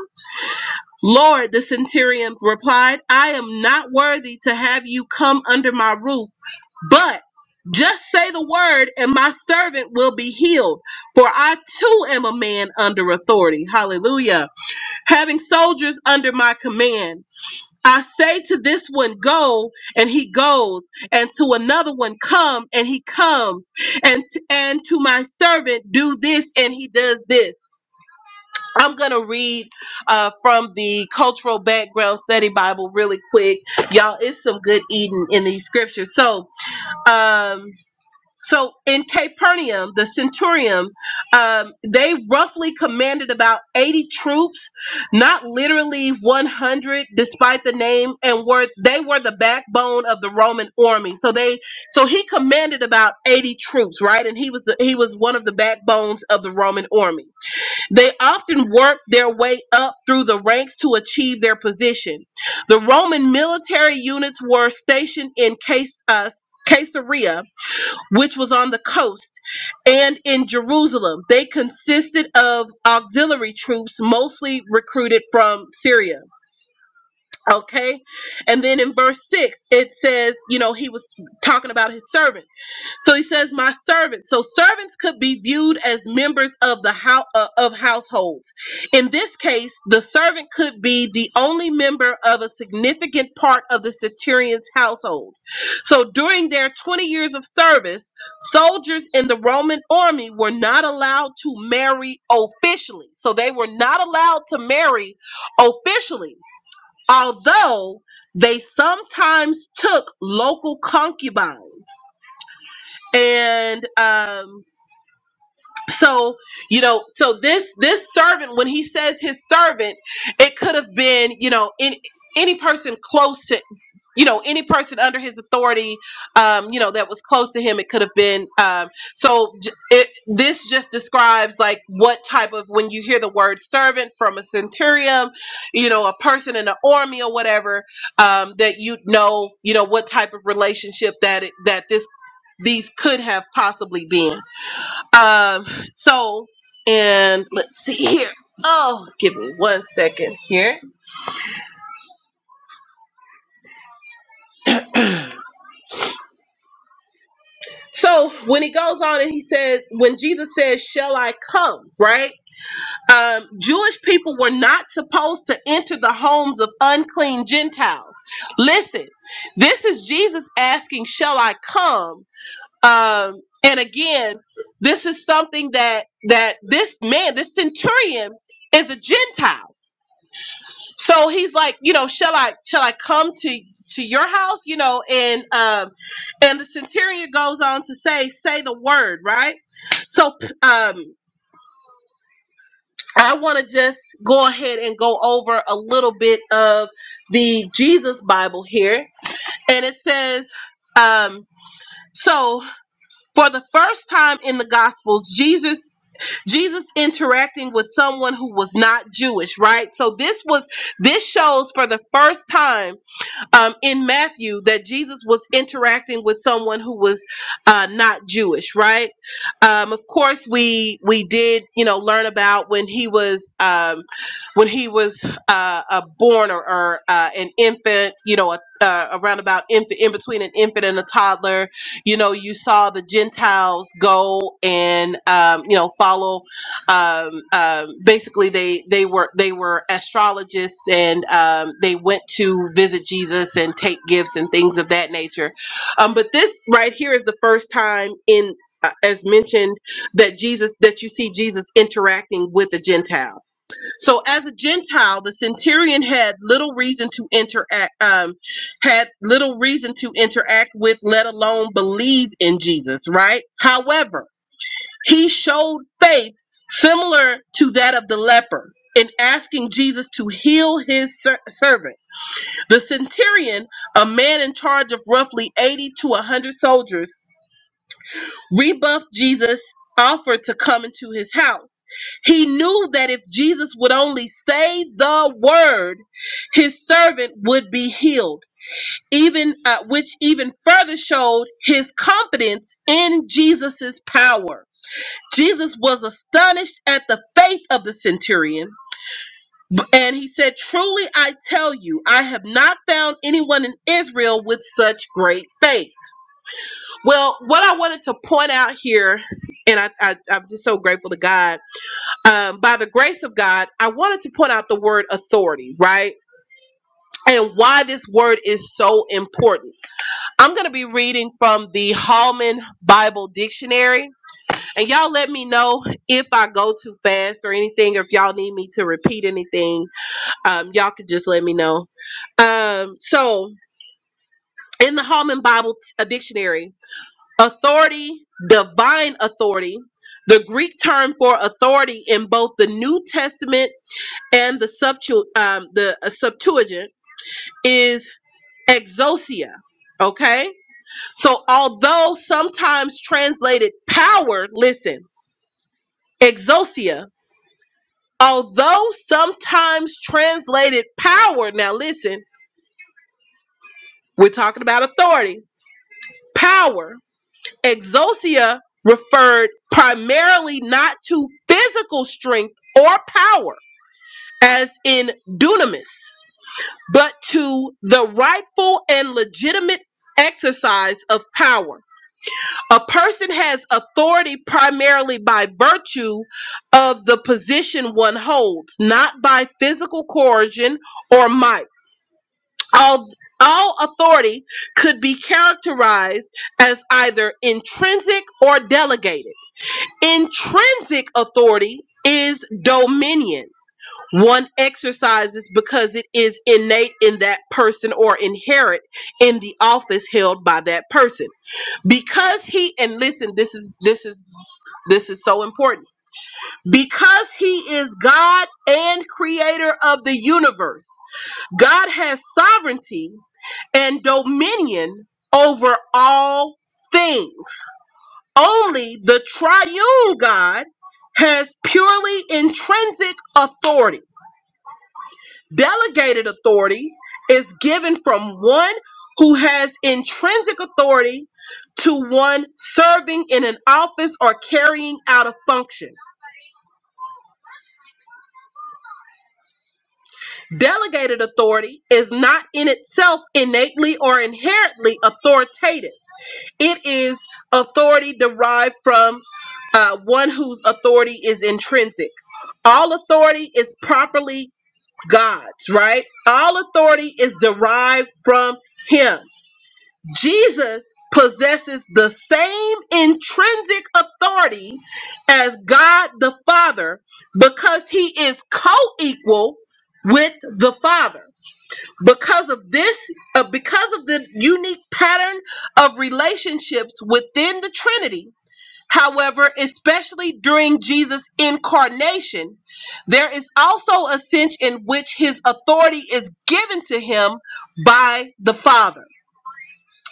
B: Lord, the centurion replied, I am not worthy to have you come under my roof, but just say the word, and my servant will be healed. For I too am a man under authority. Hallelujah. Having soldiers under my command. I say to this one, go, and he goes, and to another one, come, and he comes, and, and to my servant, do this, and he does this. I'm going to read uh, from the Cultural Background Study Bible really quick. Y'all, it's some good eating in these scriptures. So, um, so in Capernaum, the centurion, um, they roughly commanded about 80 troops, not literally 100, despite the name, and were they were the backbone of the Roman army. So they, so he commanded about 80 troops, right? And he was the, he was one of the backbones of the Roman army they often worked their way up through the ranks to achieve their position. The Roman military units were stationed in Cas- uh, Caesarea, which was on the coast, and in Jerusalem. They consisted of auxiliary troops, mostly recruited from Syria. Okay. And then in verse 6, it says, you know, he was talking about his servant. So he says, "My servants." So servants could be viewed as members of the house uh, of households. In this case, the servant could be the only member of a significant part of the centurion's household. So during their twenty years of service, soldiers in the Roman army were not allowed to marry officially. So they were not allowed to marry officially, although they sometimes took local concubines and um, so you know so this this servant when he says his servant it could have been you know in any person close to you know any person under his authority um you know that was close to him it could have been um so j- it, this just describes like what type of when you hear the word servant from a centurion you know a person in the army or whatever um that you know you know what type of relationship that it, that this these could have possibly been um, so, and let's see here. Oh, give me one second here. So when he goes on and he says, when Jesus says, Shall I come? Right? Um, Jewish people were not supposed to enter the homes of unclean Gentiles. Listen, this is Jesus asking, Shall I come? Um, and again, this is something that that this man, this centurion, is a Gentile. so he's like you know shall i shall i come to to your house you know and um and the centurion goes on to say say the word right so um i want to just go ahead and go over a little bit of the jesus bible here and it says um so for the first time in the gospels jesus jesus interacting with someone who was not jewish right so this was this shows for the first time um, in Matthew that Jesus was interacting with someone who was uh, not Jewish, right? Um, of course, we we did you know learn about when he was um, when he was uh, uh, born or, or uh, an infant, you know, a, uh, around about infant in between an infant and a toddler. You know, you saw the Gentiles go and um, you know follow um, um, basically they they were they were astrologists and um, they went to visit Jesus and take gifts and things of that nature. Um, but this right here is the first time in uh, as mentioned that Jesus that you see Jesus interacting with a Gentile. So as a Gentile, the centurion had little reason to interact um, had little reason to interact with, let alone believe in Jesus. Right. However he showed faith similar to that of the leper in asking Jesus to heal his ser- servant. The centurion, a man in charge of roughly 80 to 100 soldiers, rebuffed Jesus' offer to come into his house. He knew that if Jesus would only say the word, his servant would be healed. Even uh, which even further showed his confidence in Jesus' power. Jesus was astonished at the faith of the centurion, and he said, Truly I tell you, I have not found anyone in Israel with such great faith. Well, what I wanted to point out here, and I, I, I'm just so grateful to God, um, by the grace of God, I wanted to point out the word authority, right? And why this word is so important. I'm going to be reading from the Hallman Bible Dictionary And y'all let me know if I go too fast or anything, or if y'all need me to repeat anything. Um, y'all could just let me know. Um, so in the Holman Bible t- a dictionary, authority, divine authority, the Greek term for authority in both the New Testament and the Septu- um, the uh, Septuagint is exousia. Okay, so although sometimes translated power, listen, exousia Although sometimes translated power, now listen, we're talking about authority, power, exosia referred primarily not to physical strength or power, as in dunamis, but to the rightful and legitimate exercise of power. A person has authority primarily by virtue of the position one holds, not by physical coercion or might. all all authority could be characterized as either intrinsic or delegated intrinsic authority is dominion one exercises because it is innate in that person or inherent in the office held by that person because he and listen this is this is this is so important because he is god and creator of the universe God has sovereignty and dominion over all things. Only the triune God has purely intrinsic authority. Delegated authority is given from one who has intrinsic authority to one serving in an office or carrying out a function. Delegated authority is not in itself innately or inherently authoritative It is authority derived from uh, one whose authority is intrinsic. All authority is properly God's, right? All authority is derived from Him. Jesus possesses the same intrinsic authority as God the Father because He is co equal with the Father because of this uh, because of the unique pattern of relationships within the trinity however especially during jesus incarnation there is also a sense in which his authority is given to him by the father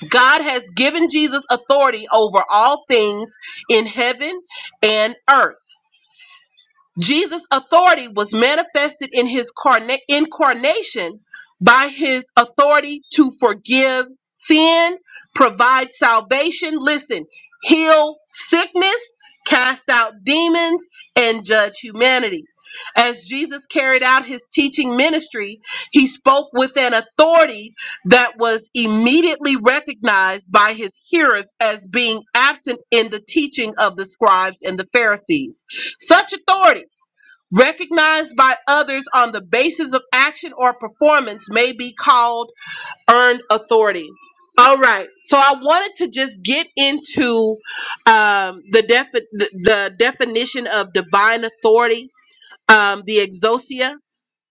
B: god has given jesus authority over all things in heaven and earth Jesus' authority was manifested in his carna- incarnation by his authority to forgive sin, provide salvation, listen, heal sickness, cast out demons, and judge humanity. As Jesus carried out his teaching ministry, he spoke with an authority that was immediately recognized by his hearers as being absent in the teaching of the scribes and the Pharisees. Such authority recognized by others on the basis of action or performance may be called earned authority. All right, so I wanted to just get into um, the, defi- the the definition of divine authority, um, the exosia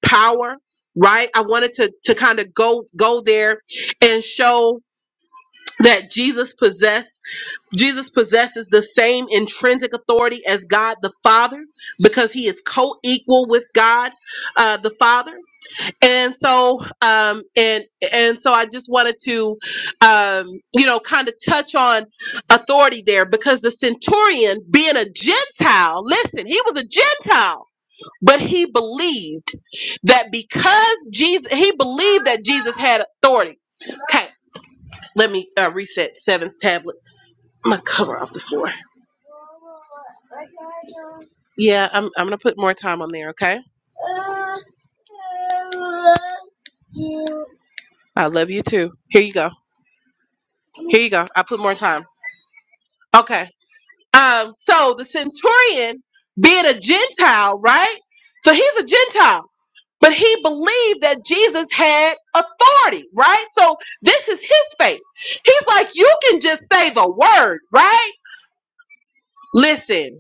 B: power, right? I wanted to to kind of go go there and show that Jesus possessed. Jesus possesses the same intrinsic authority as God the Father because he is co equal with God uh, the Father. And so, um, and and so, I just wanted to, um, you know, kind of touch on authority there because the centurion, being a Gentile, listen, he was a Gentile, but he believed that because Jesus, he believed that Jesus had authority. Okay, let me uh, reset Seven's tablet. My cover off the floor. Yeah, I'm I'm gonna put more time on there, okay? I love you too. Here you go. Here you go. I put more time. Okay. Um, so the centurion being a Gentile, right? So he's a Gentile, but he believed that Jesus had authority, right? So this is his faith. He's like, you can just say the word, right? Listen,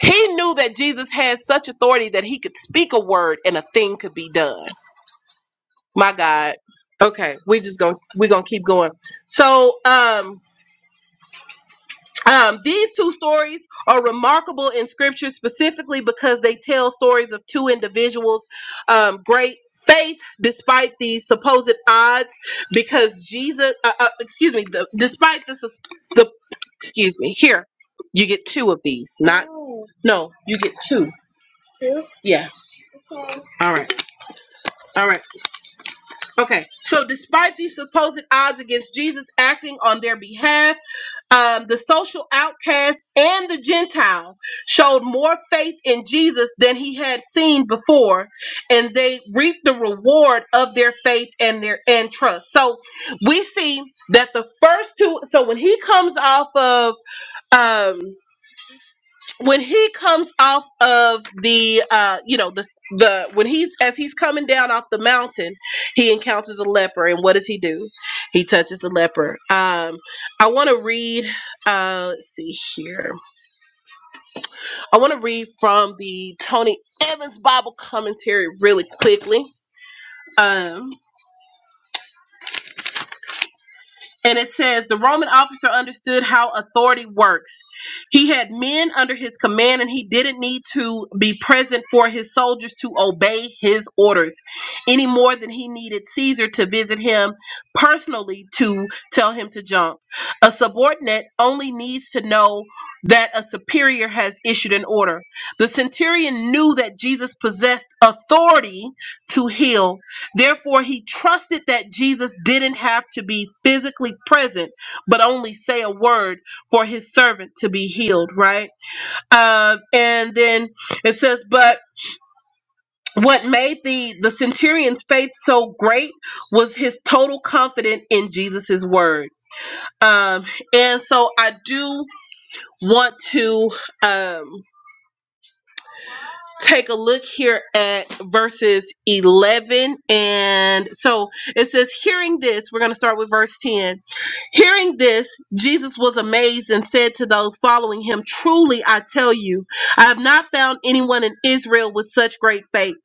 B: he knew that Jesus had such authority that he could speak a word and a thing could be done. my god okay we just gonna we gonna keep going so um um, these two stories are remarkable in scripture specifically because they tell stories of two individuals um, great faith despite the supposed odds because jesus uh, uh, excuse me the, despite the, sus- the excuse me here you get two of these not no you get two yeah all right all right okay so despite these supposed odds against jesus acting on their behalf um, the social outcast and the Gentile showed more faith in Jesus than he had seen before, and they reaped the reward of their faith and their and trust. So we see that the first two. So when he comes off of um, when he comes off of the uh you know the the when he's as he's coming down off the mountain he encounters a leper and what does he do he touches the leper um i want to read uh let's see here i want to read from the tony evans bible commentary really quickly um And it says the Roman officer understood how authority works. He had men under his command, and he didn't need to be present for his soldiers to obey his orders any more than he needed Caesar to visit him personally to tell him to jump. A subordinate only needs to know that a superior has issued an order. The centurion knew that Jesus possessed authority to heal Therefore, he trusted that Jesus didn't have to be physically present, but only say a word for his servant to be healed, right? Um, and then it says, but what made the, the centurion's faith so great was his total confidence in Jesus' word. Um, and so I do want to. Um, take a look here at verses 11 and so it says hearing this we're going to start with verse 10 hearing this jesus was amazed and said to those following him truly i tell you i have not found anyone in israel with such great faith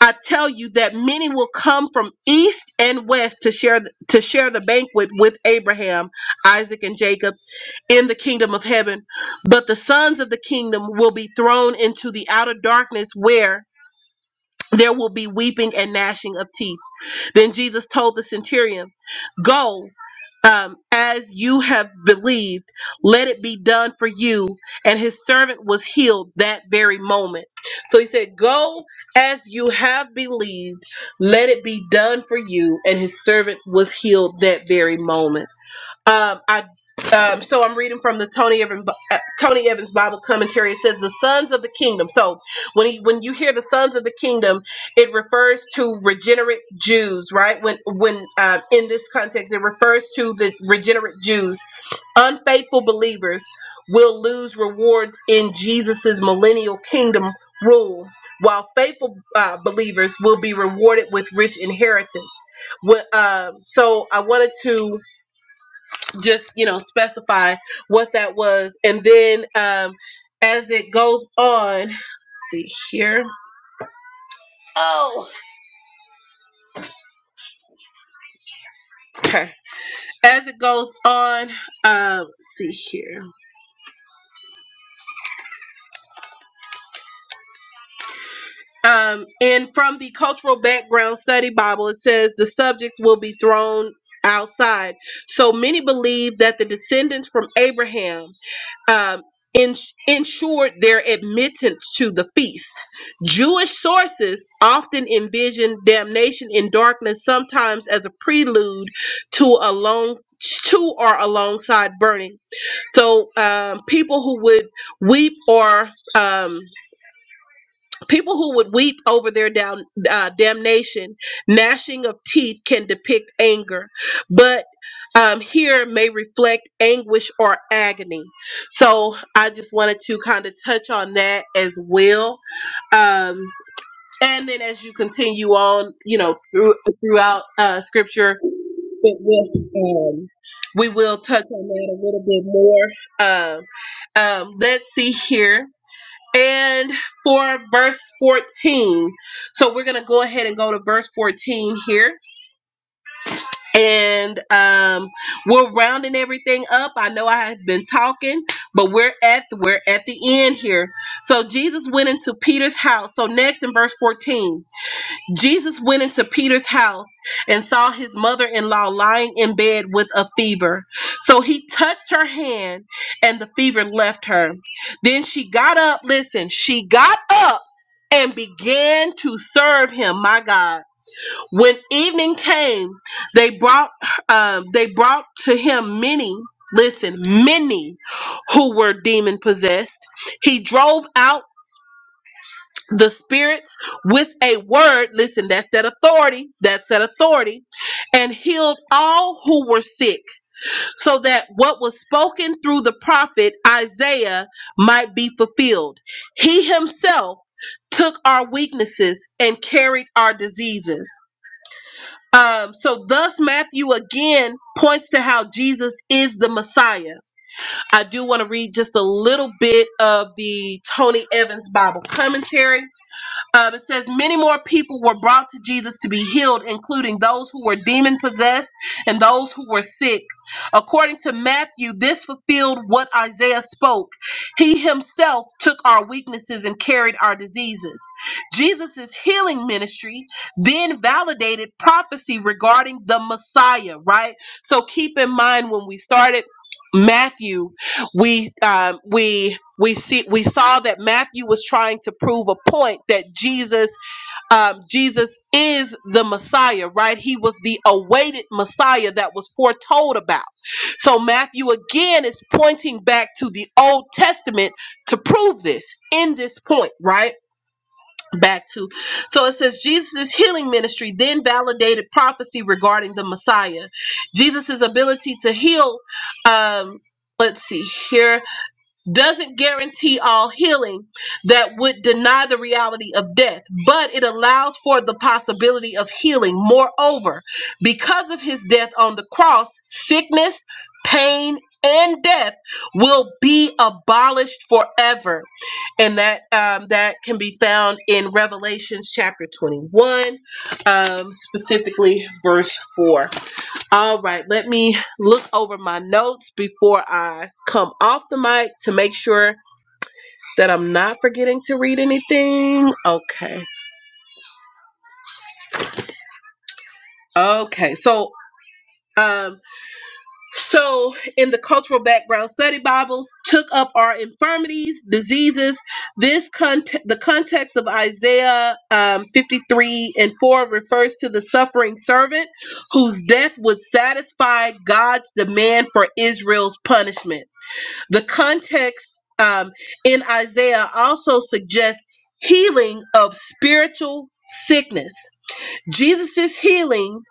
B: i tell you that many will come from east and west to share to share the banquet with abraham isaac and jacob in the kingdom of heaven, but the sons of the kingdom will be thrown into the outer darkness where there will be weeping and gnashing of teeth. Then Jesus told the centurion, Go um, as you have believed, let it be done for you. And his servant was healed that very moment. So he said, Go as you have believed, let it be done for you. And his servant was healed that very moment. Um, I um, so I'm reading from the Tony Evans uh, Tony Evans Bible commentary. It says the sons of the kingdom. So when he, when you hear the sons of the kingdom, it refers to regenerate Jews, right? When when uh, in this context, it refers to the regenerate Jews. Unfaithful believers will lose rewards in Jesus's millennial kingdom rule, while faithful uh, believers will be rewarded with rich inheritance. Wh- uh, so I wanted to just you know specify what that was and then um as it goes on let's see here okay as it goes on um let's see here um and from the cultural background study bible it says the subjects will be thrown outside so many believe that the descendants from abraham um, in, ensured their admittance to the feast. Jewish sources often envision damnation in darkness, sometimes as a prelude to along to or alongside burning. So um, people who would weep or um, People who would weep over their down, uh, damnation, gnashing of teeth can depict anger, but um, here may reflect anguish or agony. So I just wanted to kind of touch on that as well. Um, and then as you continue on, you know, through, throughout uh, scripture, it will, um, we will touch on that a little bit more. Um, um, let's see here. And for verse 14, so we're going to go ahead and go to verse 14 here. And um, we're rounding everything up. I know I have been talking, but we're at we're at the end here. So Jesus went into Peter's house. So next in verse 14. Jesus went into Peter's house and saw his mother in law lying in bed with a fever. So he touched her hand and the fever left her. Then she got up, listen, she got up and began to serve him, my God. When evening came, they brought uh, they brought to him many, listen, many who were demon possessed. He drove out the spirits with a word. Listen, that's that authority. That's that authority. And healed all who were sick, so that what was spoken through the prophet Isaiah might be fulfilled. He himself took our weaknesses and carried our diseases. Um, so thus Matthew again points to how Jesus is the Messiah. I do want to read just a little bit of the Tony Evans Bible commentary um, it says many more people were brought to Jesus to be healed, including those who were demon possessed and those who were sick. According to Matthew, this fulfilled what Isaiah spoke. He himself took our weaknesses and carried our diseases. Jesus' healing ministry then validated prophecy regarding the Messiah, right? So keep in mind when we started Matthew we um, we we see we saw that Matthew was trying to prove a point that Jesus um, Jesus is the Messiah, right? He was the awaited Messiah that was foretold about. So Matthew again is pointing back to the Old Testament to prove this in this point, right? Back to so it says Jesus' healing ministry then validated prophecy regarding the Messiah. Jesus' ability to heal um, let's see here doesn't guarantee all healing that would deny the reality of death, but it allows for the possibility of healing. Moreover, because of his death on the cross, sickness, pain, and death will be abolished forever, and that um, that can be found in Revelations chapter twenty-one, um, specifically verse four. All right, let me look over my notes before I come off the mic to make sure that I'm not forgetting to read anything. Okay. Okay. So, um so in the cultural background study bibles took up our infirmities, diseases. This cont- the context of Isaiah um 53 and 4 refers to the suffering servant whose death would satisfy God's demand for Israel's punishment. The context um, in Isaiah also suggests healing of spiritual sickness. Jesus' healing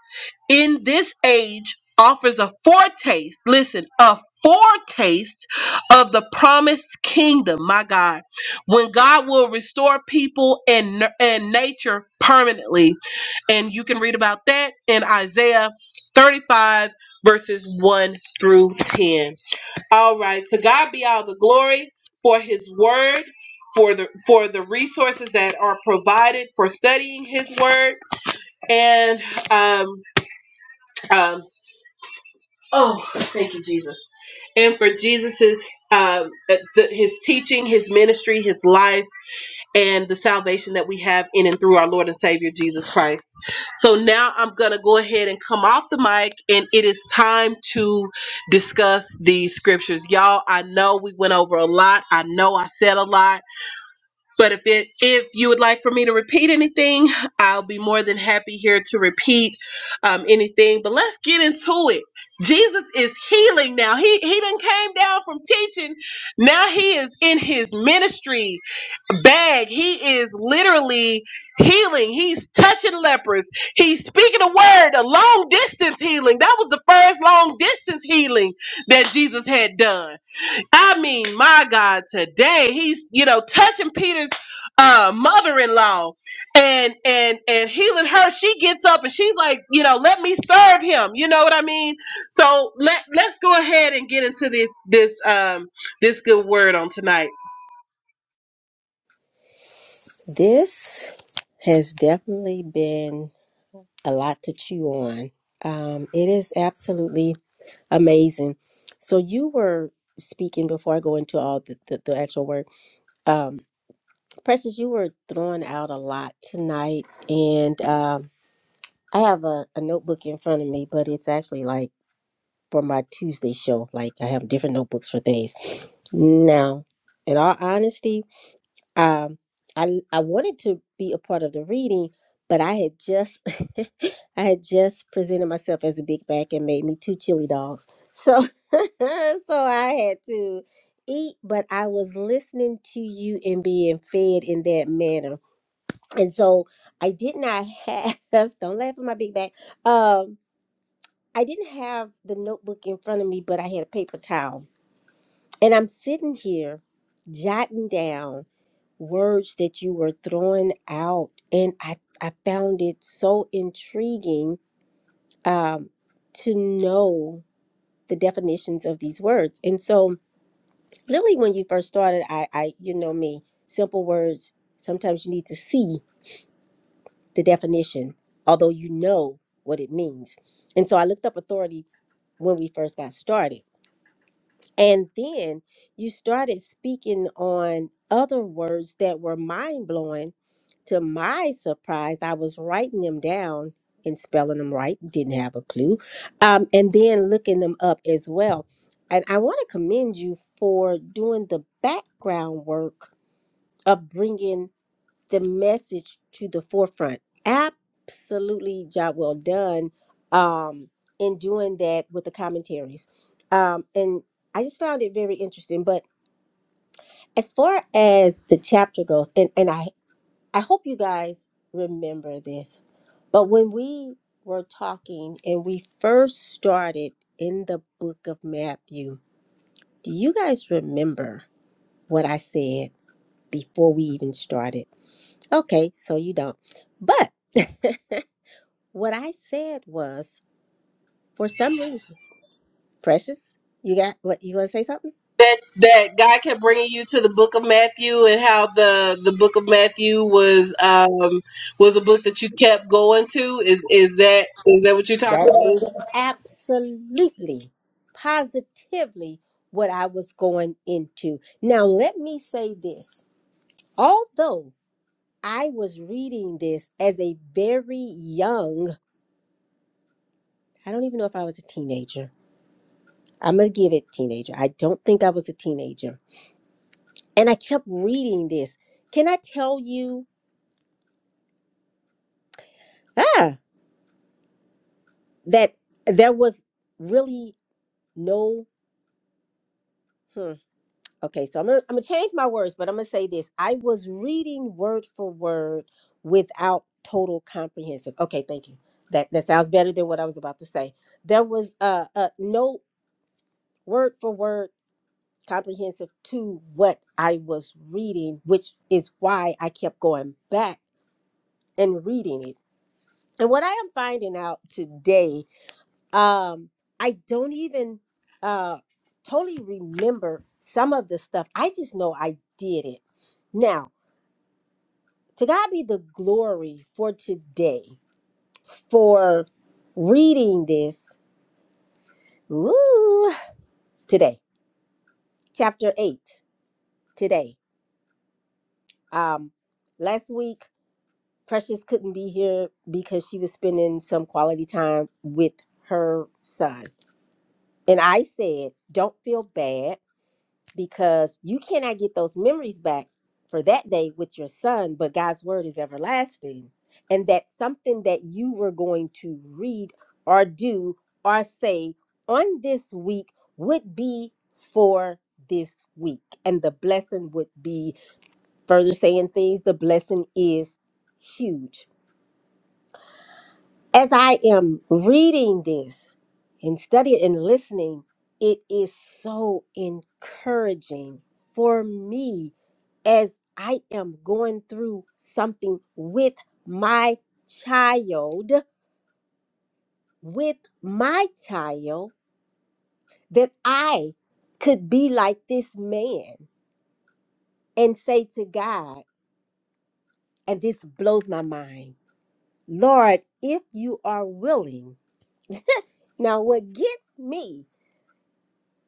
B: in this age offers a foretaste, listen, a foretaste of the promised kingdom, my God, when God will restore people and, n- and nature permanently. And you can read about that in Isaiah 35, verses 1 through 10. All right. To God be all the glory for his word, for the for the resources that are provided for studying his word. And um um oh thank you, Jesus. And for Jesus's um uh, th- his teaching, his ministry, his life and the salvation that we have in and through our Lord and Savior Jesus Christ. So now I'm going to go ahead and come off the mic, and it is time to discuss the scriptures. Y'all, I know we went over a lot. I know I said a lot. But if it if you would like for me to repeat anything, I'll be more than happy here to repeat um, anything. But let's get into it. Jesus is healing now. He he done came down from teaching. Now he is in his ministry bag. He is literally healing. He's touching lepers. He's speaking a word, a long distance healing. That was the first long distance healing that Jesus had done. I mean, my God, today he's you know touching Peter's uh, mother-in-law and and and healing her. She gets up and she's like, you know, let me serve him. You know what I mean? So let let's go ahead and get into this this um this good word on tonight.
A: This has definitely been a lot to chew on. Um, it is absolutely amazing. So you were speaking before I go into all the, the, the actual work. Um, Precious, you were throwing out a lot tonight, and um, I have a, a notebook in front of me, but it's actually like for my Tuesday show. Like I have different notebooks for things. Now, in all honesty, um I I wanted to be a part of the reading, but I had just I had just presented myself as a big back and made me two chili dogs. So so I had to eat, but I was listening to you and being fed in that manner. And so I did not have don't laugh at my big back. Um I didn't have the notebook in front of me, but I had a paper towel. And I'm sitting here jotting down words that you were throwing out and i i found it so intriguing um to know the definitions of these words and so literally when you first started i i you know me simple words sometimes you need to see the definition although you know what it means and so i looked up authority when we first got started And then you started speaking on other words that were mind blowing. To my surprise, I was writing them down and spelling them right, didn't have a clue, um, and then looking them up as well. And I want to commend you for doing the background work of bringing the message to the forefront. Absolutely job well done um, in doing that with the commentaries. Um, and I just found it very interesting. But as far as the chapter goes, and, and I, I hope you guys remember this, but when we were talking and we first started in the book of Matthew, do you guys remember what I said before we even started? Okay, so you don't. But What I said was, for some reason, Precious, you got what you want to say something?
B: That that God kept bringing you to the book of Matthew and how the the book of Matthew was um was a book that you kept going to. Is is that is that what you're talking
A: That
B: about?
A: is absolutely, positively what I was going into. Now, let me say this. Although I was reading this as a very young, I don't even know if I was a teenager. I'm going to give it teenager. I don't think I was a teenager. And I kept reading this. Can I tell you ah, that there was really no Hmm. Okay, so I'm gonna, I'm gonna change my words, but I'm gonna say this. I was reading word for word without total comprehensive. Okay, thank you. That that sounds better than what I was about to say. There was uh, uh no word for word comprehensive to what I was reading, which is why I kept going back and reading it. And what I am finding out today, um, I don't even uh totally remember some of the stuff. I just know I did it Now, to God be the glory for today, for reading this. Ooh, today, chapter 8. Today. Um, last week, Precious couldn't be here because she was spending some quality time with her son. And I said, Don't feel bad because you cannot get those memories back for that day with your son, but God's word is everlasting. And that's something that you were going to read or do or say on this week would be for this week. And the blessing would be further saying things, the blessing is huge as I am reading this and studying and listening, it is so encouraging for me as I am going through something with my child, with my child, that I could be like this man and say to God, and this blows my mind, Lord, if you are willing. Now, what gets me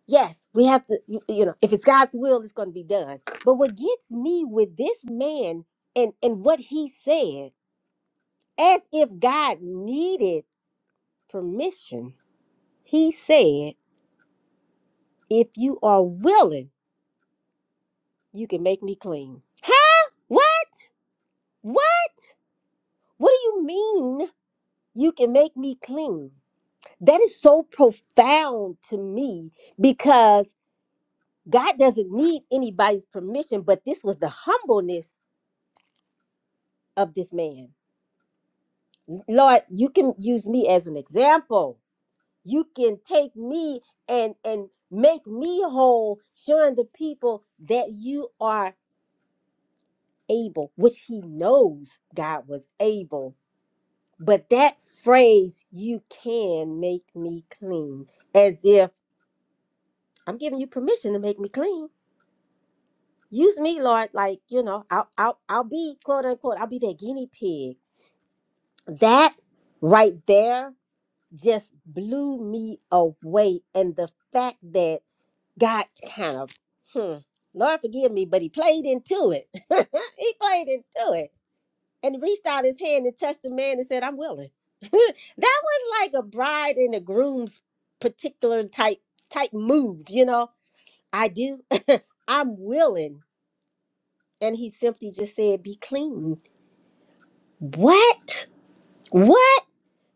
A: Yes, we have to, you you know, if it's God's will, it's going to be done. But what gets me with this man and, and what he said, as if God needed permission, he said, if you are willing, you can make me clean. Huh? What? What? What do you mean you can make me clean? That is so profound to me because God doesn't need anybody's permission, but this was the humbleness of this man Lord, you can use me as an example. You can take me and and make me whole, showing the people that you are able, which he knows God was able. But that phrase, you can make me clean, as if I'm giving you permission to make me clean. Use me, Lord, like you know, I'll I'll I'll be quote unquote, I'll be that guinea pig. That right there just blew me away. And the fact that God kind of, hmm, Lord forgive me, but he played into it. he played into it. And he reached out his hand and touched the man and said, I'm willing. that was like a bride and a groom's particular type type move, you know. I do. I'm willing. And he simply just said, Be clean. What? What?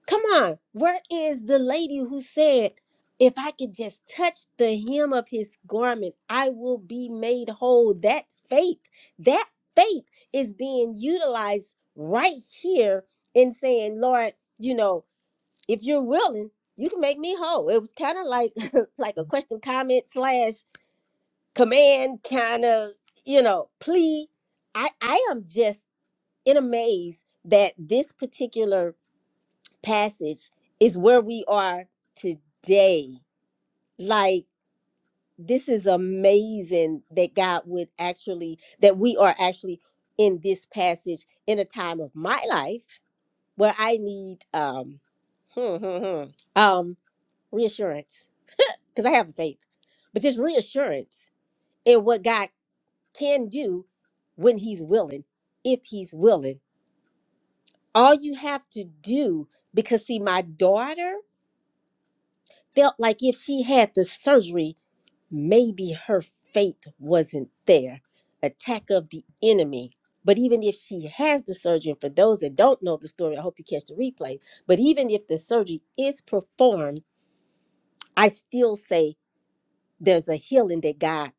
A: Come on, where is the lady who said, If I could just touch the hem of his garment, I will be made whole? That faith, that faith is being utilized right here in saying, Lord, you know, if you're willing, you can make me whole. It was kind of like like a question, comment, slash command, kind of, you know, plea. I, I am just in a maze that this particular passage is where we are today. Like, this is amazing that God would actually, that we are actually in this passage in a time of my life where I need um, hmm, hmm, hmm, um, reassurance because I have faith, but just reassurance in what God can do when He's willing, if He's willing. All you have to do, because see, my daughter felt like if she had the surgery maybe her faith wasn't there attack of the enemy but even if she has the surgery and for those that don't know the story i hope you catch the replay but even if the surgery is performed i still say there's a healing that god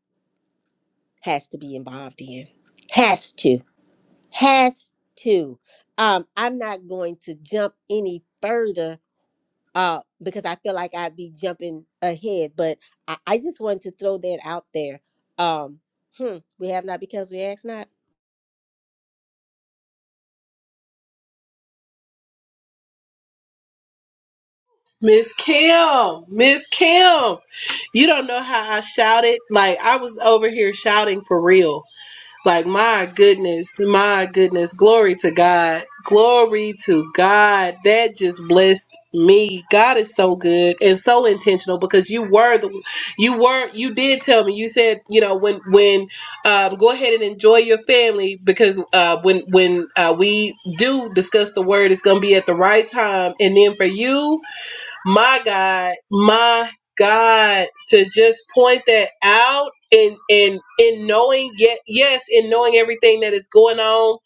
A: has to be involved in has to has to um i'm not going to jump any further uh, because I feel like I'd be jumping ahead. But I, I just wanted to throw that out there. Um, hmm, we have not because we ask not.
B: Miss Kim, Miss Kim, you don't know how I shouted. Like I was over here shouting for real. Like my goodness, my goodness, glory to God, glory to God. That just blessed me. God is so good and so intentional because you were the, you were you did tell me. You said you know when when um, go ahead and enjoy your family because uh, when when uh, we do discuss the word, it's gonna be at the right time. And then for you my god my god to just point that out and and in knowing yet yes in knowing everything that is going on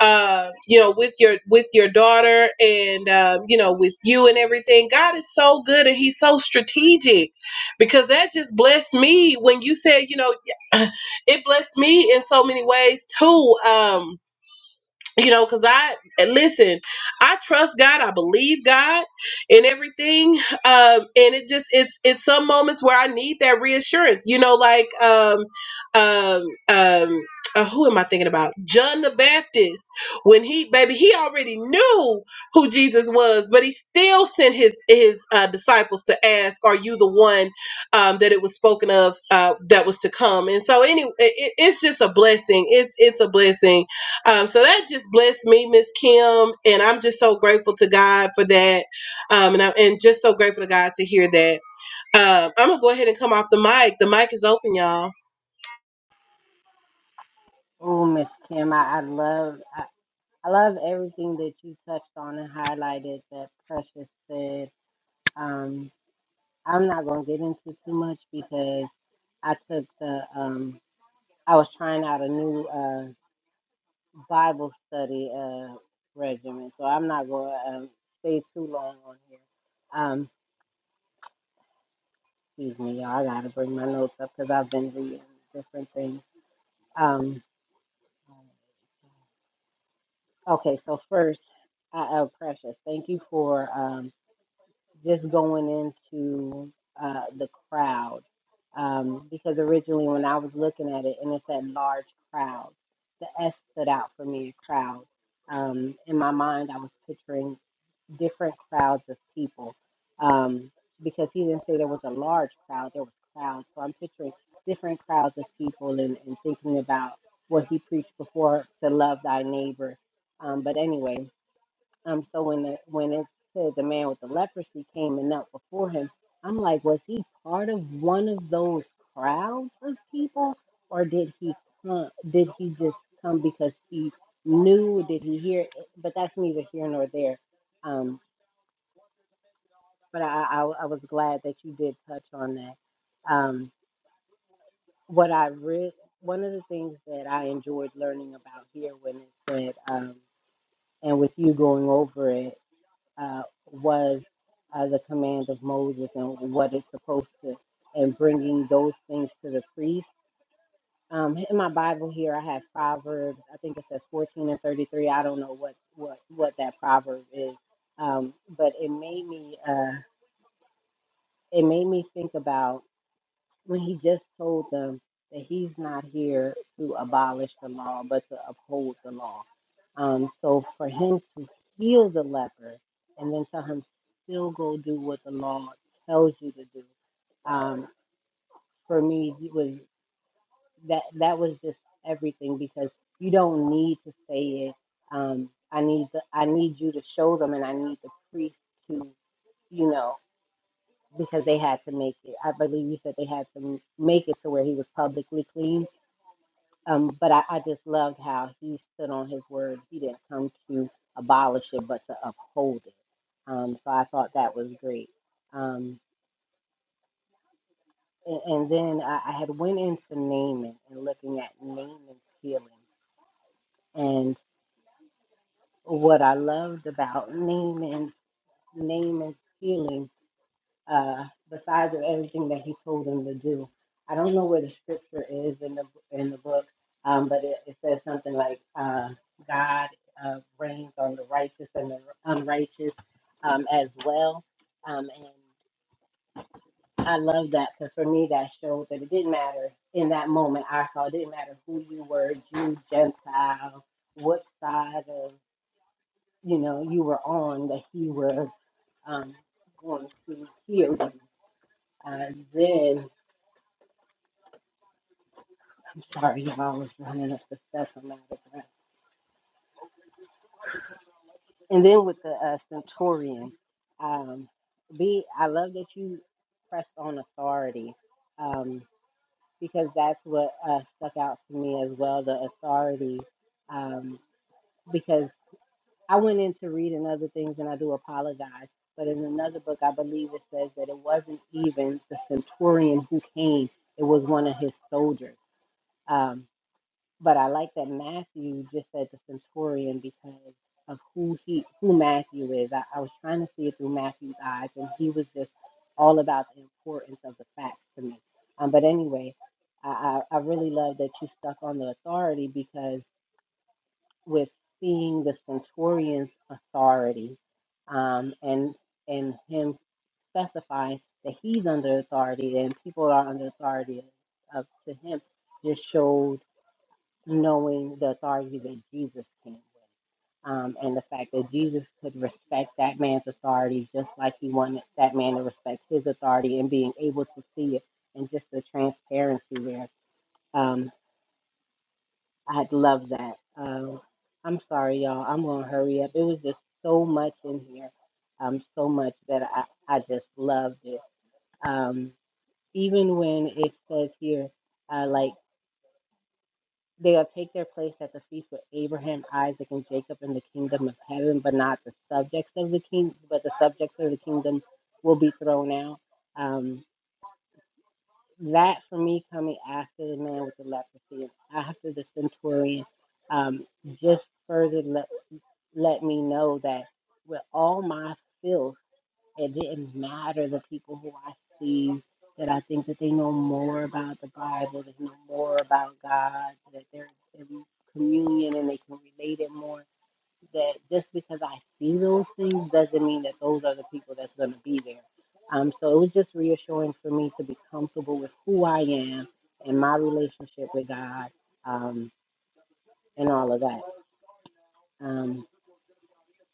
B: uh you know with your with your daughter and um you know with you and everything god is so good and he's so strategic because that just blessed me when you said you know it blessed me in so many ways too um you know because i listen i trust god i believe god in everything um and it just it's it's some moments where i need that reassurance you know like um um um uh, who am I thinking about? John the Baptist. When he, baby, he already knew who Jesus was, but he still sent his his uh, disciples to ask, "Are you the one um, that it was spoken of uh, that was to come?" And so, anyway, it, it's just a blessing. It's it's a blessing um, so that just blessed me, Miss Kim, and I'm just so grateful to God for that, um, and I'm and just so grateful to God to hear that. Um, I'm gonna go ahead and come off the mic. The mic is open, y'all.
C: Oh, Miss Kim, I, I love I, I love everything that you touched on and highlighted that Precious said. Um, I'm not gonna get into too much because I took the um I was trying out a new uh. Bible study uh, regimen, so I'm not going to um, stay too long on here. Um, excuse me, y'all. I got to bring my notes up because I've been reading different things. Um, okay, so first, I, uh, Precious, thank you for um, just going into uh, the crowd um, because originally when I was looking at it and it said large crowd, the S stood out for me, a crowd. Um, in my mind, I was picturing different crowds of people um, because he didn't say there was a large crowd, there was crowds. So I'm picturing different crowds of people and, and thinking about what he preached before to love thy neighbor. Um, but anyway, um, so when the, when it said the man with the leprosy came and knelt before him, I'm like, was he part of one of those crowds of people, or did he come, did he just come because he knew? Did he hear? But that's neither here nor there um but I, I, I was glad that you did touch on that. Um, what I read, one of the things that I enjoyed learning about here when it said, um, and with you going over it, uh, was uh, the command of Moses and what it's supposed to, and bringing those things to the priest. Um, in my Bible here, I have Proverbs. I think it says 14 and 33. I don't know what what what that proverb is, um, but it made me uh, it made me think about when he just told them that he's not here to abolish the law, but to uphold the law. Um, so for him to heal the leper and then tell him still go do what the law tells you to do, um, for me it was that that was just everything because you don't need to say it. Um, I need the, I need you to show them, and I need the priest to you know because they had to make it. I believe you said they had to make it to where he was publicly clean. Um, but I, I just loved how he stood on his word. He didn't come to abolish it, but to uphold it. Um, so I thought that was great. Um, and, and then I, I had went into Naaman and looking at Naaman's healing. And what I loved about Naaman's Naaman's healing uh, besides of everything that he told them to do. I don't know where the scripture is in the in the book, um, but it, it says something like uh, God uh, reigns on the righteous and the unrighteous um, as well. Um, and I love that because for me that showed that it didn't matter in that moment. I saw it didn't matter who you were, Jew, Gentile, what side of you know you were on that He was um, going to heal you. Uh, then I'm sorry, y'all. I was running up the steps. I'm out of breath. And then with the uh, centurion, um, B, I love that you pressed on authority um, because that's what uh, stuck out to me as well the authority. Um, because I went into reading other things and I do apologize. But in another book, I believe it says that it wasn't even the centurion who came, it was one of his soldiers. Um, But I like that Matthew just said the centurion because of who he who Matthew is. I, I was trying to see it through Matthew's eyes, and he was just all about the importance of the facts to me. Um, but anyway, I, I, I really love that you stuck on the authority because with seeing the centurion's authority um, and and him specifying that he's under authority and people are under authority of, to him just showed knowing the authority that Jesus came with, um, and the fact that Jesus could respect that man's authority just like he wanted that man to respect his authority, and being able to see it, and just the transparency there. Um, I love that. Um, I'm sorry, y'all. I'm gonna hurry up. It was just so much in here, um, so much that I, I just loved it. Um, even when it says here, uh, like. They'll take their place at the feast with Abraham, Isaac, and Jacob in the kingdom of heaven, but not the subjects of the king. But the subjects of the kingdom will be thrown out. Um, that for me coming after the man with the leprosy and after the centurion, um, just further let let me know that with all my filth it didn't matter the people who I see that I think that they know more about the Bible, they know more about God, that they're in communion and they can relate it more. That just because I see those things doesn't mean that those are the people that's going to be there. Um, so it was just reassuring for me to be comfortable with who I am and my relationship with God um, and all of that. Um,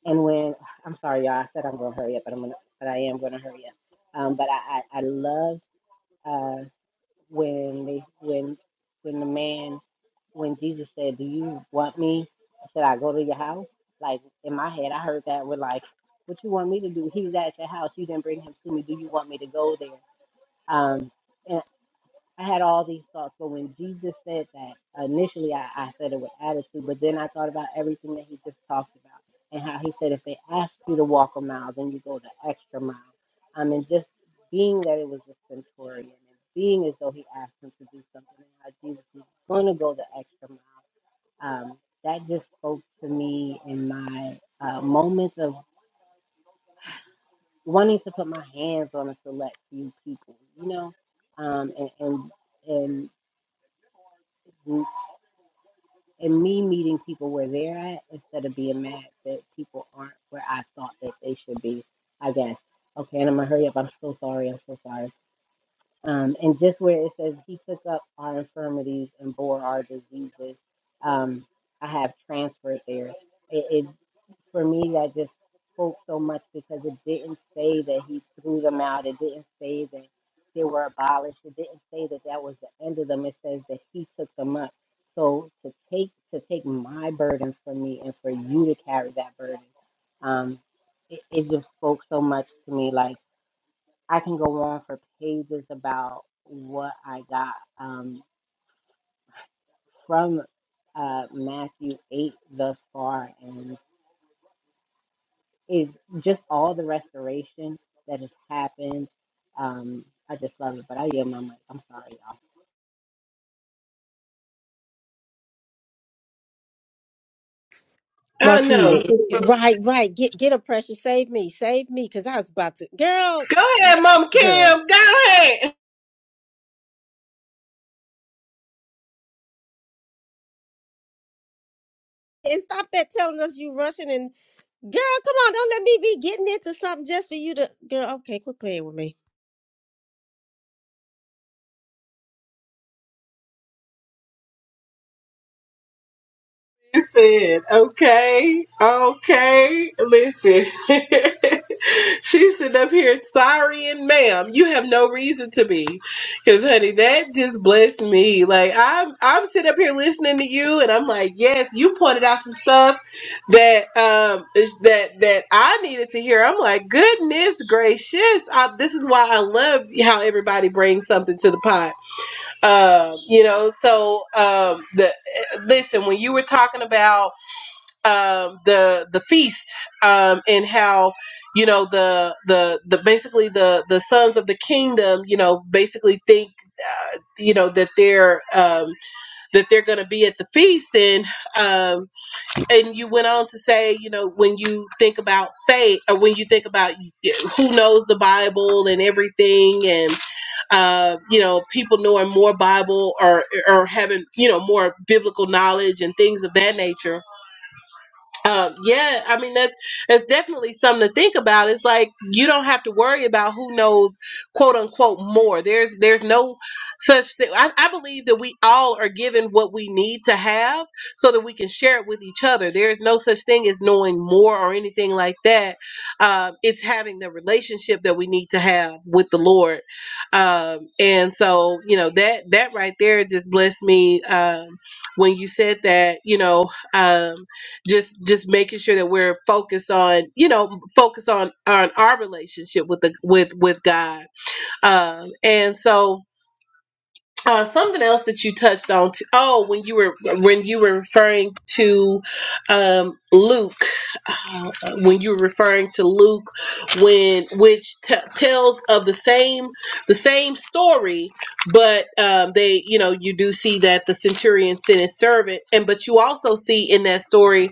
C: and when I'm sorry, y'all, I said I'm gonna hurry up, but I'm gonna, but I am gonna hurry up. Um, but I, I, I love uh, when they, when, when the man, when Jesus said, "Do you want me?" Should I go to your house? Like in my head, I heard that with like, "What you want me to do?" He was at your house. You didn't bring him to me. Do you want me to go there? Um, I had all these thoughts, but when Jesus said that, initially I, I said it with attitude, but then I thought about everything that he just talked about and how he said if they ask you to walk a mile, then you go the extra mile. Um, and just being that it was a centurion and being as though he asked him to do something and how Jesus was going to go the extra mile, um, that just spoke to me in my uh, moments of wanting to put my hands on a select few people, you know, um, and, and and and me meeting people where they're at instead of being mad that people aren't where I thought that they should be, I guess. Okay, and I'm gonna hurry up. I'm so sorry. I'm so sorry. Um, and just where it says he took up our infirmities and bore our diseases, um, I have transferred there. It, it for me that just spoke so much because it didn't say that he threw them out. It didn't say that they were abolished. It didn't say that that was the end of them. It says that he took them up. So to take to take my burden for me and for you to carry that burden, um, it, it just spoke so much to me. Like I can go on for pages about what I got um, from uh, Matthew eight thus far and. is just all the restoration that has happened. Um, I just love it, but I yield my mic. I'm sorry, y'all.
B: I
A: Marquis,
B: know.
A: w- right, right. Get get a pressure. Save me, save me, because I was about to, girl,
B: Go
A: g-
B: ahead, Mama
A: girl,
B: Kim. Go ahead.
A: and stop that telling us you rushing and girl, come on, don't let me be getting into something just for you to, girl. Okay, quit playing with me.
B: Listen, okay, okay, listen. She's sitting up here sorry and ma'am. You have no reason to be. Cause honey, that just blessed me. Like I'm I'm sitting up here listening to you and I'm like, yes, you pointed out some stuff that um is- that that I needed to hear. I'm like, goodness gracious. I, this is why I love how everybody brings something to the pod um you know so um the listen when you were talking about um the the feast um and how you know the the the basically the the sons of the kingdom you know basically think uh, you know that they're um that they're gonna be at the feast and um, and you went on to say, you know, when you think about faith, or when you think about who knows the Bible and everything, and uh, you know, people knowing more Bible or or having you know more biblical knowledge and things of that nature um, yeah, I mean that's that's definitely something to think about. It's like you don't have to worry about who knows quote unquote more. There's there's no such thing. I, I believe that we all are given what we need to have so that we can share it with each other. There is no such thing as knowing more or anything like that. Um, it's having the relationship that we need to have with the Lord. Um, and so you know that that right there just blessed me um, when you said that. You know. Um, just just making sure that we're focused on you know focus on on our relationship with the with with god um and so uh, something else that you touched on. T- oh, when you were when you were referring to um, Luke, uh, when you were referring to Luke, when which t- tells of the same the same story, but um, they you know you do see that the centurion sent his servant, and but you also see in that story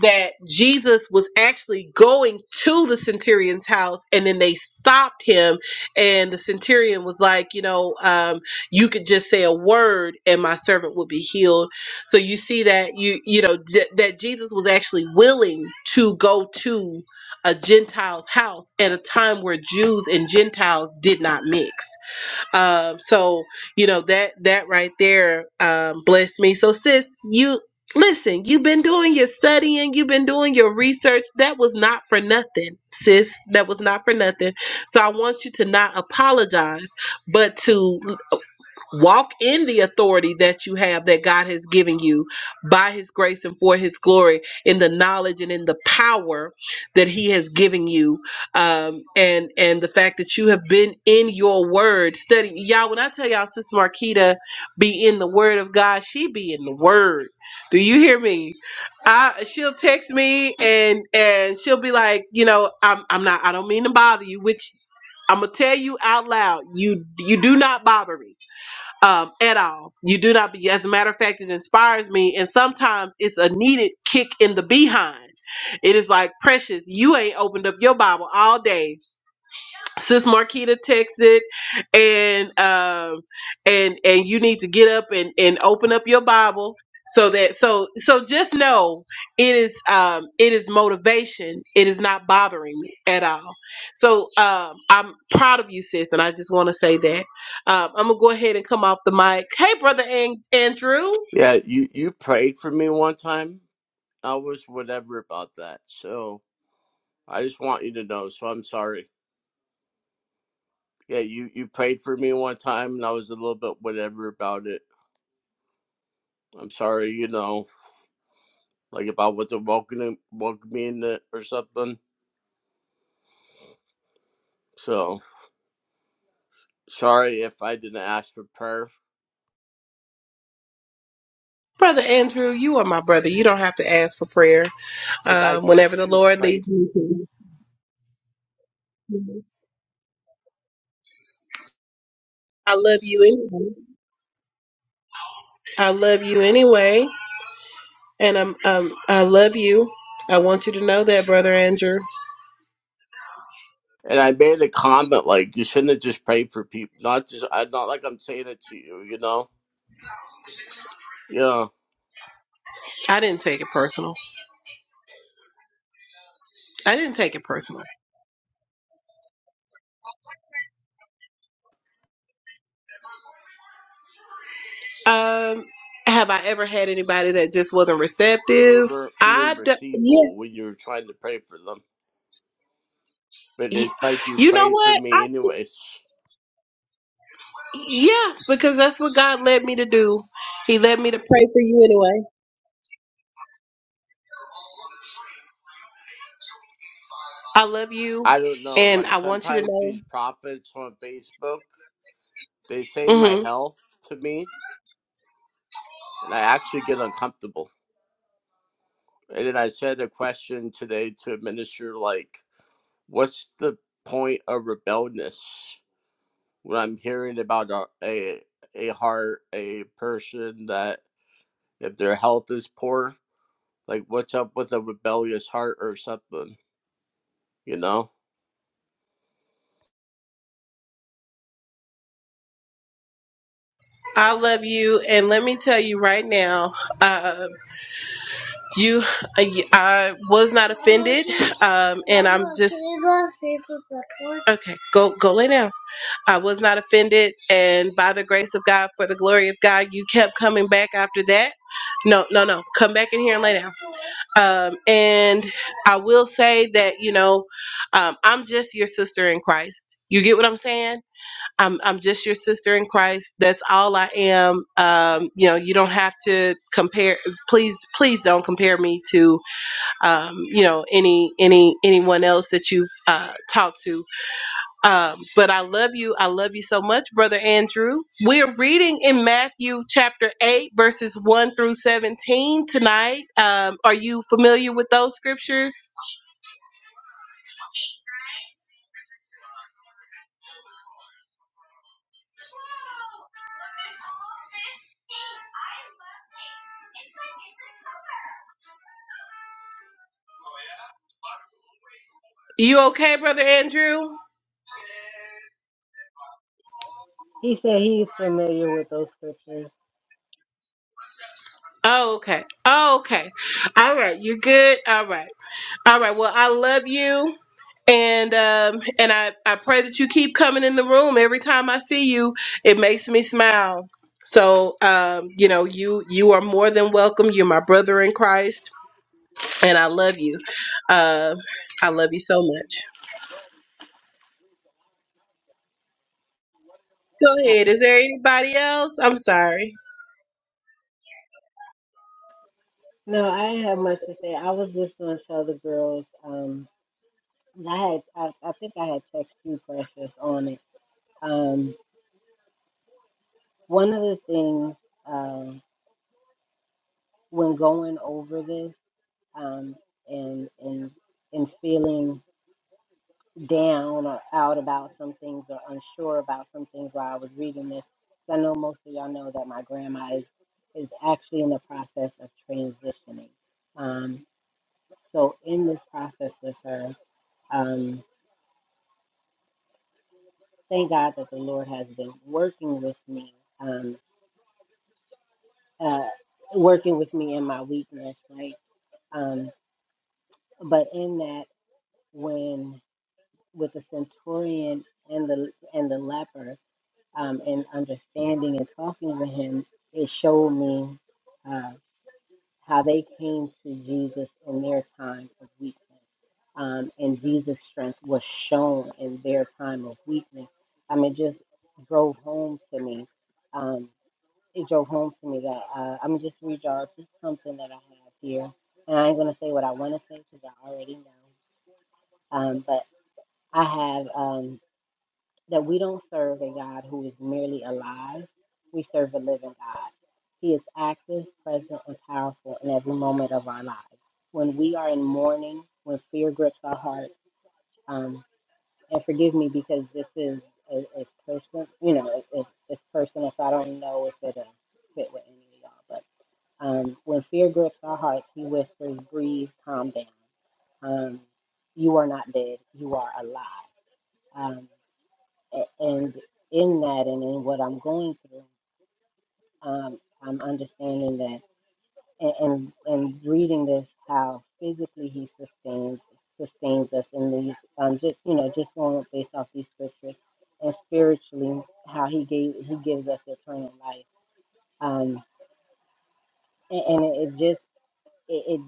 B: that Jesus was actually going to the centurion's house, and then they stopped him, and the centurion was like, you know. Um, you could just say a word and my servant would be healed so you see that you you know j- that jesus was actually willing to go to a gentile's house at a time where jews and gentiles did not mix um so you know that that right there um blessed me so sis you listen you've been doing your studying you've been doing your research that was not for nothing sis that was not for nothing so i want you to not apologize but to Walk in the authority that you have that God has given you by his grace and for his glory in the knowledge and in the power that he has given you. Um, and and the fact that you have been in your word study. Y'all, when I tell y'all Sister Marquita be in the word of God, she be in the word. Do you hear me? I she'll text me and and she'll be like, you know, I'm I'm not I don't mean to bother you, which I'm gonna tell you out loud, you you do not bother me um, at all. You do not be. As a matter of fact, it inspires me, and sometimes it's a needed kick in the behind. It is like precious. You ain't opened up your Bible all day Sis Marquita texted, and um, and and you need to get up and and open up your Bible so that so so just know it is um it is motivation. It is not bothering me at all. So um, I'm proud of you, sis, and I just want to say that. Um, I'm gonna go ahead and come off the mic. Hey, brother An- Andrew.
G: Yeah, you you prayed for me one time. I was whatever about that. So I just want you to know. So I'm sorry. Yeah, you you prayed for me one time, and I was a little bit whatever about it. I'm sorry. You know, like if I was not welcoming welcoming it or something. So sorry if I didn't ask for prayer.
B: Brother Andrew, you are my brother. You don't have to ask for prayer.
G: Because I
B: Um, whenever
G: guess
B: the
G: you
B: Lord leads
G: prayed,
B: you, I love you. Anyway. I love you anyway. And I'm, um, I love you. I want you to know that, brother Andrew.
G: and I made a comment like you shouldn't have just prayed for people. Not just I. Not like I'm saying it to you. You know. Yeah.
B: I didn't take it personal. I didn't take it personal. Um, have I ever had anybody that just wasn't
G: they
B: receptive?
G: weren't being
B: I, d-
G: receivable when you were trying to pray for them. But
B: y-
G: it's like you
B: you know
G: prayed for
B: what? I,
G: me anyways.
B: yeah, because that's what God led me to do. He led me to pray for you anyway. I love you,
G: I don't know.
B: and
G: Like
B: I want you to
G: sometimes
B: know.
G: these prophets on Facebook, they say my
B: hmm
G: health to me, and I actually get uncomfortable. And then I said a question today to a minister like, "What's the point of rebelliousness when I'm hearing about a a, a heart a person that if their health is poor, like what's up with a rebellious heart or something?" you know
B: I love you, and let me tell you right now, uh, you, I was not a um, Okay, go go lay down. I was not offended, and by the grace of God, for the glory of God, you kept coming back after that. No, no, no. Come back in here and lay down. Um, and I will say that you know, um, I'm just your sister in Christ. You get what I'm saying? I'm I'm just your sister in Christ. That's all I am. Um, you know, you don't have to compare. Please, please don't compare me to, um, you know, any any anyone else that you've uh, talked to um, but I love you. I love you so much, Brother Andrew. We're reading in Matthew chapter 8, verses 1 through 17 tonight. Um, are you familiar with those scriptures? You okay, Brother Andrew?
C: He said he's familiar with those scriptures.
B: Oh, okay. Oh, okay. All right. You're good. All right. All right. Well, I love you. And um, and I, I pray that you keep coming in the room every time I see you. It makes me smile. So um, you know, you you are more than welcome. You're my brother in Christ and I love you. Uh, I love you so much. Go
C: I,
B: ahead. Is there anybody else? I'm sorry.
C: no, I didn't have much to say. I was just going to tell the girls. Um, I had, I, I think I had text you, Precious, on it. Um, one of the things um, when going over this um, and and and feeling down or out about some things or unsure about some things while I was reading this. I know most of y'all know that my grandma is is actually in the process of transitioning. Um, so in this process with her, um, thank God that the Lord has been working with me, um, uh, working with me in my weakness, right? Um, but in that, when with the centurion and the and the leper, um, and understanding and talking to him, it showed me uh, how they came to Jesus in their time of weakness. Um, and Jesus' strength was shown in their time of weakness. I mean, it just drove home to me. Um, it drove home to me that uh, I'm gonna just read y'all just something that I have here. And I ain't going to say what I want to say because I already know. Um, but I have. Um, that we don't serve a God who is merely alive. We serve a living God. He is active, present, and powerful in every moment of our lives. When we are in mourning, when fear grips our heart, um, and forgive me because this is is, is personal, you know, it, it's it's personal, so I don't know if it'll fit with any of y'all. But um, when fear grips our hearts, He whispers, "Breathe, calm down. Um, you are not dead. You are alive." Um, a- And in that and in what I'm going through, um, I'm understanding that and, and, and reading this, how physically he sustains, sustains us in these, um, just, you know, just going based off these scriptures and spiritually, how he gave, he gives us eternal life. Um, and, and it it just, it, it,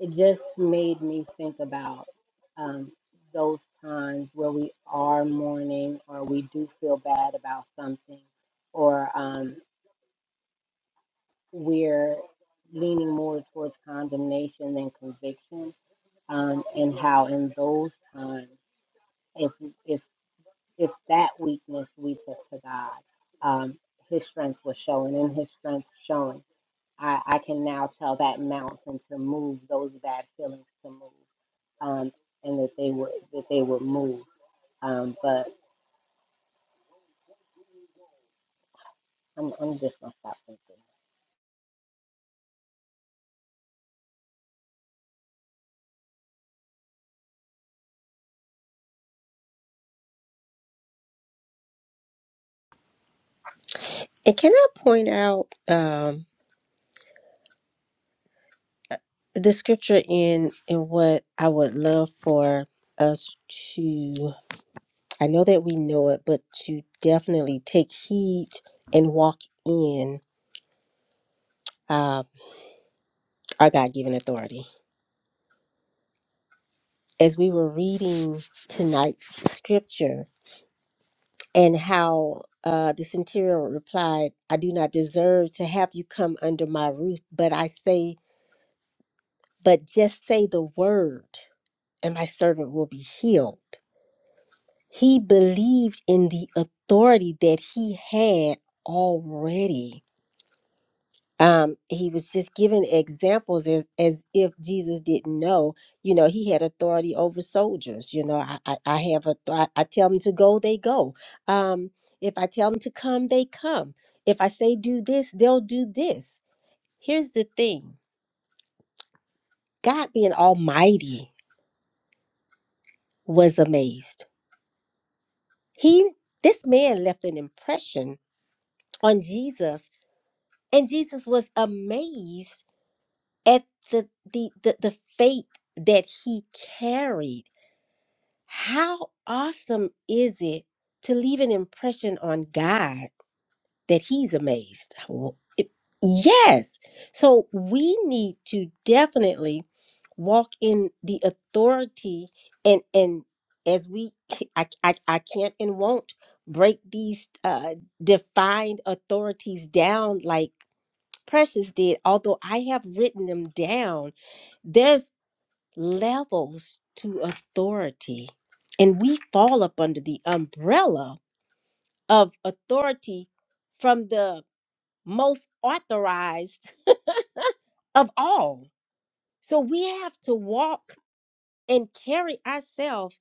C: it just made me think about, um, those times where we are mourning or we do feel bad about something or um. we're leaning more towards condemnation than conviction, um, and how in those times, if if if that weakness we took to God, um, His strength was showing, and His strength showing. I, I can now tell that mountain to move, those bad feelings to move, um, and that they would that they would move. Um, but I'm I'm just gonna stop thinking.
A: And can I point out um, the scripture in in what I would love for us to? I know that we know it, but to definitely take heed and walk in uh, our God given authority. As we were reading tonight's scripture and how uh, the centurion replied, I do not deserve to have you come under my roof, but I say, but just say the word, and my servant will be healed. He believed in the authority that he had already um, he was just giving examples as, as if Jesus didn't know, you know, he had authority over soldiers. You know, I, I, I have a, I, I tell them to go, they go. Um, if I tell them to come, they come. If I say do this, they'll do this. Here's the thing God being almighty was amazed. He, this man left an impression on Jesus, and Jesus was amazed at the, the, the, the faith that he carried How awesome is it to leave an impression on God that He's amazed? Well, it- yes. So we need to definitely walk in the authority and and as we I I, I can't and won't break these uh, defined authorities down like Precious did, although I have written them down There's levels to authority. And we fall up under the umbrella of authority from the most authorized of all. So we have to walk and carry ourselves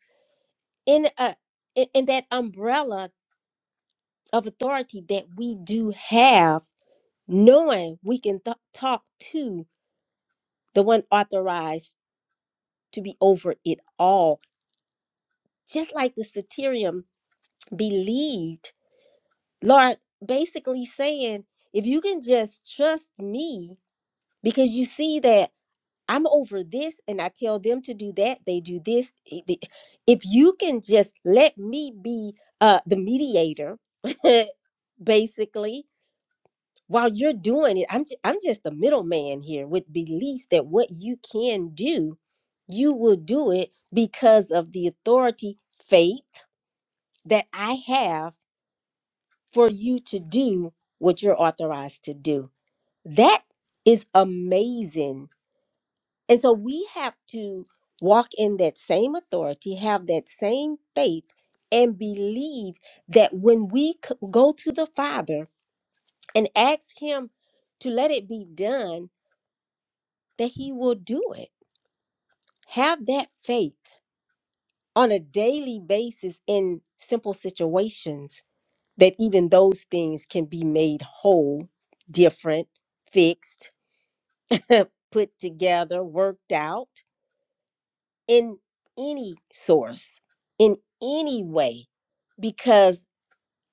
A: in a in, in that umbrella of authority that we do have, knowing we can th- talk to the one authorized to be over it all. Just like the satirium believed Lord, basically saying, if you can just trust me, because you see that I'm over this and I tell them to do that, they do this. i- the- If you can just let me be uh, the mediator, basically, while you're doing it, I'm, ju- I'm just the middleman here with beliefs that what you can do, you will do it because of the authority, faith that I have for you to do what you're authorized to do. That is amazing. And so we have to walk in that same authority, have that same faith, and believe that when we c- go to the Father and ask Him to let it be done, that He will do it. Have that faith on a daily basis in simple situations that even those things can be made whole, different, fixed, put together, worked out in any source, in any way, because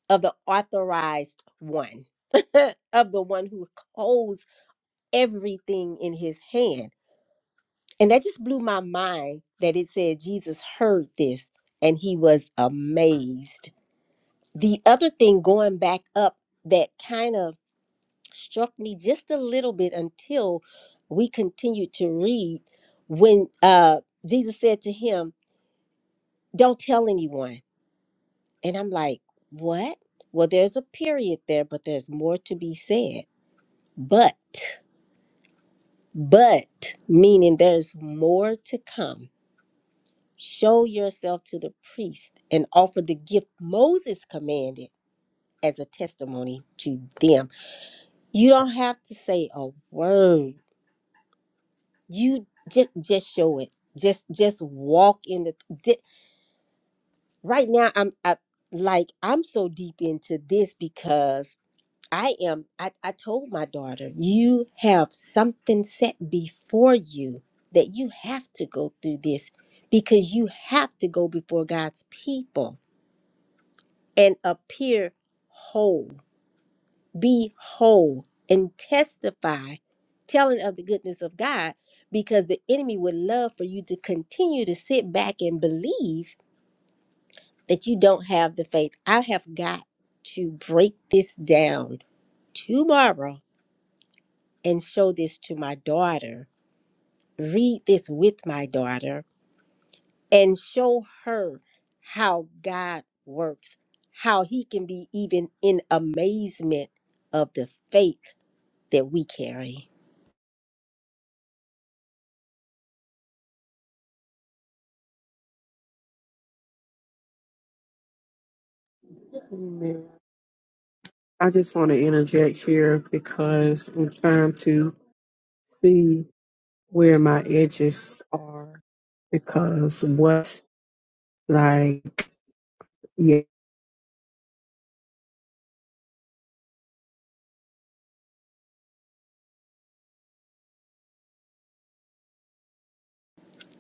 A: of the authorized one, of the one who holds everything in his hand. And that just blew my mind that it said Jesus heard this and he was amazed. The other thing going back up that kind of struck me just a little bit until we continued to read when uh Jesus said to him, Don't tell anyone. And I'm like, What? Well, there's a period there, but there's more to be said. But, but, meaning there's more to come. Show yourself to the priest and offer the gift Moses commanded as a testimony to them. You don't have to say a word you just just show it just just walk in the di- right now i'm I, like i'm so deep into this because i am I, I told my daughter you have something set before you that you have to go through this because you have to go before god's people and appear whole be whole and testify telling of the goodness of God because the enemy would love for you to continue to sit back and believe that you don't have the faith. I have got to break this down tomorrow and show this to my daughter. Read this with my daughter and show her how God works, how he can be even in amazement of the faith that we carry.
D: Amen. I just want to interject here because I'm trying to see where my edges are because what like yeah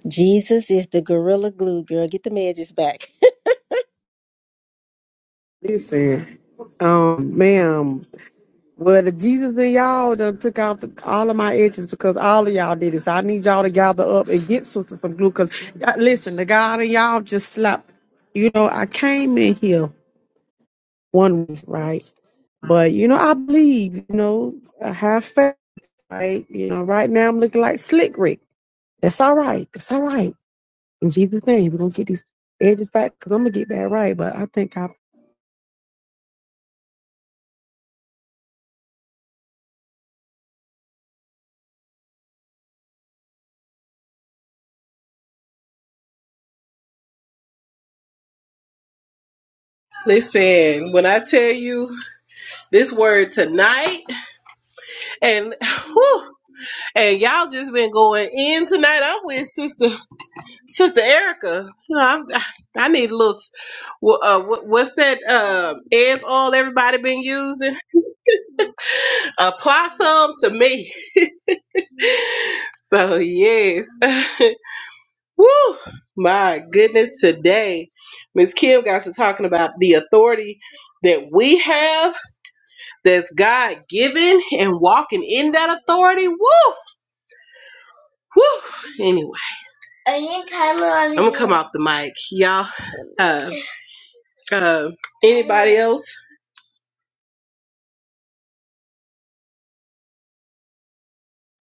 A: Jesus is the gorilla glue girl. Get the edges back.
D: listen um ma'am Well, the Jesus in y'all done took out the, all of my edges because all of y'all did it. So I need y'all to gather up and get sister some glue. Cause uh, listen, the God in y'all just slapped. You know, I came in here one week, right? But you know, I believe. You know, I have faith, right? You know, right now I'm looking like Slick Rick. That's all right. That's all right. In Jesus' name, we're gonna get these edges back because I'm gonna get that right. But I think I
B: Listen, when I tell you this word tonight, and whew, and y'all just been going in tonight. I'm with sister sister Erica. You know, I'm, I need a little. s- wha- Uh, wha- what's that? Um, edge oil everybody been using? Apply some to me. So yes. Woo! My goodness, today, Miss Kim got to talking about the authority that we have, that's God given, and walking in that authority. Woo! Woo! Anyway, I'm off the mic, y'all. Uh, uh, anybody else?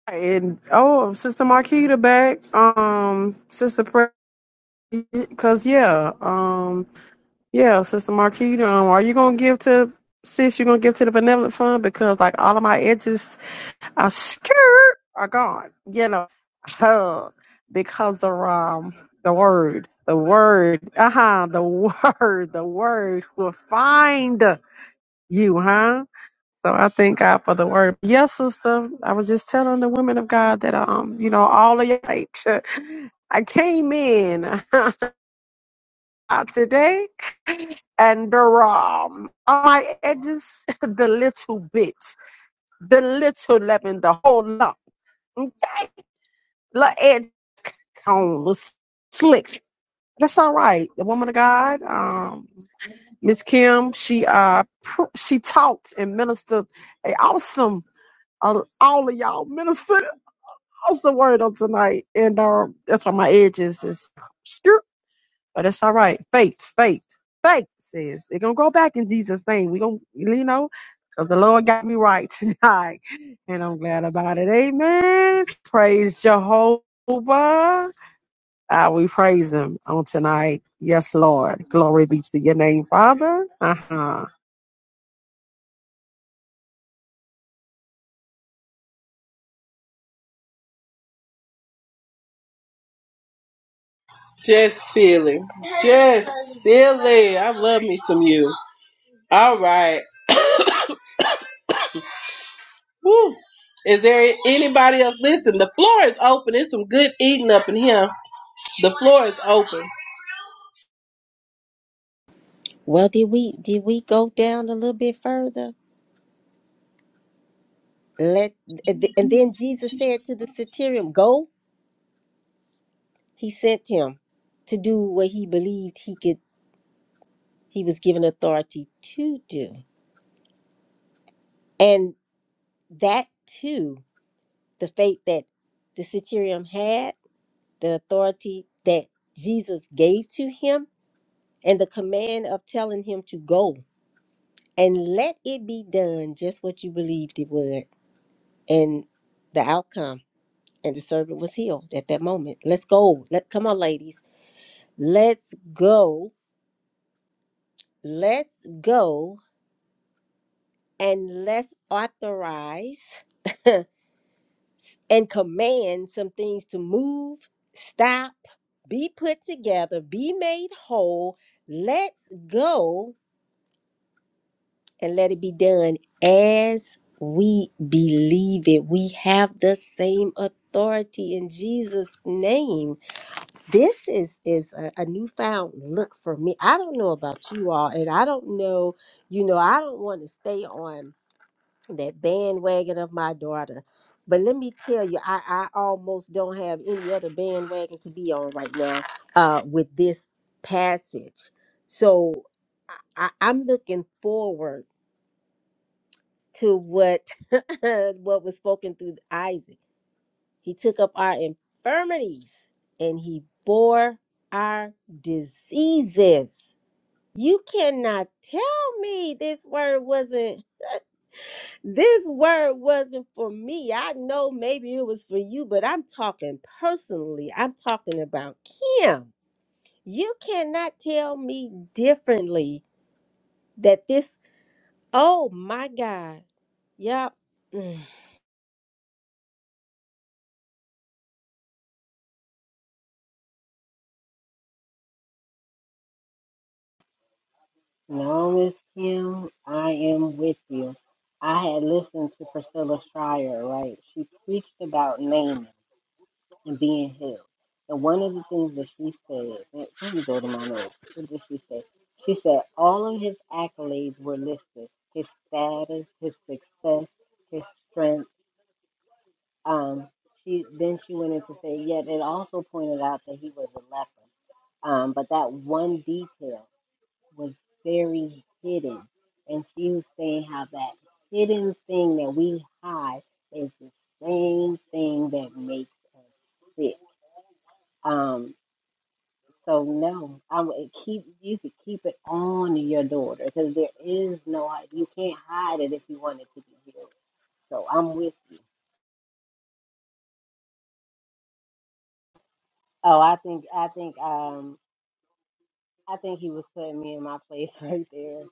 D: And oh, Sister Marquita back. Um, Sister Pre, cause yeah, um, yeah, Sister Marquita. Um, are you gonna give to sis? You gonna give to the benevolent fund because like all of my edges are scared are gone. You know, huh, because of um the word, the word, uh huh, the word, the word will find you, huh? So I thank God for the word. Yes, sister. I was just telling the women of God that um, you know, all of you right. I came in today and um on my edges the little bit, the little lemon, the whole lump. Okay. The edge on was slick. That's all right. The woman of God, um, Miss Kim, she uh pr- she taught and ministered an awesome all, all of y'all minister awesome word on tonight. And um, that's why my edges is skirt, but it's all right. Faith, faith, faith says they're gonna go back in Jesus' name. We gonna, you know, because the Lord got me right tonight, and I'm glad about it. Amen. Praise Jehovah. Ah, we praise him on tonight. Yes, Lord. Glory be to your name, Father. Uh-huh.
B: Just silly, just silly. I love me some you. All right. Woo! Is there anybody else? Listen, the floor is open. There's some good eating up in here. The floor is open.
A: Well, did we did we go down a little bit further? Let and then Jesus said to the centurion, "Go." He sent him to do what he believed he could. He was given authority to do, and that too, the faith that the centurion had, the authority that Jesus gave to him, and the command of telling him to go and let it be done just what you believed it would and the outcome and the servant was healed at that moment let's go let come on ladies let's go let's go and let's authorize and command some things to move stop be put together be made whole let's go and let it be done as we believe it we have the same authority in jesus name this is is a, a newfound look for me i don't know about you all and i don't know you know i don't want to stay on that bandwagon of my daughter but let me tell you i i almost don't have any other bandwagon to be on right now uh with this passage so i, I i'm looking forward to what what was spoken through isaac he took up our infirmities and he bore our diseases. You cannot tell me this word wasn't this word wasn't for me. I know maybe it was for you, but I'm talking personally. I'm talking about Kim. You cannot tell me differently that this, oh my God. Yep. Mm.
C: No, Miss Kim, I am with you. I had listened to Priscilla Schreier, right? She preached about naming and being healed. And one of the things that she said, let let me go to my notes. What did she say? She said all of his accolades were listed. His status, his success, his strength. Um, she then she went in to say, yet it also pointed out that he was a leper. Um, but that one detail was very hidden. And she was saying how that hidden thing that we hide is the same thing that makes us sick. Um, so no, I would keep you could keep it on your daughter because there is no you can't hide it if you want it to be healed. So I'm with you. Oh, I think I think um I think he was putting me in my place right there.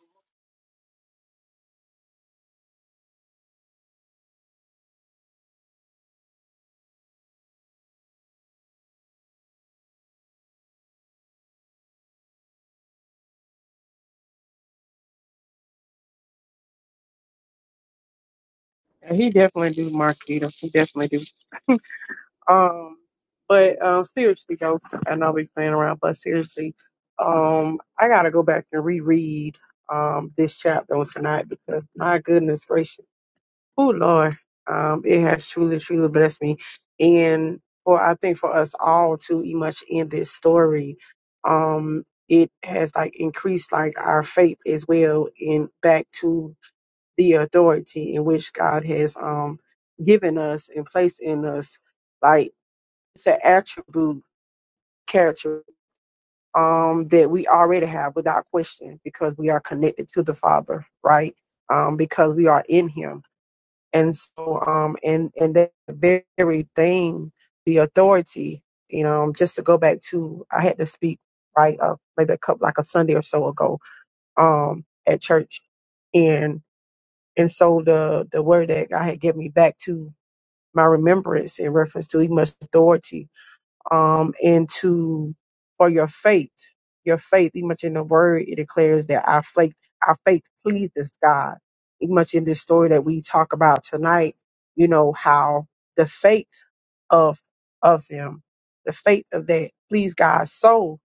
D: He definitely do, Marquita. He definitely do. Um, but um, seriously though, I know I'll be playing around, but seriously, um, I gotta go back and reread um this chapter on tonight because my goodness gracious, oh Lord, um, it has truly, truly blessed me, and for I think for us all to e much in this story, um. It has like increased like our faith as well in back to the authority in which God has um given us and placed in us. Like it's an attribute, character um, that we already have without question because we are connected to the Father, right? Um, because we are in Him, and so um, and and that very thing, the authority, you know, um, just to go back to, I had to speak right uh, maybe a couple like a Sunday or so ago um, at church, and and so the the word that God had given me back to my remembrance in reference to He must authority um, into or your faith. Your faith, even much in the word, it declares that our faith, our faith pleases God. Even much in this story that we talk about tonight, you know how the faith of of him, the faith of that pleased God so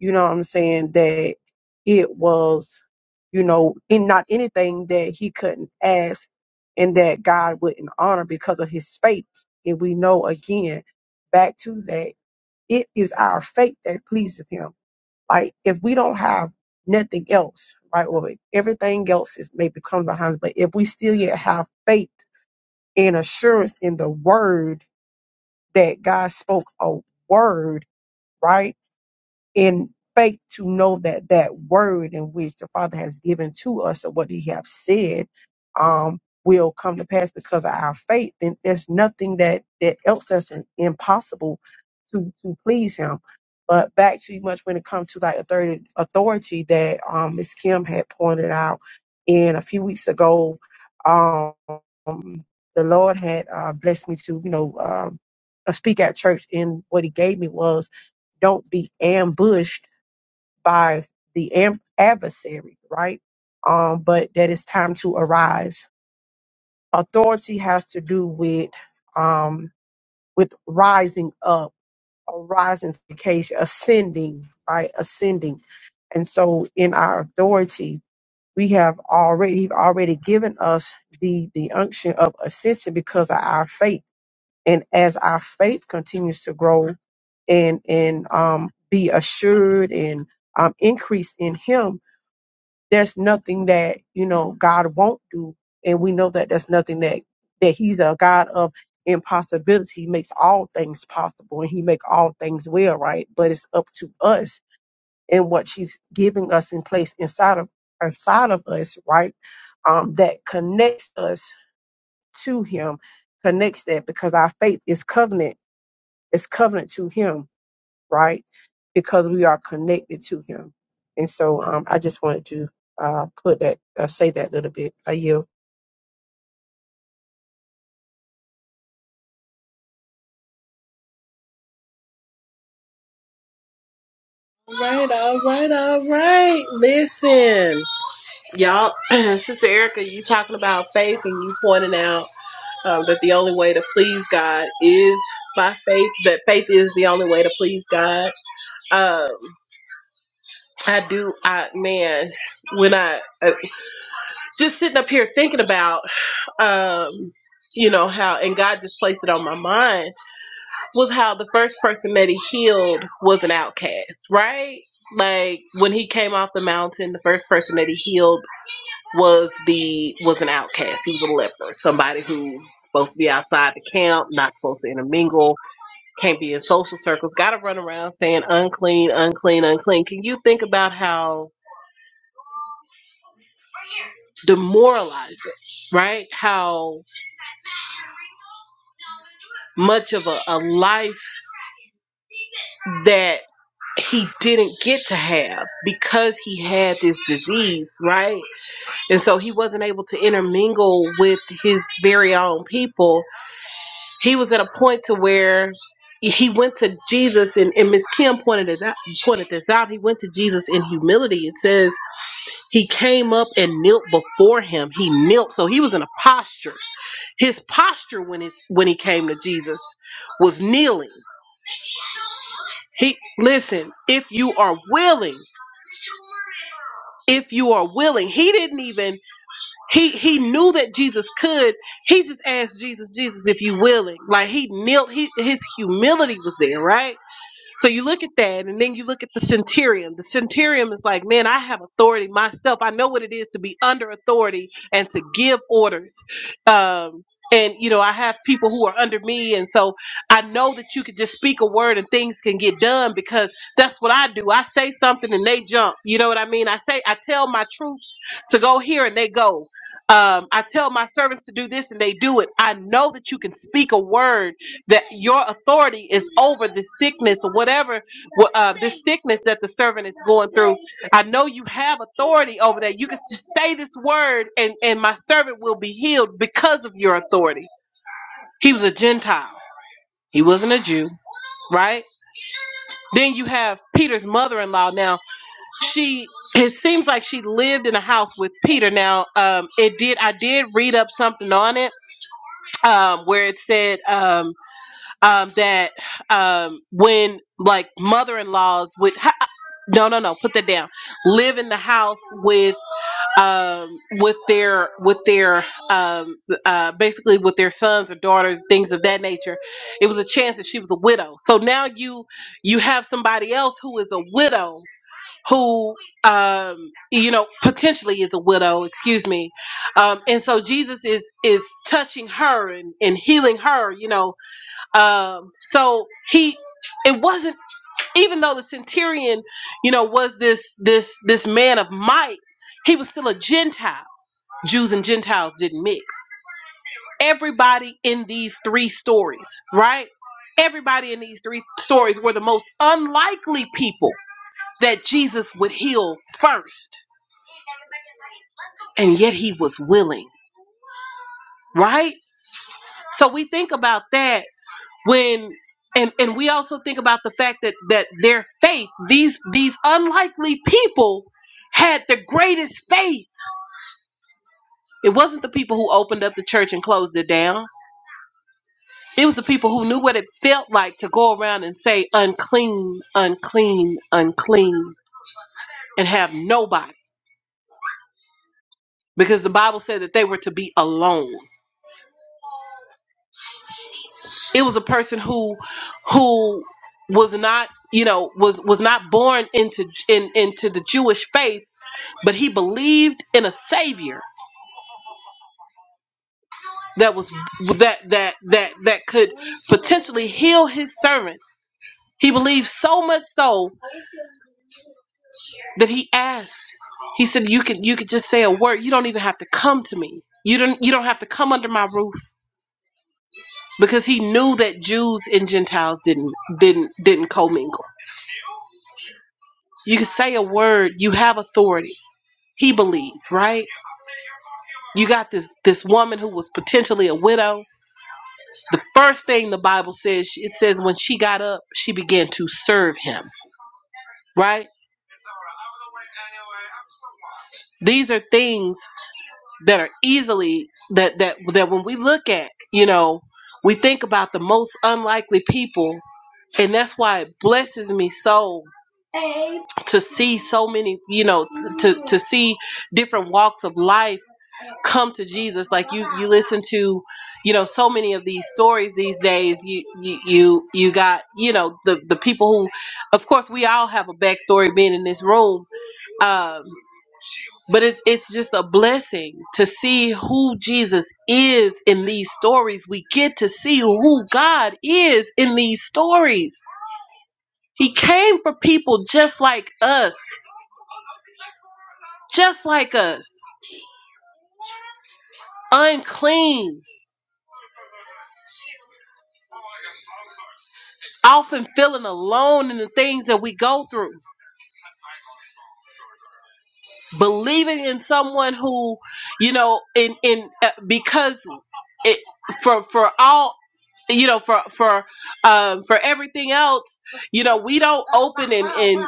D: you know what I'm saying that it was, you know, in not anything that he couldn't ask and that God wouldn't honor because of his faith. And we know again back to that it is our faith that pleases him. Like if we don't have nothing else, right? Well, if everything else is maybe comes behind, us, but if we still yet have faith and assurance in the word that God spoke a word, right? in faith to know that that word in which the Father has given to us or what He have said um, will come to pass because of our faith. Then there's nothing that that else that's im- impossible to to please Him. But back to you much when it comes to like authority, authority that um, Miss Kim had pointed out in a few weeks ago. Um, the Lord had uh, blessed me to you know um, uh, speak at church, and what He gave me was don't be ambushed by the am- adversary, right? Um, but that it's time to arise. Authority has to do with um, with rising up, or rising to the occasion, ascending, right? Ascending, and so in our authority, we have already He's already given us the the unction of ascension because of our faith and as our faith continues to grow and and um, be assured and um, increase in Him, there's nothing that you know God won't do, and we know that there's nothing that that He's a God of impossibility. He makes all things possible, and He make all things well, right? But it's up to us and what she's giving us in place inside of inside of us, right? Um, that connects us to Him, connects that because our faith is covenant it's covenant to him, right? Because we are connected to him. And so um, I just wanted to uh, put that, uh, say that little bit. I yield.
B: All right, all right, all right. Listen, y'all, Sister Erica, you talking about faith and you pointing out um, that the only way to please God is by faith, that faith is the only way to please God. Um, I do, I, man, when I, uh, just sitting up here thinking about, um, you know, how, and God just placed it on my mind was how the first person that he healed was an outcast, right? Like when he came off the mountain, the first person that he healed was the was an outcast. He was a leper, somebody who's supposed to be outside the camp, not supposed to intermingle, can't be in social circles, got to run around saying unclean, unclean, unclean. Can you think about how demoralizing, right? How much of a, a life that he didn't get to have because he had this disease, right? And so he wasn't able to intermingle with his very own people. He was at a point to where he went to Jesus and, and Miss Kim pointed it out pointed this out. He went to Jesus in humility. It says he came up and knelt before him. He knelt. So he was in a posture. His posture when it's when he came to Jesus was kneeling. He listen, if you are willing if you are willing he didn't even he he knew that jesus could he just asked jesus jesus if you willing like he knelt he, his humility was there right so you look at that, and then you look at the centurion. The centurion is like, man, I have authority myself. I know what it is to be under authority and to give orders. Um, and you know, I have people who are under me, and so I know that you could just speak a word and things can get done because that's what I do. I say something and they jump. You know what I mean? I say, I tell my troops to go here and they go. Um, I tell my servants to do this and they do it. I know that you can speak a word that your authority is over the sickness or whatever uh, this sickness that the servant is going through i know you have authority over that you can just say this word and and my servant will be healed because of your authority he was a gentile he wasn't a jew right then you have peter's mother-in-law now she it seems like she lived in a house with peter now um it did i did read up something on it um where it said um um, that um, when like mother-in-laws would ha- no no no put that down live in the house with um, with their with their um, uh, basically with their sons or daughters things of that nature it was a chance that she was a widow so now you you have somebody else who is a widow who um, you know potentially is a widow excuse me um, and so jesus is is touching her and, and healing her you know um so he it wasn't even though the centurion you know was this this this man of might he was still a gentile jews and gentiles didn't mix everybody in these three stories right everybody in these three stories were the most unlikely people that jesus would heal first and yet he was willing right so we think about that when and and we also think about the fact that that their faith these these unlikely people had the greatest faith it wasn't the people who opened up the church and closed it down it was the people who knew what it felt like to go around and say unclean unclean unclean and have nobody because the bible said that they were to be alone it was a person who who was not you know was was not born into in into the jewish faith but he believed in a savior that was that that that that could potentially heal his servant he believed so much so that he asked he said you can you could just say a word you don't even have to come to me you don't you don't have to come under my roof because he knew that jews and gentiles didn't didn't didn't commingle you can say a word you have authority he believed right you got this this woman who was potentially a widow First thing the Bible says, it says when she got up, she began to serve him, right? These are things that are easily that that that when we look at, you know, we think about the most unlikely people and that's why it blesses me so to see so many, you know, t- to to see different walks of life come to Jesus. Like you, you listen to, you know, so many of these stories these days. You, you, you, you got, you know, the the people who, of course, we all have a backstory being in this room. Um, but it's it's just a blessing to see who Jesus is in these stories. We get to see who God is in these stories. He came for people just like us, just like us, unclean, often feeling alone in the things that we go through believing in someone who you know in in uh, because it for for all you know for for um for everything else you know we don't open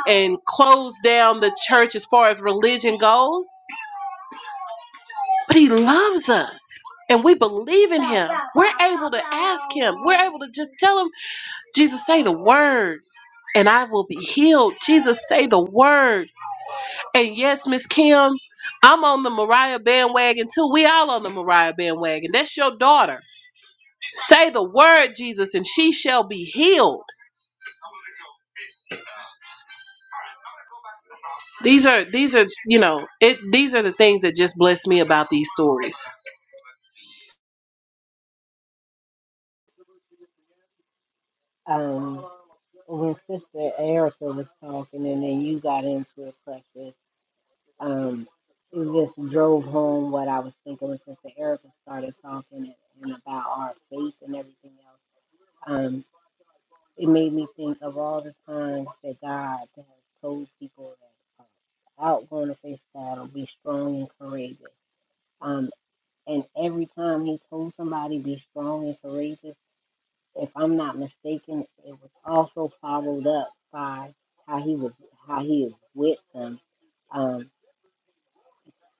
B: and close down the church as far as religion goes but he loves us and we believe in we're able to just tell him jesus say the word and i will be healed jesus say the word and yes miss kim i'm on the mariah bandwagon too we all on the mariah bandwagon that's your daughter Say the word, Jesus, and she shall be healed. These are these are you know it. These are the things that just bless me about these stories.
C: Um, when Sister Erica was talking, and then you got into it, Precious. Um, it just drove home what I was thinking when Sister Erica started talking and, and about our faith and everything else. Um, it made me think of all the times that God has told people that are out going to face battle, be strong and courageous. Um, and every time he told somebody be strong and courageous, if I'm not mistaken, it was also followed up by how he was how he is with them. Um,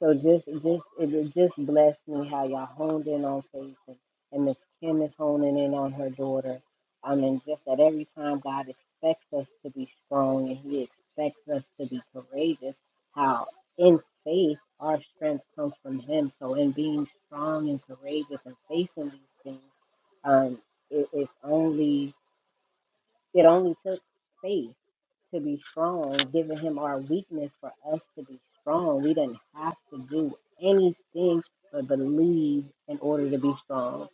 C: So just just it it just blessed me how y'all honed in on faith and, and Miss Kim is honing in on her daughter. I mean just that every time God expects us to be strong and he expects us to be courageous, how in faith our strength comes from him. So in being strong and courageous and facing these things, um it, it's only it only took faith to be strong, giving him our weakness for us to be strong. We didn't have to do anything but believe in order to be strong.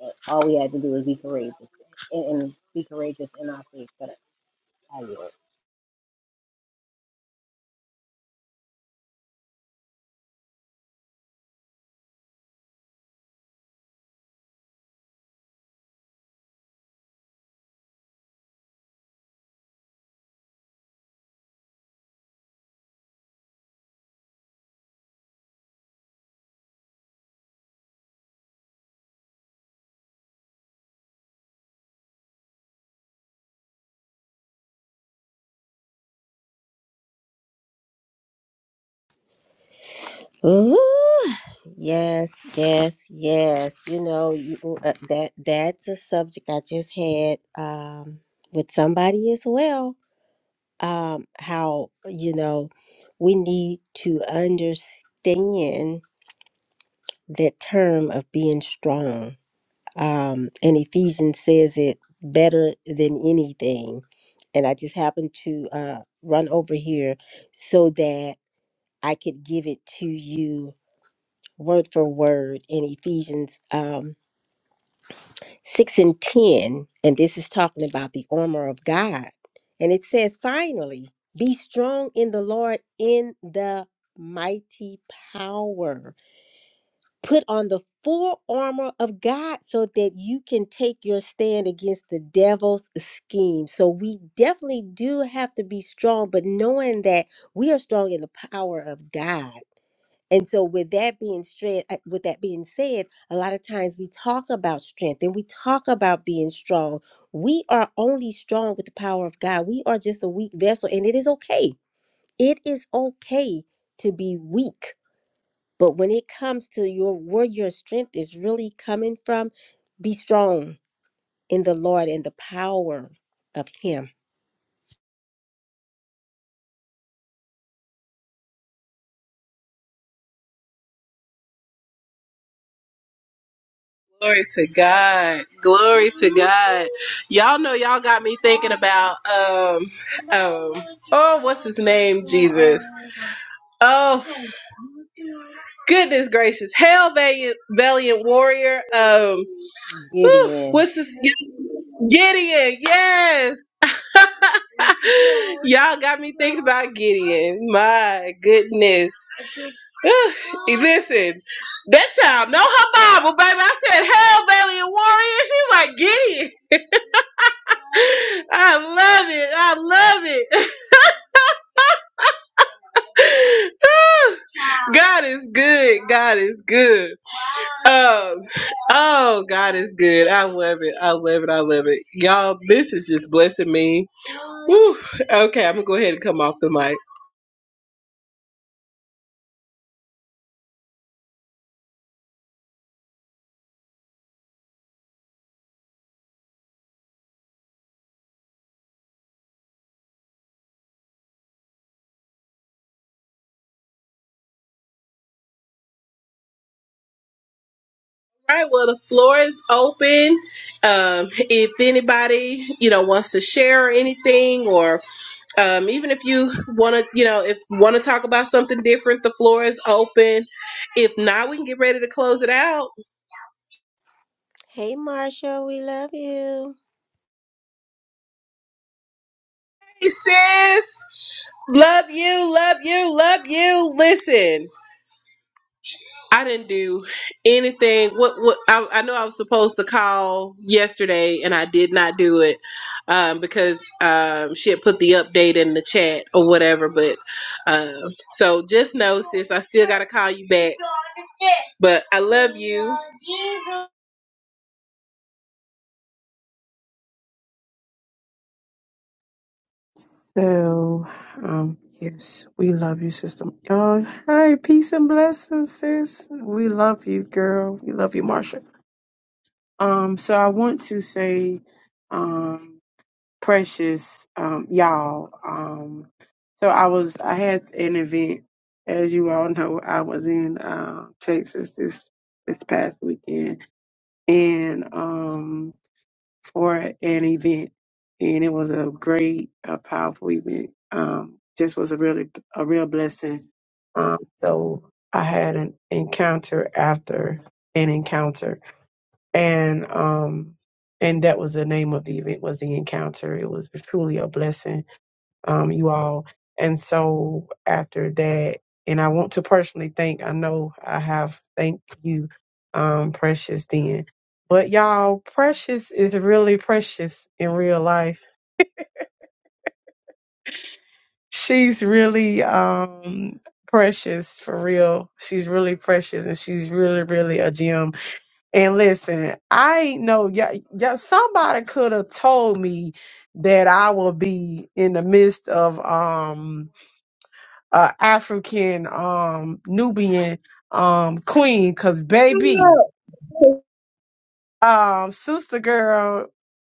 C: And All we had to do was be courageous and, and be courageous in our faith. But I will.
A: Ooh, yes, yes, yes. You know you, uh, that that's a subject I just had um, with somebody as well. Um, how you know we need to understand that term of being strong. Um, and Ephesians says it better than anything. And I just happened to uh, run over here so that I could give it to you word for word in Ephesians um, 6 and 10. And this is talking about the armor of God. And it says, finally, be strong in the Lord in the mighty power. Put on the full armor of God so that you can take your stand against the devil's scheme. So we definitely do have to be strong, but knowing that we are strong in the power of God and so, with that being straight, with that being said, a lot of times we talk about strength and we talk about being strong. We are only strong with the power of God. We are just a weak vessel, and it is okay. It is okay to be weak. But when it comes to your where your strength is really coming from, be strong in the Lord and the power of Him.
B: Glory to God. Glory to God. Y'all know y'all got me thinking about um um oh what's his name Jesus. Oh goodness gracious. Hell valiant valiant warrior. Um whew,
C: Gideon,
B: what's his Gideon. Yes. Y'all got me thinking about Gideon. My goodness. Listen, that child know her Bible, baby. I said, Hell Valley Warrior. She's like, get it. I love it. I love it. God is good. God is good. Um, oh, God is good. I love it. I love it. I love it. Y'all, this is just blessing me. Whew. Okay, I'm gonna go ahead and come off the mic. All right, well, the floor is open. Um, if anybody, you know, wants to share anything or um, even if you want to you know if want to talk about something different the floor is open if not we can get ready to close it out
A: Hey, Marsha, we love you.
B: hey sis love you love you love you listen I didn't do anything. What what I, I know I was supposed to call yesterday, and I did not do it um, because um, she had put the update in the chat or whatever. But um, so just know, sis, I still gotta call you back. But I love you,
D: So, um, yes, we love you, sister. Oh, hey, peace and blessings, sis. We love you, girl. We love you, Marsha. Um, so I want to say, um, precious um, y'all. Um, so I was I had an event, as you all know, I was in uh, Texas this this past weekend, and um, for an event, and it was a great, a powerful event. Um, just was a really a real blessing. Um, so I had an encounter after an encounter and um and that was the name of the event was the encounter it was truly a blessing um you all and so after that and i want to personally thank i know i have thanked you um precious then but y'all precious is really precious in real life she's really um precious for real she's really precious and she's really really a gem And listen, I know yeah, yeah, somebody could have told me that I will be in the midst of um a African um Nubian um queen cuz baby um, Sister Girl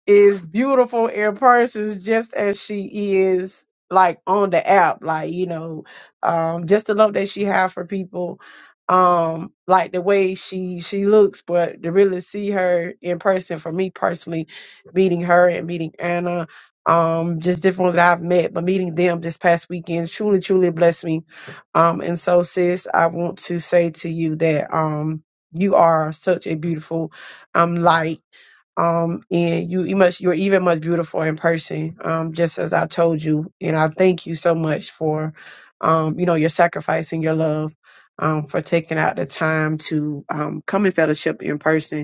D: is beautiful in person just as she is like on the app. Like, you know, um, just the love that she has for people. Um, like the way she she looks, but to really see her in person for me personally, meeting her and meeting Anna, um, just different ones that I've met, but meeting them this past weekend truly, truly blessed me. Um, and so sis, I want to say to you that um you are such a beautiful I'm light. Um, and you, you must, you're even much beautiful in person. Um, just as I told you, and I thank you so much for, um, you know, your sacrifice and your love, um, for taking out the time to, um, come and fellowship in person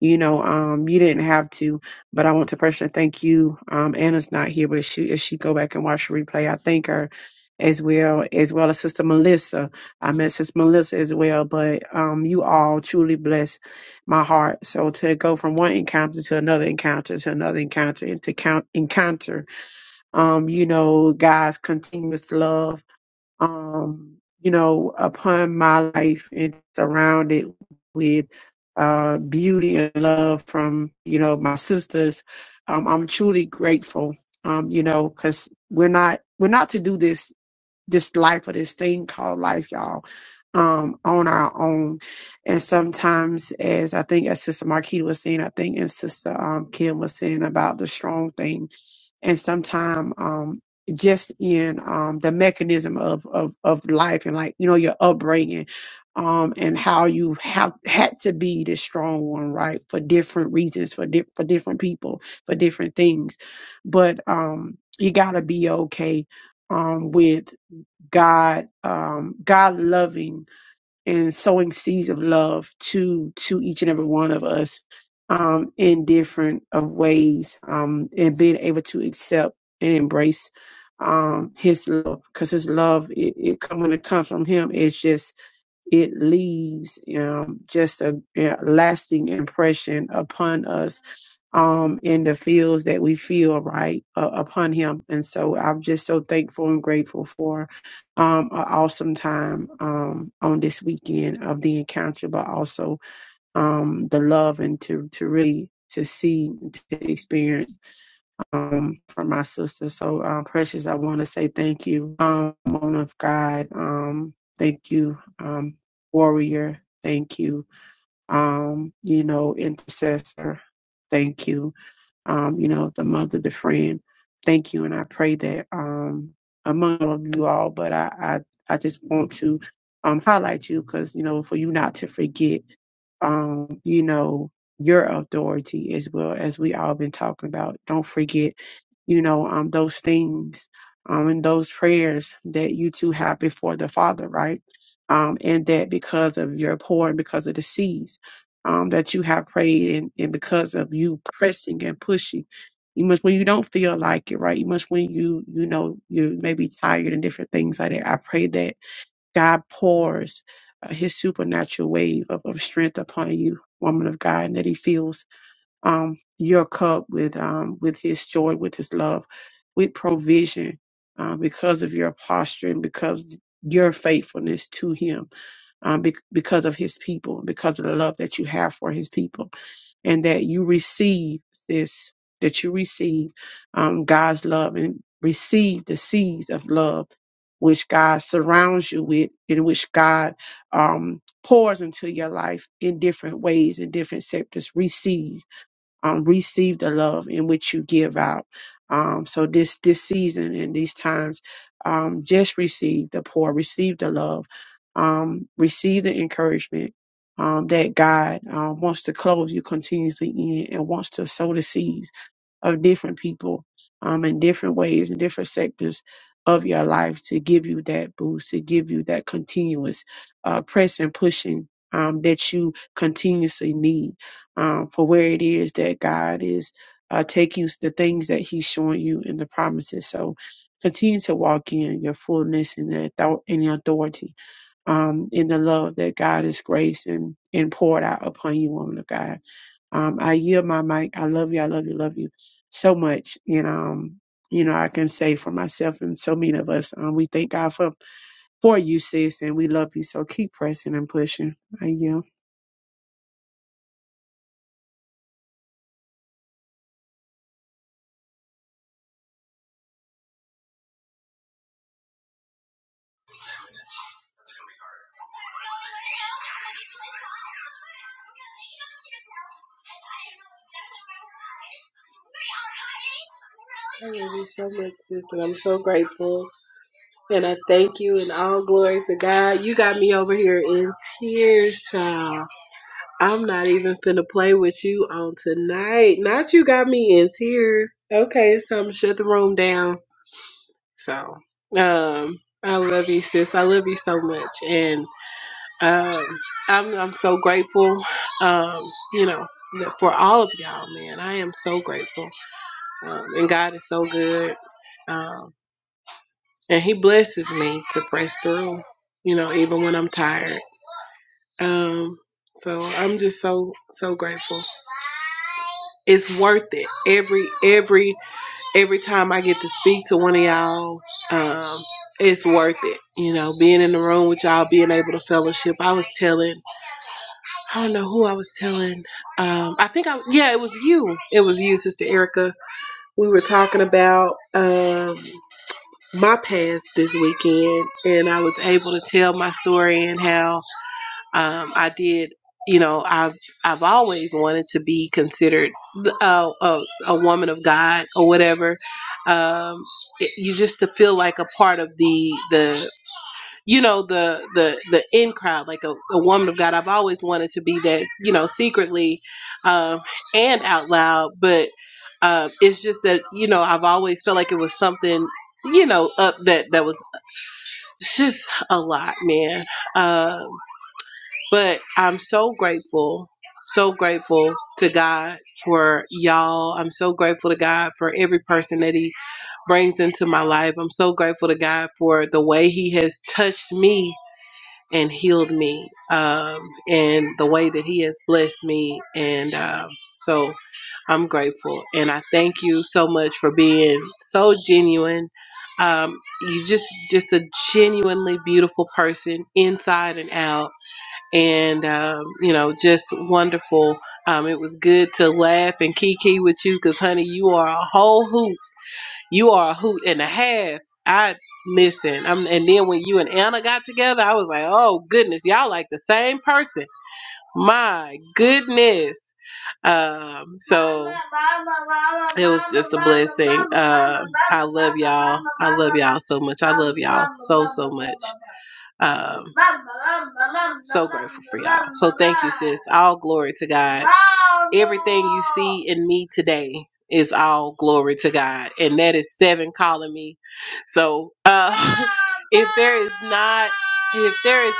D: you know um you didn't have to but i want to personally thank you um anna's not here but she if she go back and watch the replay i thank her as well as well as sister melissa i met sister melissa as well but um you all truly bless my heart so to go from one encounter to another encounter to another encounter and to count encounter um you know god's continuous love um, you know, upon my life and surround it with uh, beauty and love from, you know, my sisters. Um, I'm truly grateful, um, you know, because we're not we're not to do this this life or this thing called life, y'all, um, on our own. And sometimes, as I think, as Sister Marquita was saying, I think, and Sister um, Kim was saying about the strong thing and sometimes um just in um the mechanism of of of life and like you know your upbringing um and how you have had to be the strong one right for different reasons for di- for different people for different things but um you got to be okay um with God um God loving and sowing seeds of love to to each and every one of us um, in different of ways um, and being able to accept and embrace um, his love because his love it, it come when it comes from him it's just it leaves um, just a yeah, lasting impression upon us um, in the fields that we feel right uh, upon him. And so I'm just so thankful and grateful for um, an awesome time um, on this weekend of the encounter, but also um, the love and to, to really to see, to experience um, for my sister. So, um, Precious, I want to say thank you, um, woman of God. Um, thank you, um, warrior. Thank you, um, you know, intercessor. Thank you um, you know, the mother, the friend. Thank you. And I pray that um, among all of you all, but I, I, I just want to um, highlight you because, you know, for you not to forget, um, you know, your authority as well as we all been talking about. Don't forget, you know, um, those things um, and those prayers that you two have before the Father, right? Um, and that because of your poor and because of the seeds um, that you have prayed and, and because of you pressing and pushing. You must when you don't feel like it, right? You must when you you know you may be tired and different things like that. I pray that God pours uh, His supernatural wave of, of strength upon you, woman of God, and that He fills um, your cup with um, with His joy, with His love, with provision, uh, because of your posture and because your faithfulness to Him um, bec because of his people, because of the love that you have for his people, and that you receive this, that you receive um, God's love and receive the seeds of love which God surrounds you with, in which God um, pours into your life in different ways, in different sectors. Receive um, receive the love in which you give out. Um, so this this season and these times, um, just receive the poor, receive the love, um, receive the encouragement um, that God um, wants to close you continuously in and wants to sow the seeds of different people um, in different ways in different sectors of your life to give you that boost, to give you that continuous uh, press and pushing um, that you continuously need um, for where it is that God is uh, taking you, the things that He's showing you in the promises. So continue to walk in your fullness and the author- and your authority, um, in the love that God has graced and, and poured out upon you, woman of God. Um, I yield my mic. I love you. I love you. Love you so much. And, um, you know, I can say for myself and so many of us, um, we thank God for, for you, sis, and we love you. So keep pressing and pushing. I yield.
B: Yes, sis, and I'm so grateful, and I thank you, and all glory to God. You got me over here in tears, child. I'm not even finna play with you on tonight. Not you got me in tears. Okay, something shut the room down. So, um, I love you, sis. I love you so much, and um, I'm I'm so grateful. Um, you know, for all of y'all, man. I am so grateful, um, and God is so good. Um, and He blesses me to press through. You know, even when I'm tired. Um, so I'm just so so grateful. it's worth it every every every time i get to speak to one of y'all um it's worth it you know being in the room with y'all being able to fellowship i was telling i don't know who i was telling um i think i yeah it was you it was you sister erica we were talking about um my past this weekend and i was able to tell my story and how um, I did. You know, I've I've always wanted to be considered a, a, a woman of God or whatever. Um, it, you just to feel like a part of the the you know the the the in crowd, like a, a woman of God. I've always wanted to be that. You know, secretly um, and out loud, but um, it's just that you know I've always felt like it was something you know up that that was it's just a lot, man. Um, but I'm so grateful, so grateful to God for y'all. I'm so grateful to God for every person that He brings into my life. I'm so grateful to God for the way He has touched me and healed me, um, and the way that He has blessed me. And um, so I'm grateful. And I thank you so much for being so genuine. Um, you just just a genuinely beautiful person inside and out and um, you know, just wonderful. Um, it was good to laugh and kiki with you because, honey, you are a whole hoot. You are a hoot and a half. I listen. I'm, and then when you and Anna got together, I was like, oh goodness, y'all like the same person. My goodness. Um, so y'all so much. Um, it's all glory to God. And me today is all glory to God, and that is seven calling me. So, uh, if there is not if there is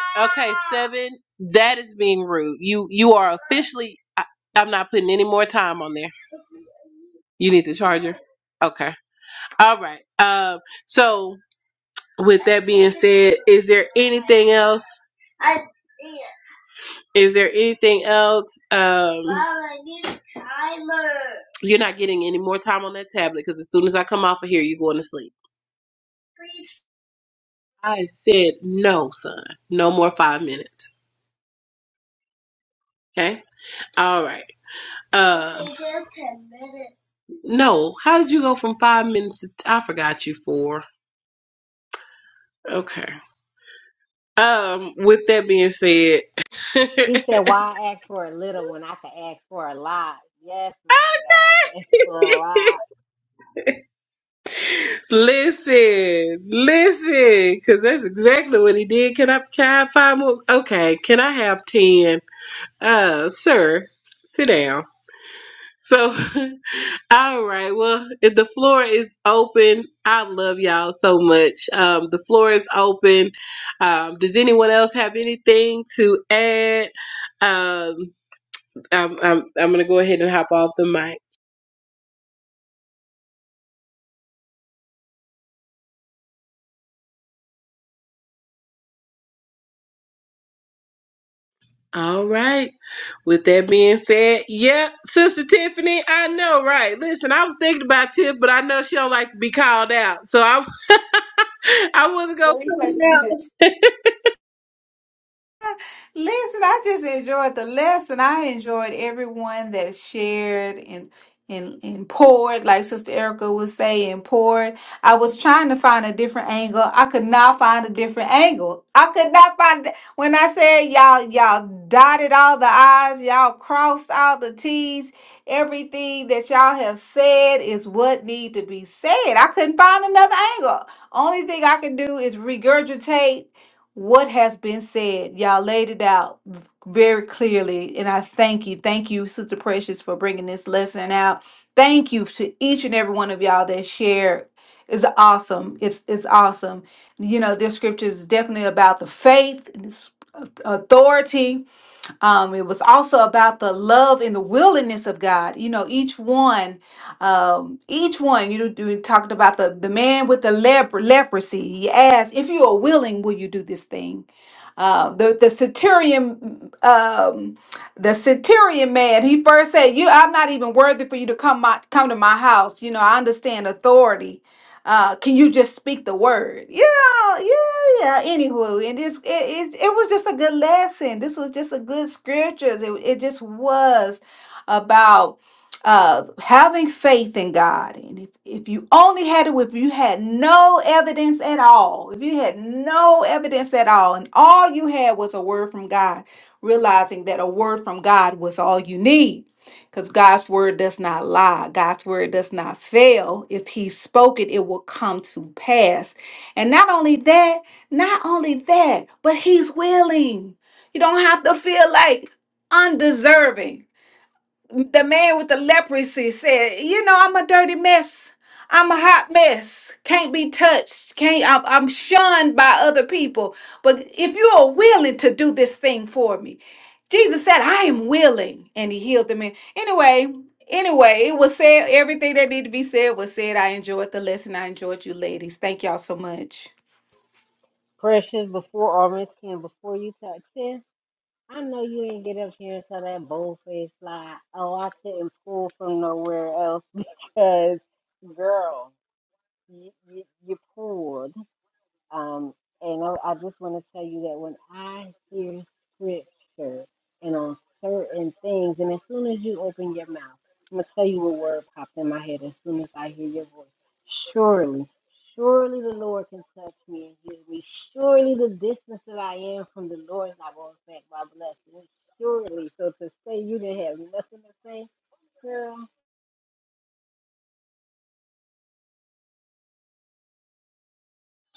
B: seven that is being rude you you are officially I, i'm not putting any more time on there you need the charger okay all right um so with is there anything else is there anything else um you're not getting any more time on that tablet because as soon as i come off of here you're going to sleep i said no son no more five minutes okay all right uh no how did you go from five minutes to i forgot you for. Okay. Um, with that being said,
C: he said, Why ask for a little when I could ask for a lot? Yes, man of God, ask for a lot.
B: listen, listen, because that's exactly what he did. Can I, can I have five more? Okay, can I have ten? Uh, sir, sit down. So, all right. Well, if the floor is open, I love y'all so much. Um, the floor is open. Um, does anyone else have anything to add? Um, I'm, I'm, I'm gonna go ahead and hop off the mic. All right. With that being said, yeah, Sister Tiffany, I know, right? Listen, I was thinking about Tiff, but I know she don't like to be called out, so I, I wasn't gonna.
F: Listen, I just enjoyed the lesson. I enjoyed everyone that shared and and and poured, like Sister Erica would say, and poured. I was trying to find a different angle. I could not find a different angle. I could not find it. when I said y'all y'all dotted all the I's, y'all crossed all the T's. Everything that y'all have said is what need to be said. I couldn't find another angle. Only thing I can do is regurgitate what has been said, y'all laid it out very clearly. And I thank you. Thank you, Sister Precious, for bringing this lesson out. Thank you to each and every one of y'all that shared. It's awesome. It's, it's awesome. You know, this scripture is definitely about the faith, and it's authority. Um, it was also about the love and the willingness of God. You know, each one, um, each one, you, know, we talked about the, the man with the lepr- leprosy. He asked, if you are willing, will you do this thing? Uh, the the centurion, um, the centurion man. He first said, "You, I'm not even worthy for you to come my come to my house. You know, I understand authority. Uh, can you just speak the word? Yeah, yeah, yeah. Anywho, and it's it, it it was just a good lesson. This was just a good scriptures. It it just was about." uh, having faith in God. And if, if you only had it, if you had no evidence at all, if you had no evidence at all, and all you had was a word from God, realizing that a word from God was all you need. Because God's word does not lie. God's word does not fail. If He spoke it, it will come to pass. And not only that, not only that, but He's willing. You don't have to feel like undeserving the man with the leprosy said, "You know, I'm a dirty mess. I'm a hot mess. Can't be touched. Can't. I'm, I'm shunned by other people. But if you are willing to do this thing for me, Jesus said, I am willing, and He healed the man. Anyway." Anyway, it was said. Everything that needed to be said was said. I enjoyed the lesson. I enjoyed you, ladies. Thank y'all so much.
C: Precious before, or Miss Kim, before you touch him. I know you ain't get up here and tell that boldface lie. Oh, I couldn't pull from nowhere else because, girl, you, you, you pulled. Um, and I, I just want to tell you that when I hear scripture and on certain things, and as soon as you open your mouth, I'm going to tell you what word popped in my head as soon as I hear your voice. Surely, surely the Lord can touch me and heal me. Surely the distance that I am from the Lord is not going to affect my blessing. Surely. So to say you didn't have nothing to say, girl,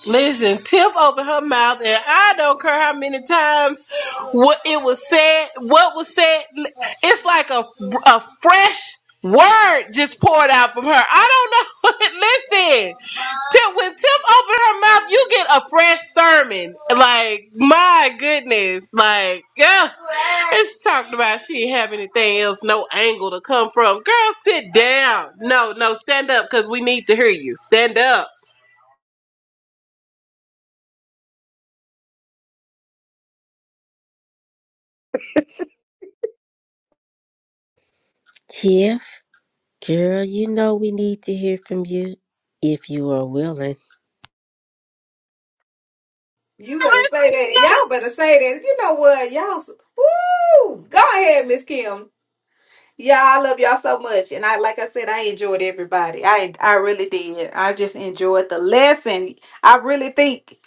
B: Listen, Tiff opened her mouth, and I don't care how many times what it was said, what was said. It's like a a fresh word just poured out from her. I don't know. Listen, Tiff, when Tiff opened her mouth, you get a fresh sermon. Like my goodness, like yeah. It's talked about she didn't have anything else, no angle to come from. Girl, sit down. No, no, stand up because we need to hear you. Stand up.
A: Tiff. Girl, you know we need to hear from you if you are willing.
F: You better say that. Y'all better say that. You know what? Y'all. Woo! Go ahead, Miss Kim. Yeah, I love y'all so much. And I like I said, I enjoyed everybody. I I really did. I just enjoyed the lesson. I really think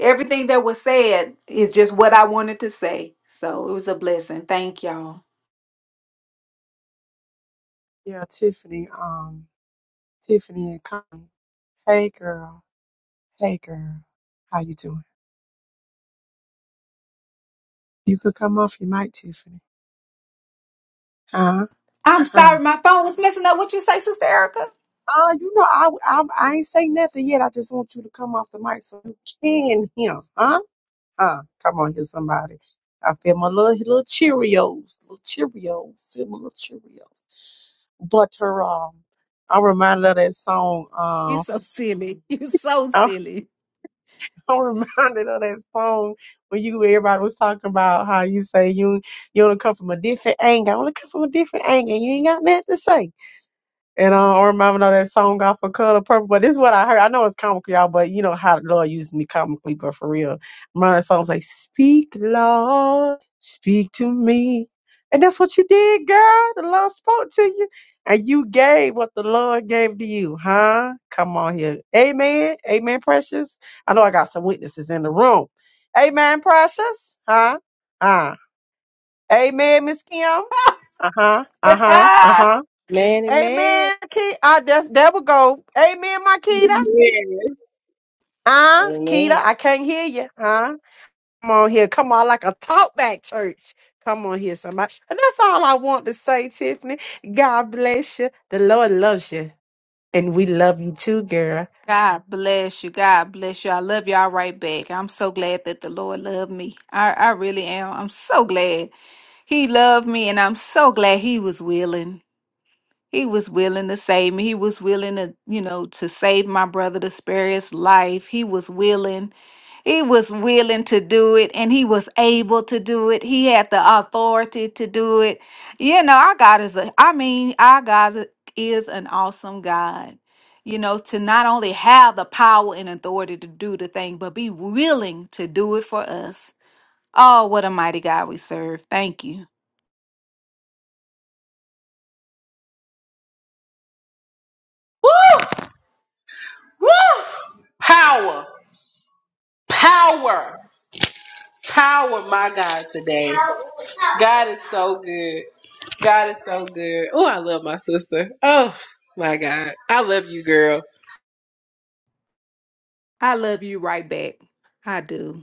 F: everything that was said is just what I wanted to say. So it was a blessing. Thank y'all.
D: Yeah, Tiffany, um, Tiffany and Connie. Hey girl, hey girl, how you doing? You could come off your mic, Tiffany. Huh?
F: I'm
D: Huh?
F: sorry, my phone was messing up. What you say, Sister Erica?
D: Uh, you know, I, I I ain't say nothing yet. I just want you to come off the mic so you can hear. Huh? Huh? Come on here, somebody. I feel my little little Cheerios, little Cheerios, feel my little Cheerios. But her um, I'm reminded of that song.
F: You
D: Um,
F: so silly. You so silly.
D: I'm reminded of that song when you everybody was talking about how you say you you only come from a different angle. I only come from a different angle. You ain't got nothing to say. And uh, or remember know that song off of Color Purple, but this is what I heard. I know it's comical, y'all, but you know how the Lord used me comically, but for real. Remember that song's like, Speak, Lord, speak to me. And that's what you did, girl. The Lord spoke to you. And you gave what the Lord gave to you, huh? Come on here. Amen. Amen, precious. I know I got some witnesses in the room. Amen, precious. Huh? Uh. Amen, Miss Kim. Uh-huh. Uh-huh. Uh-huh.
A: Man and man.
D: Amen, Keita. Ah, that's that will go. Amen, my Keita. Ah, Keita,
C: amen.
D: I can't hear you. Huh? Come on here. Come on, like a talk back church. Come on here, somebody. And that's all I want to say, Tiffany. God bless you. The Lord loves you. And we love you too, girl.
F: God bless you. God bless you. I love y'all right back. I'm so glad that the Lord loved me. I, I really am. I'm so glad He loved me, and I'm so glad He was willing. He was willing to save me. He was willing to, you know, to save my brother, to spare his life. He was willing. He was willing to do it and he was able to do it. He had the authority to do it. You know, our God is a, I mean, our God is an awesome God. You know, to not only have the power and authority to do the thing, but be willing to do it for us. Oh, what a mighty God we serve. Thank you.
B: Woo! Woo! Power. Power. Power, my God, today. God is so good. God is so good. Oh, I love my sister. Oh, my God. I love you, girl.
F: I love you right back. I do.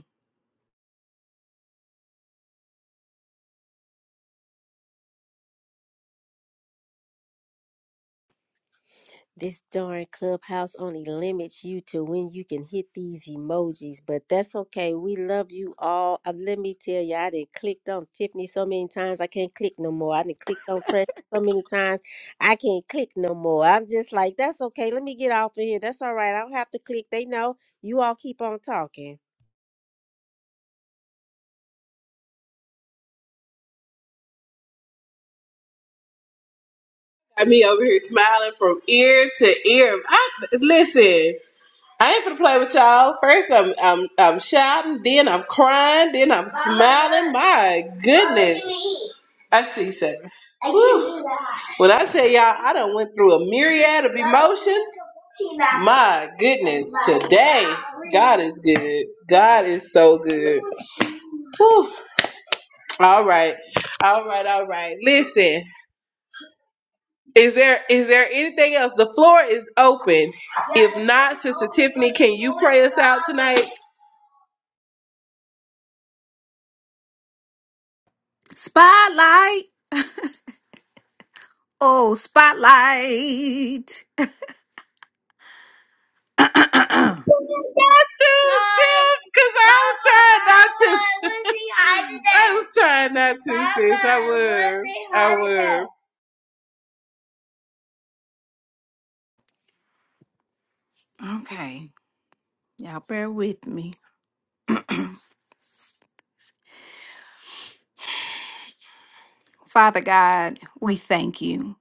A: This darn clubhouse only limits you to when you can hit these emojis, but that's okay. We love you all. Uh, let me tell you, I didn't clicked on Tiffany so many times I can't click no more. I didn't clicked on Press so many times I can't click no more. I'm just like, that's okay. Let me get off of here. That's all right. I don't have to click. They know you all keep on talking.
B: Got me over here smiling from ear to ear. I, listen, I ain't gonna play with y'all. First, I'm I'm I'm shouting, then I'm crying, then I'm my good. I see seven. When I tell y'all, I done went through a myriad of emotions. My goodness, God is good. God is so good. Whew. All right, all right, all right. Listen, is there is there anything else? The floor is open. Can like, two, two?
F: Spotlight. Oh, spotlight.
B: because I was trying. was trying not to.
F: okay. Y'all bear with me. Father God, we thank you.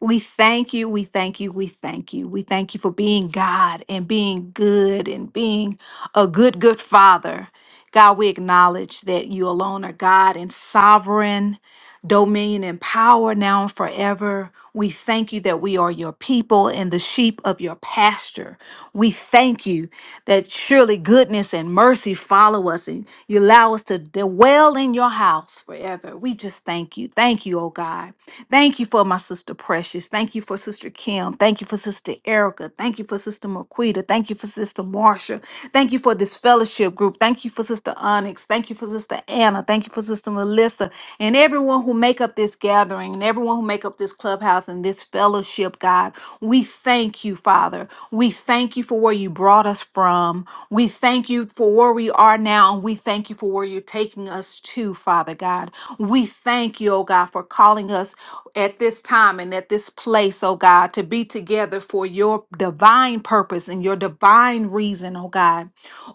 F: We thank you. We thank you. We thank you. We thank you for being God and being good and being a good, good father. God, we acknowledge that you alone are God and sovereign. dominion and power now and forever. We thank you that we are your people and the sheep of your pasture. We thank you that surely goodness and mercy follow us and you allow us to dwell in your house forever. We just thank you. Thank you, oh God. Thank you for my sister Precious. Thank you for Sister Kim. Thank you for Sister Erica. Thank you for Sister Marquita. Thank you for Sister Marsha. Thank you for this fellowship group. Thank you for Sister Onyx. Thank you for for Sister Anna. Thank you for Sister Melissa and everyone who make up this gathering and everyone who make up this clubhouse and this fellowship, God. We thank you, Father. We thank you for where you brought us from. We thank you for where we are now. And we thank you for where you're taking us to, Father God. We thank you, oh God, for calling us at this time and at this place, oh God, to be together for your divine purpose and your divine reason, oh God.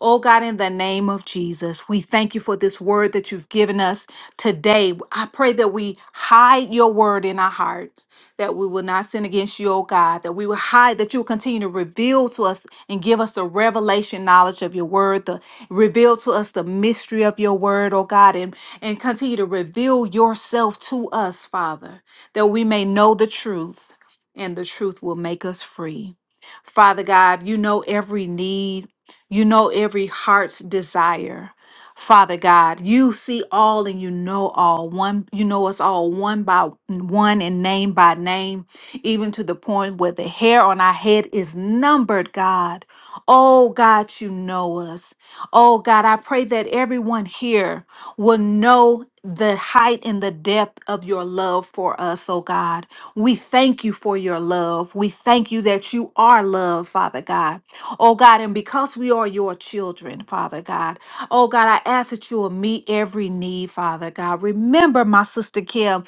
F: Oh God, in the name of Jesus, we thank you for this word that you've given us today. I pray that we hide your word in our hearts, that we will not sin against you, oh God, that we will hide, that you will continue to reveal to us and give us the revelation knowledge of your word, the reveal to us the mystery of your word, oh God, and, and continue to reveal yourself to us, Father, that we may know the truth and the truth will make us free. Father God, you know every need. You know every heart's desire. Father God, you see all and you know all. One, you know us all one by one and name by name, even to the point where the hair on our head is numbered, God. Oh God, you know us. Oh God, I pray that everyone here will know the height and the depth of your love for us, oh God. We thank you for your love. We thank you that you are love, Father God oh God, and because we are your children, Father God, oh God, I ask that you will meet every need, Father God. Remember my sister Kim,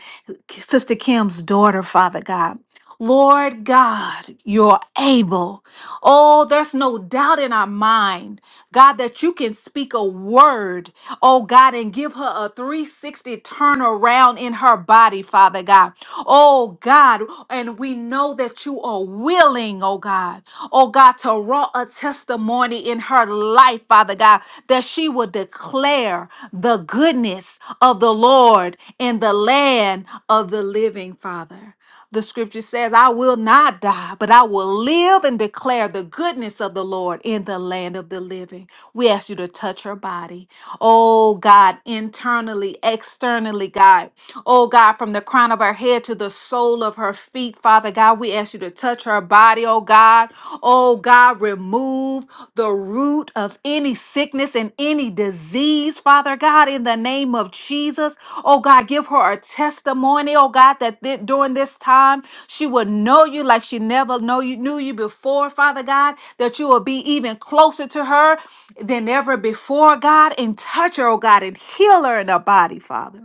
F: Sister Kim's daughter, Father God. Lord God, you're able. Oh, there's no doubt in our mind God, that you can speak a word, oh God, and give her a 360 turnaround in her body, Father God. Oh God, and we know that you are willing, oh God, oh God, to wrought a testimony in her life, Father God, that she will declare the goodness of the Lord in the land of the living, Father. The scripture says, I will not die, but I will live and declare the goodness of the Lord in the land of the living. We ask you to touch her body. Oh God, internally, externally, God. Oh God, from the crown of her head to the sole of her feet, Father God, we ask you to touch her body, oh God. God. Oh God, remove the root of any sickness and any disease, Father God, in the name of Jesus. Oh God, give her a testimony, oh God, that thi- during this time she will know you like she never know you knew you before, Father God, that you will be even closer to her than ever before, God, and touch her, oh God, and heal her in her body, Father.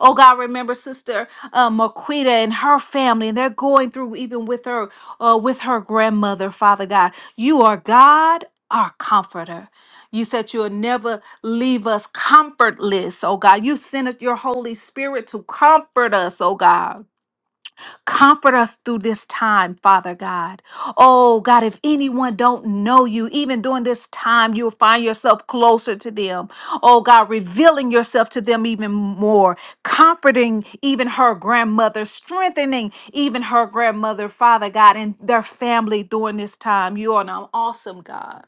F: Oh God, remember Sister uh, Marquita and her family, and they're going through even with her, uh, with her grandmother. Father God, you are God, our comforter. You said you'll never leave us comfortless, oh God. You sent us your Holy Spirit to comfort us, oh God. Comfort us through this time, Father God. Oh, God, if anyone don't know you, even during this time, you'll find yourself closer to them. Oh, God, revealing yourself to them even more, comforting even her grandmother, strengthening even her grandmother, Father God, and their family during this time. You are an awesome God.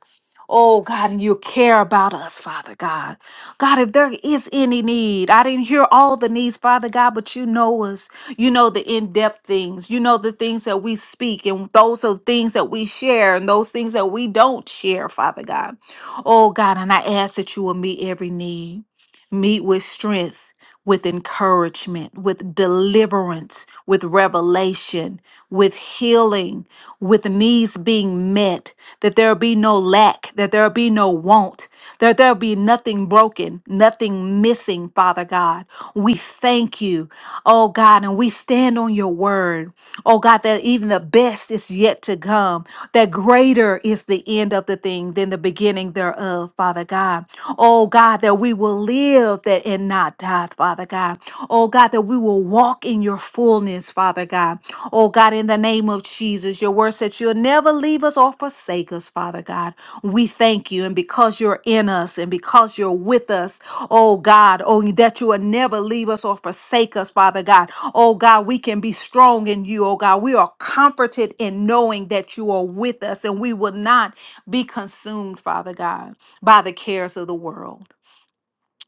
F: Oh God, and you care about us, Father God. God, if there is any need, I didn't hear all the needs, Father God, but you know us. You know the in depth things. You know the things that we speak, and those are things that we share, and those things that we don't share, Father God. Oh God, and I ask that you will meet every need. Meet with strength, with encouragement, with deliverance, with revelation, with healing, with needs being met, that there be no lack, that there be no want, that there be nothing broken, nothing missing, Father God. We thank you, oh God, and we stand on your word, oh God, that even the best is yet to come, that greater is the end of the thing than the beginning thereof, Father God. Oh God, that we will live that and not die, Father God. Oh God, that we will walk in your fullness, Father God. Oh God, in the name of Jesus, your word said you'll never leave us or forsake us, Father God. We thank you. And because you're in us and because you're with us, oh God, oh that you will never leave us or forsake us, Father God. Oh God, we can be strong in you, oh God. We are comforted in knowing that you are with us and we will not be consumed, Father God, by the cares of the world.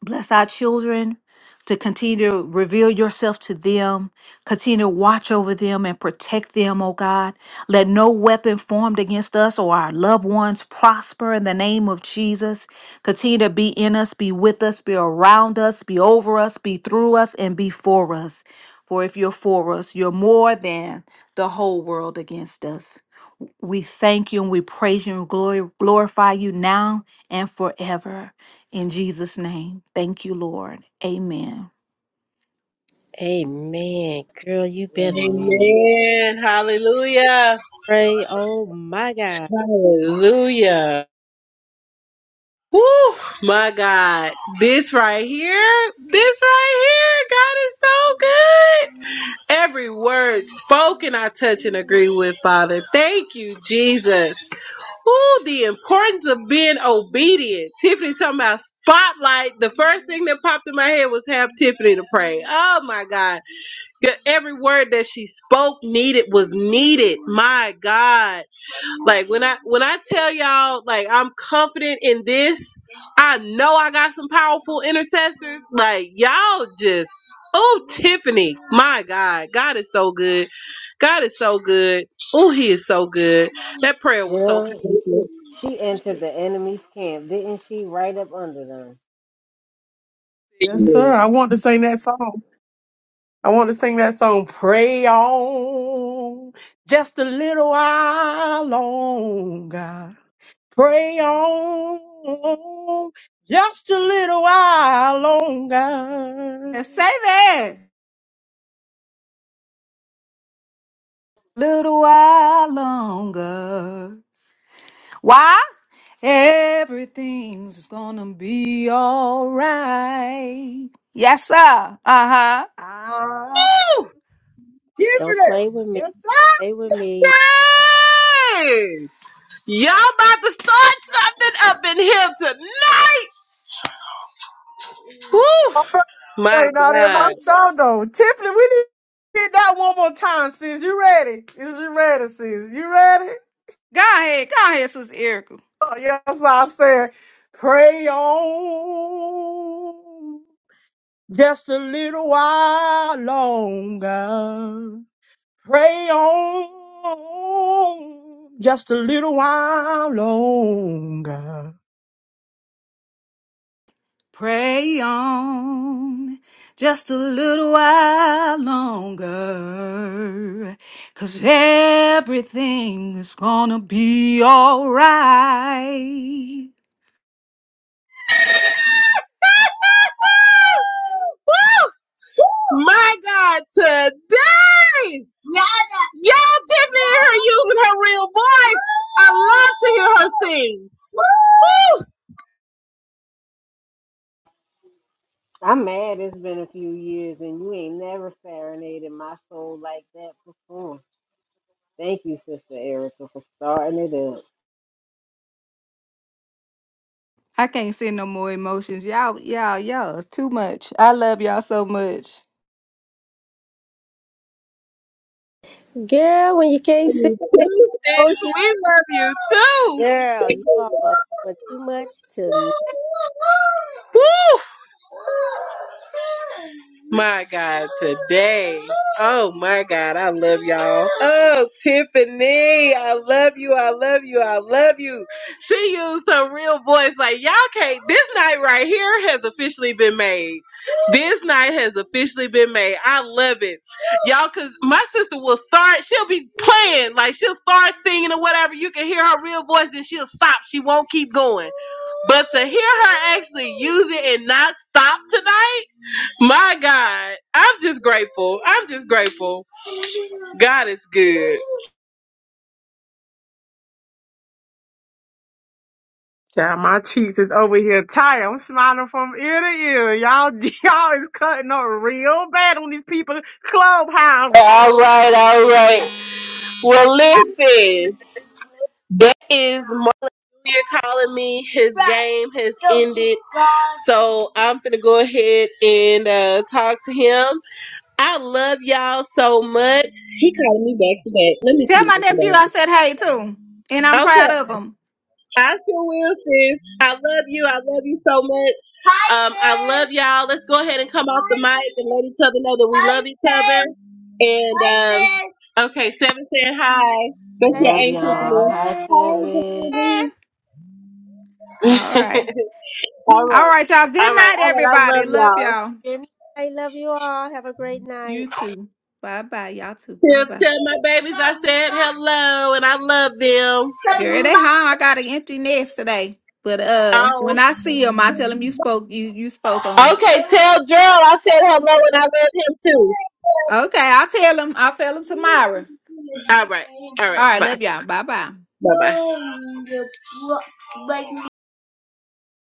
F: Bless our children to continue to reveal yourself to them, continue to watch over them and protect them, oh God. Let no weapon formed against us or our loved ones prosper in the name of Jesus. Continue to be in us, be with us, be around us, be over us, be through us, and be for us. For if you're for us, you're more than the whole world against us. We thank you and we praise you and glory, glorify you now and forever. In Jesus' name. Thank you, Lord. Amen.
A: Amen, girl. You better
C: Amen.
B: Amen. Hallelujah.
A: pray. Oh my God.
B: Hallelujah. Woo, my God. This right here, this right here, God is so good. Every word spoken, I touch and agree with, Father. Thank you, Jesus. Woo, the importance of being obedient. Tiffany talking about spotlight. The first thing that popped in my head was have Tiffany to pray. Oh, my God. Every word that she spoke needed was needed. My God. Like when I when I tell y'all like I'm confident in this, I know I got some powerful intercessors. Like y'all just oh Tiffany, my God, God is so good. God is so good. Oh, He is so good. That prayer was so
C: Girl,
B: powerful.
C: She entered the enemy's camp, didn't she? Right up under them.
D: Yes, sir. I want to sing that song. I want to sing that song. Pray on just a little while longer. Pray on just a little while longer.
F: And say that. Little while longer. Why? Everything's gonna be all right. Yes, sir. Uh huh.
D: Ah,
B: Woo!
D: Tiffany,
A: Don't play with me.
D: yes, sir.
A: Play with me.
B: Dang! Y'all about to start something up in here tonight. Woo!
D: I felt
B: My
D: something out in my
B: God.
D: shoulder. Tiffany, we need to hit that one more time, sis. You ready? Is you ready, sis? You ready?
F: Go ahead. Go ahead, Sister Erica.
D: Oh, yes, I said, pray on just a little while longer. Pray on just a little while longer.
F: Pray on just a little while longer, 'cause everything's gonna be all right.
C: I'm mad it's been a few years and you ain't never serenaded my soul like that before. Thank you, Sister Erica, for starting it up.
F: I can't send no more emotions. Y'all, y'all, y'all, too much. I love y'all so much.
A: Girl, when you can't see the
B: Sis,
A: emoji,
B: we love you too.
A: girl, you all are doing too much tonight.
B: My God. Hey, oh my God, I love y'all. Oh, Tiffany, I love you, I love you, I love you. She used her real voice like, y'all can't, this night right here has officially been made. This night has officially been made. I love it. Y'all, because my sister will start, she'll be playing, like she'll start singing or whatever. You can hear her real voice and she'll stop. She won't keep going. But to hear her actually use it and not stop tonight, my God, I'm just grateful. I'm just grateful. God is good.
D: Child, my cheeks is over here tired. I'm smiling from ear to ear. Y'all, y'all is cutting up real bad on these people clubhouse.
B: All right, all right. Well, listen, that is my. you calling me his name, has hit. So I'm finna go ahead and uh, talk to him. I love y'all so much. He calling me back to back. Let me see
F: Tell
B: what
F: my
B: this is
F: nephew I
B: about.
F: said hey too, and I'm
B: Okay,
F: proud of him.
B: I sure will, sis. I love you. I love you so much. Love y'all. Let's go ahead and come off the mic and let each other know that we love each other. and. Okay, seven saying hi. That's your
A: Hey,
C: Love
B: ain't
C: y'all.
B: Tiffany.
C: Hi,
A: Saturday.
B: Hi.
C: Seven.
F: Eh, All right.
B: all
F: All
B: right.
F: right, y'all. Good
B: All right. All right.
F: night,
B: I
F: everybody.
B: love
F: Love
B: y'all.
F: y'all.
A: Good Love you all. Have a great night.
F: You too. Bye bye. Y'all too. Bye
B: Tell,
F: bye.
B: tell my babies I said hello and I love them.
F: Girl, they home. I got an empty nest today. But uh when
B: Oh.
F: I see them, I tell them you spoke you you spoke on.
B: Okay. Tell Gerald I said hello and I love him too.
F: Okay, I'll tell them. I'll tell them tomorrow.
B: All right.
F: All right,
B: Bye.
F: love y'all. Bye bye.
B: Bye.